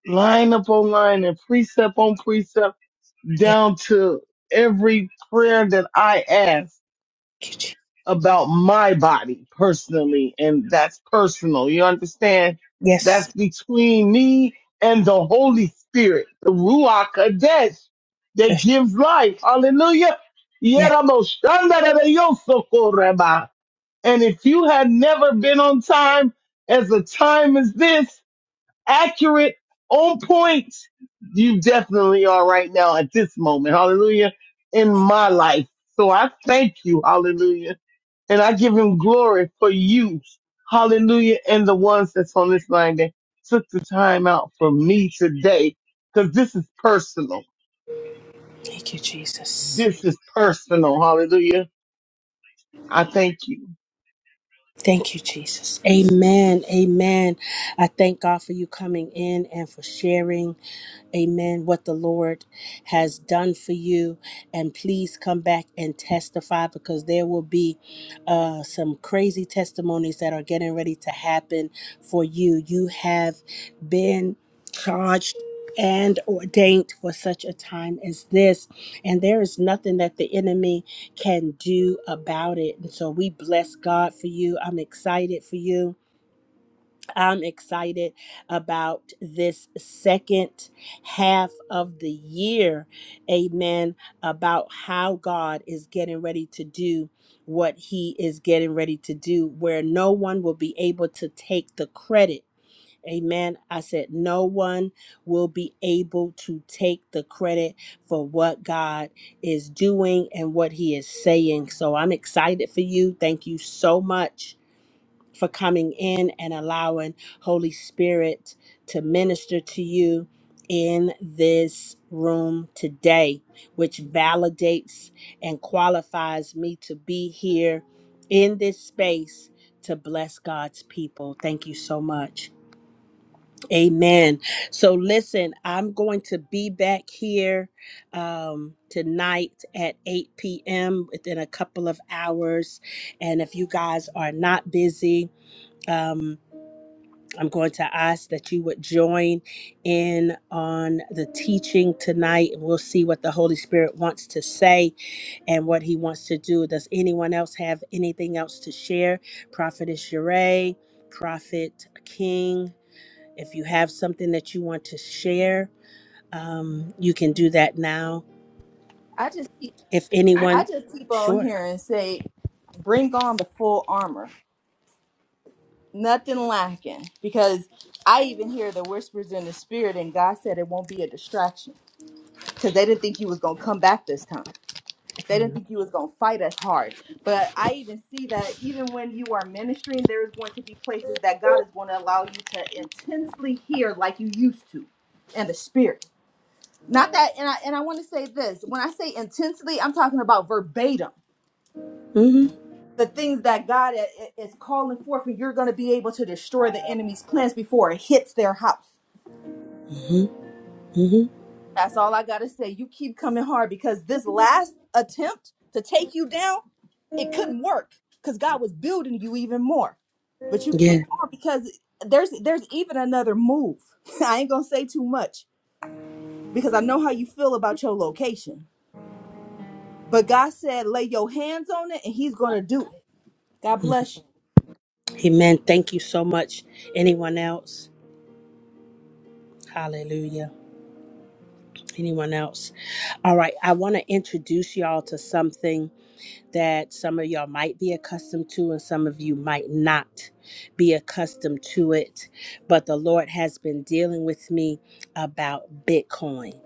Speaker 7: line upon line and precept on precept,
Speaker 1: Yeah.
Speaker 7: down to every prayer that I asked
Speaker 1: Thank you, Jesus.
Speaker 7: about my body personally. And that's personal. You understand?
Speaker 1: Yes.
Speaker 7: That's between me and the Holy Spirit, the Ruach Kadesh that
Speaker 1: Yes.
Speaker 7: gives life. Hallelujah.
Speaker 1: Yeah.
Speaker 7: Yeramo shandarayosokoreba. And if you had never been on time as a time as this, accurate, on point, you definitely are right now at this moment. Hallelujah. In my life. So I thank you. Hallelujah. And I give him glory for you. Hallelujah. And the ones that's on this line that took the time out for me today. Cause this is personal.
Speaker 1: Thank you, Jesus.
Speaker 7: This is personal. Hallelujah. I thank you.
Speaker 1: Thank you, Jesus. Amen. Amen. I thank God for you coming in and for sharing. Amen. What the Lord has done for you. And please come back and testify because there will be uh, some crazy testimonies that are getting ready to happen for you. You have been charged and ordained for such a time as this. And there is nothing that the enemy can do about it. And so we bless God for you. I'm excited for you I'm excited about this second half of the year. Amen. About how God is getting ready to do what he is getting ready to do, where no one will be able to take the credit. Amen. I said, no one will be able to take the credit for what God is doing and what he is saying. So I'm excited for you. Thank you so much for coming in and allowing Holy Spirit to minister to you in this room today, which validates and qualifies me to be here in this space to bless God's people. Thank you so much. Amen. So, listen, I'm going to be back here um, tonight at 8 p.m. within a couple of hours. And if you guys are not busy, um, I'm going to ask that you would join in on the teaching tonight. We'll see what the Holy Spirit wants to say and what he wants to do. Does anyone else have anything else to share? Prophet Sheree, Prophet King, if you have something that you want to share, um, you can do that now.
Speaker 5: I just keep
Speaker 1: If
Speaker 5: I
Speaker 1: anyone,
Speaker 5: just keep on
Speaker 1: sure.
Speaker 5: hearing say, bring on the full armor. nothing lacking because I even hear the whispers in the spirit, and God said it won't be a distraction because they didn't think you was gonna come back this time. They didn't
Speaker 1: Amen.
Speaker 5: think you was gonna fight as hard. But I even see that even when you are ministering, there is going to be places that God is going to allow you to intensely hear like you used to, in the spirit. Not that, and I and I want to say this: when I say intensely, I'm talking about verbatim
Speaker 1: Mm-hmm.
Speaker 5: the things that God i- i- is calling forth, and you're going to be able to destroy the enemy's plans before it hits their house.
Speaker 1: Mm-hmm. Mm-hmm.
Speaker 5: That's all I got to say. You keep coming hard because this last attempt to take you down, it couldn't work because God was building you even more. But you
Speaker 1: Yeah.
Speaker 5: keep on because there's there's even another move. *laughs* I ain't going to say too much because I know how you feel about your location. But God said, lay your hands on it and he's going to do it. God
Speaker 1: Mhm.
Speaker 5: bless you.
Speaker 1: Amen. Thank you so much. Anyone else? Hallelujah. Anyone else? All right, I want to introduce y'all to something that some of y'all might be accustomed to, and some of you might not be accustomed to it. But the Lord has been dealing with me about Bitcoin.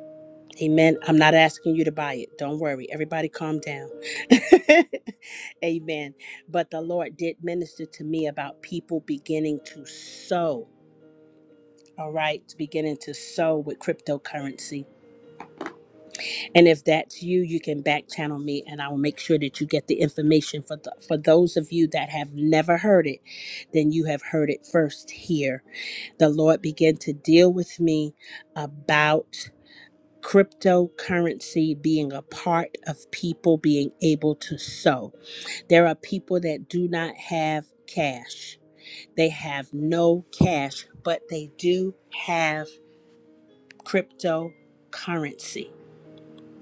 Speaker 1: Amen. I'm not asking you to buy it. Don't worry. Everybody calm down. *laughs* Amen. But the Lord did minister to me about people beginning to sow. All right, beginning to sow with cryptocurrency. And if that's you, you can back channel me and I will make sure that you get the information for th- for those of you that have never heard it, then you have heard it first here. The Lord began to deal with me about cryptocurrency being a part of people being able to sow. There are people that do not have cash. They have no cash, but they do have cryptocurrency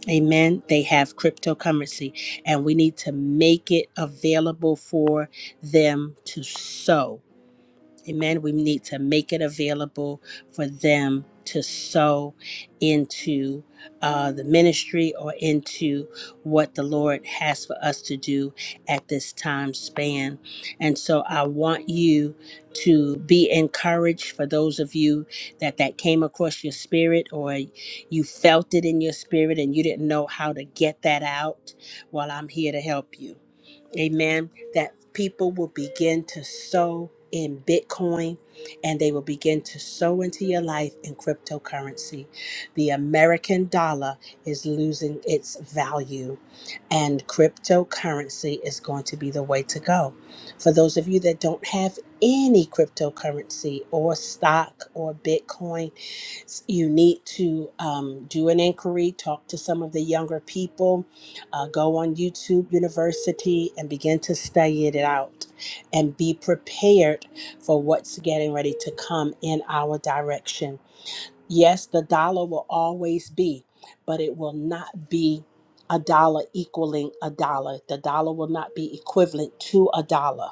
Speaker 1: Amen. They have cryptocurrency, and we need to make it available for them to sow. Amen. We need to make it available for them to sow into uh, the ministry or into what the Lord has for us to do at this time span. And so I want you to be encouraged for those of you that that came across your spirit or you felt it in your spirit and you didn't know how to get that out. Well, I'm here to help you. Amen. That people will begin to sow in Bitcoin and they will begin to sow into your life in cryptocurrency. The American dollar is losing its value, and cryptocurrency is going to be the way to go. For those of you that don't have any cryptocurrency or stock or Bitcoin, you need to um, do an inquiry, talk to some of the younger people uh, go on YouTube University and begin to study it out and be prepared for what's getting ready to come in our direction. Yes, the dollar will always be, but it will not be a dollar equaling a dollar. The dollar will not be equivalent to a dollar.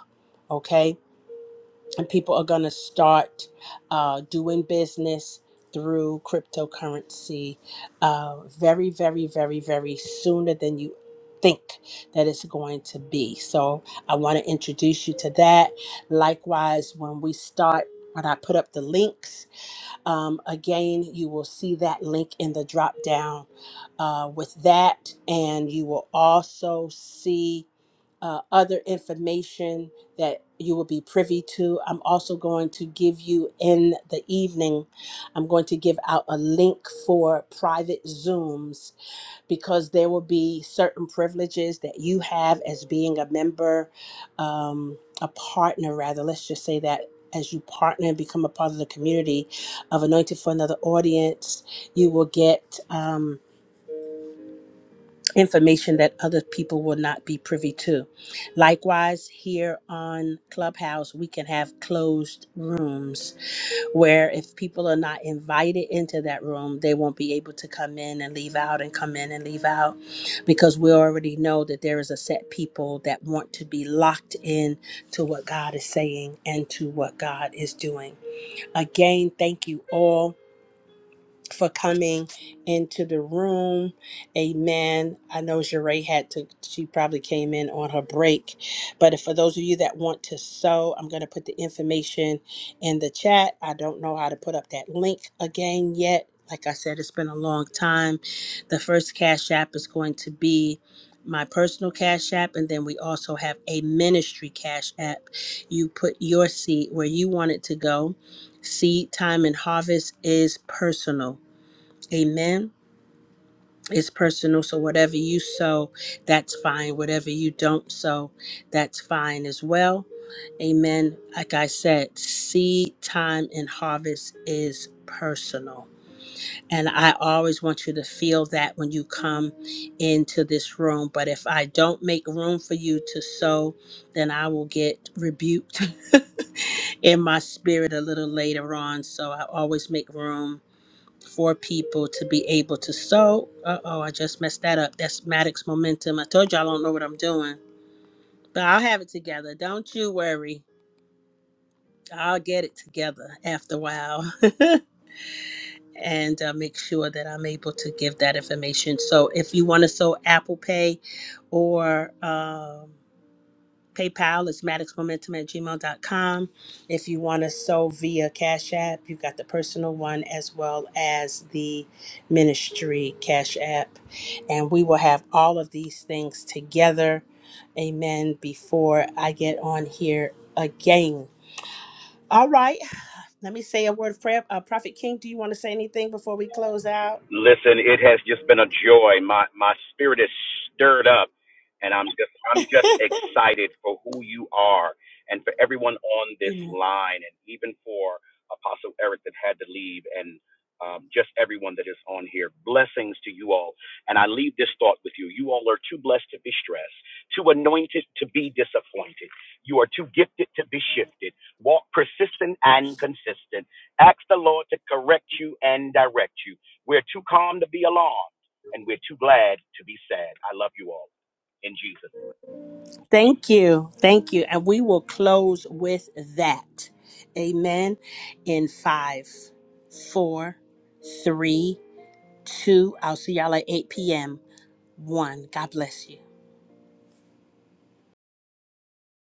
Speaker 1: Okay? and people are going to start uh, doing business through cryptocurrency uh, very, very, very, very sooner than you think that it's going to be. So I want to introduce you to that. Likewise, when we start, when I put up the links, um, again, you will see that link in the drop down uh, with that, and you will also see uh, other information that you will be privy to. I'm also going to give you in the evening, I'm going to give out a link for private Zooms because there will be certain privileges that you have as being a member, um, a partner, rather. Let's just say that as you partner and become a part of the community of Anointed for Another Audience, you will get um, information that other people will not be privy to. Likewise, here on Clubhouse, we can have closed rooms where if people are not invited into that room, they won't be able to come in and leave out and come in and leave out because we already know that there is a set people that want to be locked in to what God is saying and to what God is doing. Again, thank you all for coming into the room. Amen. I know Jeray had to, she probably came in on her break. But for those of you that want to sew, I'm going to put the information in the chat. I don't know how to put up that link again yet. Like I said, it's been a long time. The first Cash App is going to be my personal cash app and then we also have a ministry cash app you put your seed where you want it to go seed time and harvest is personal Amen. It's personal. So whatever you sow, that's fine. Whatever you don't sow, that's fine as well. Amen. Like I said, seed time and harvest is personal. And I always want you to feel that when you come into this room. But if I don't make room for you to sow, then I will get rebuked *laughs* in my spirit a little later on. So I always make room for people to be able to sow. Uh oh, I just messed that up. That's Maddox Momentum. I told you I don't know what I'm doing, but I'll have it together. Don't you worry. I'll get it together after a while *laughs* and uh, make sure that I'm able to give that information. So if you want to sow Apple Pay or. um PayPal is maddoxmomentum at gmail dot com. If you want to sow via Cash App, you've got the personal one as well as the ministry Cash App. And we will have all of these things together. Amen. Before I get on here again. All right. Let me say a word of prayer. Uh, Prophet King, do you want to say anything before we close out? *laughs* Amen. Thank you. Thank you. And we will close with that. Amen. In five, four, three, two. I'll see y'all at 8 p.m. One. God bless you.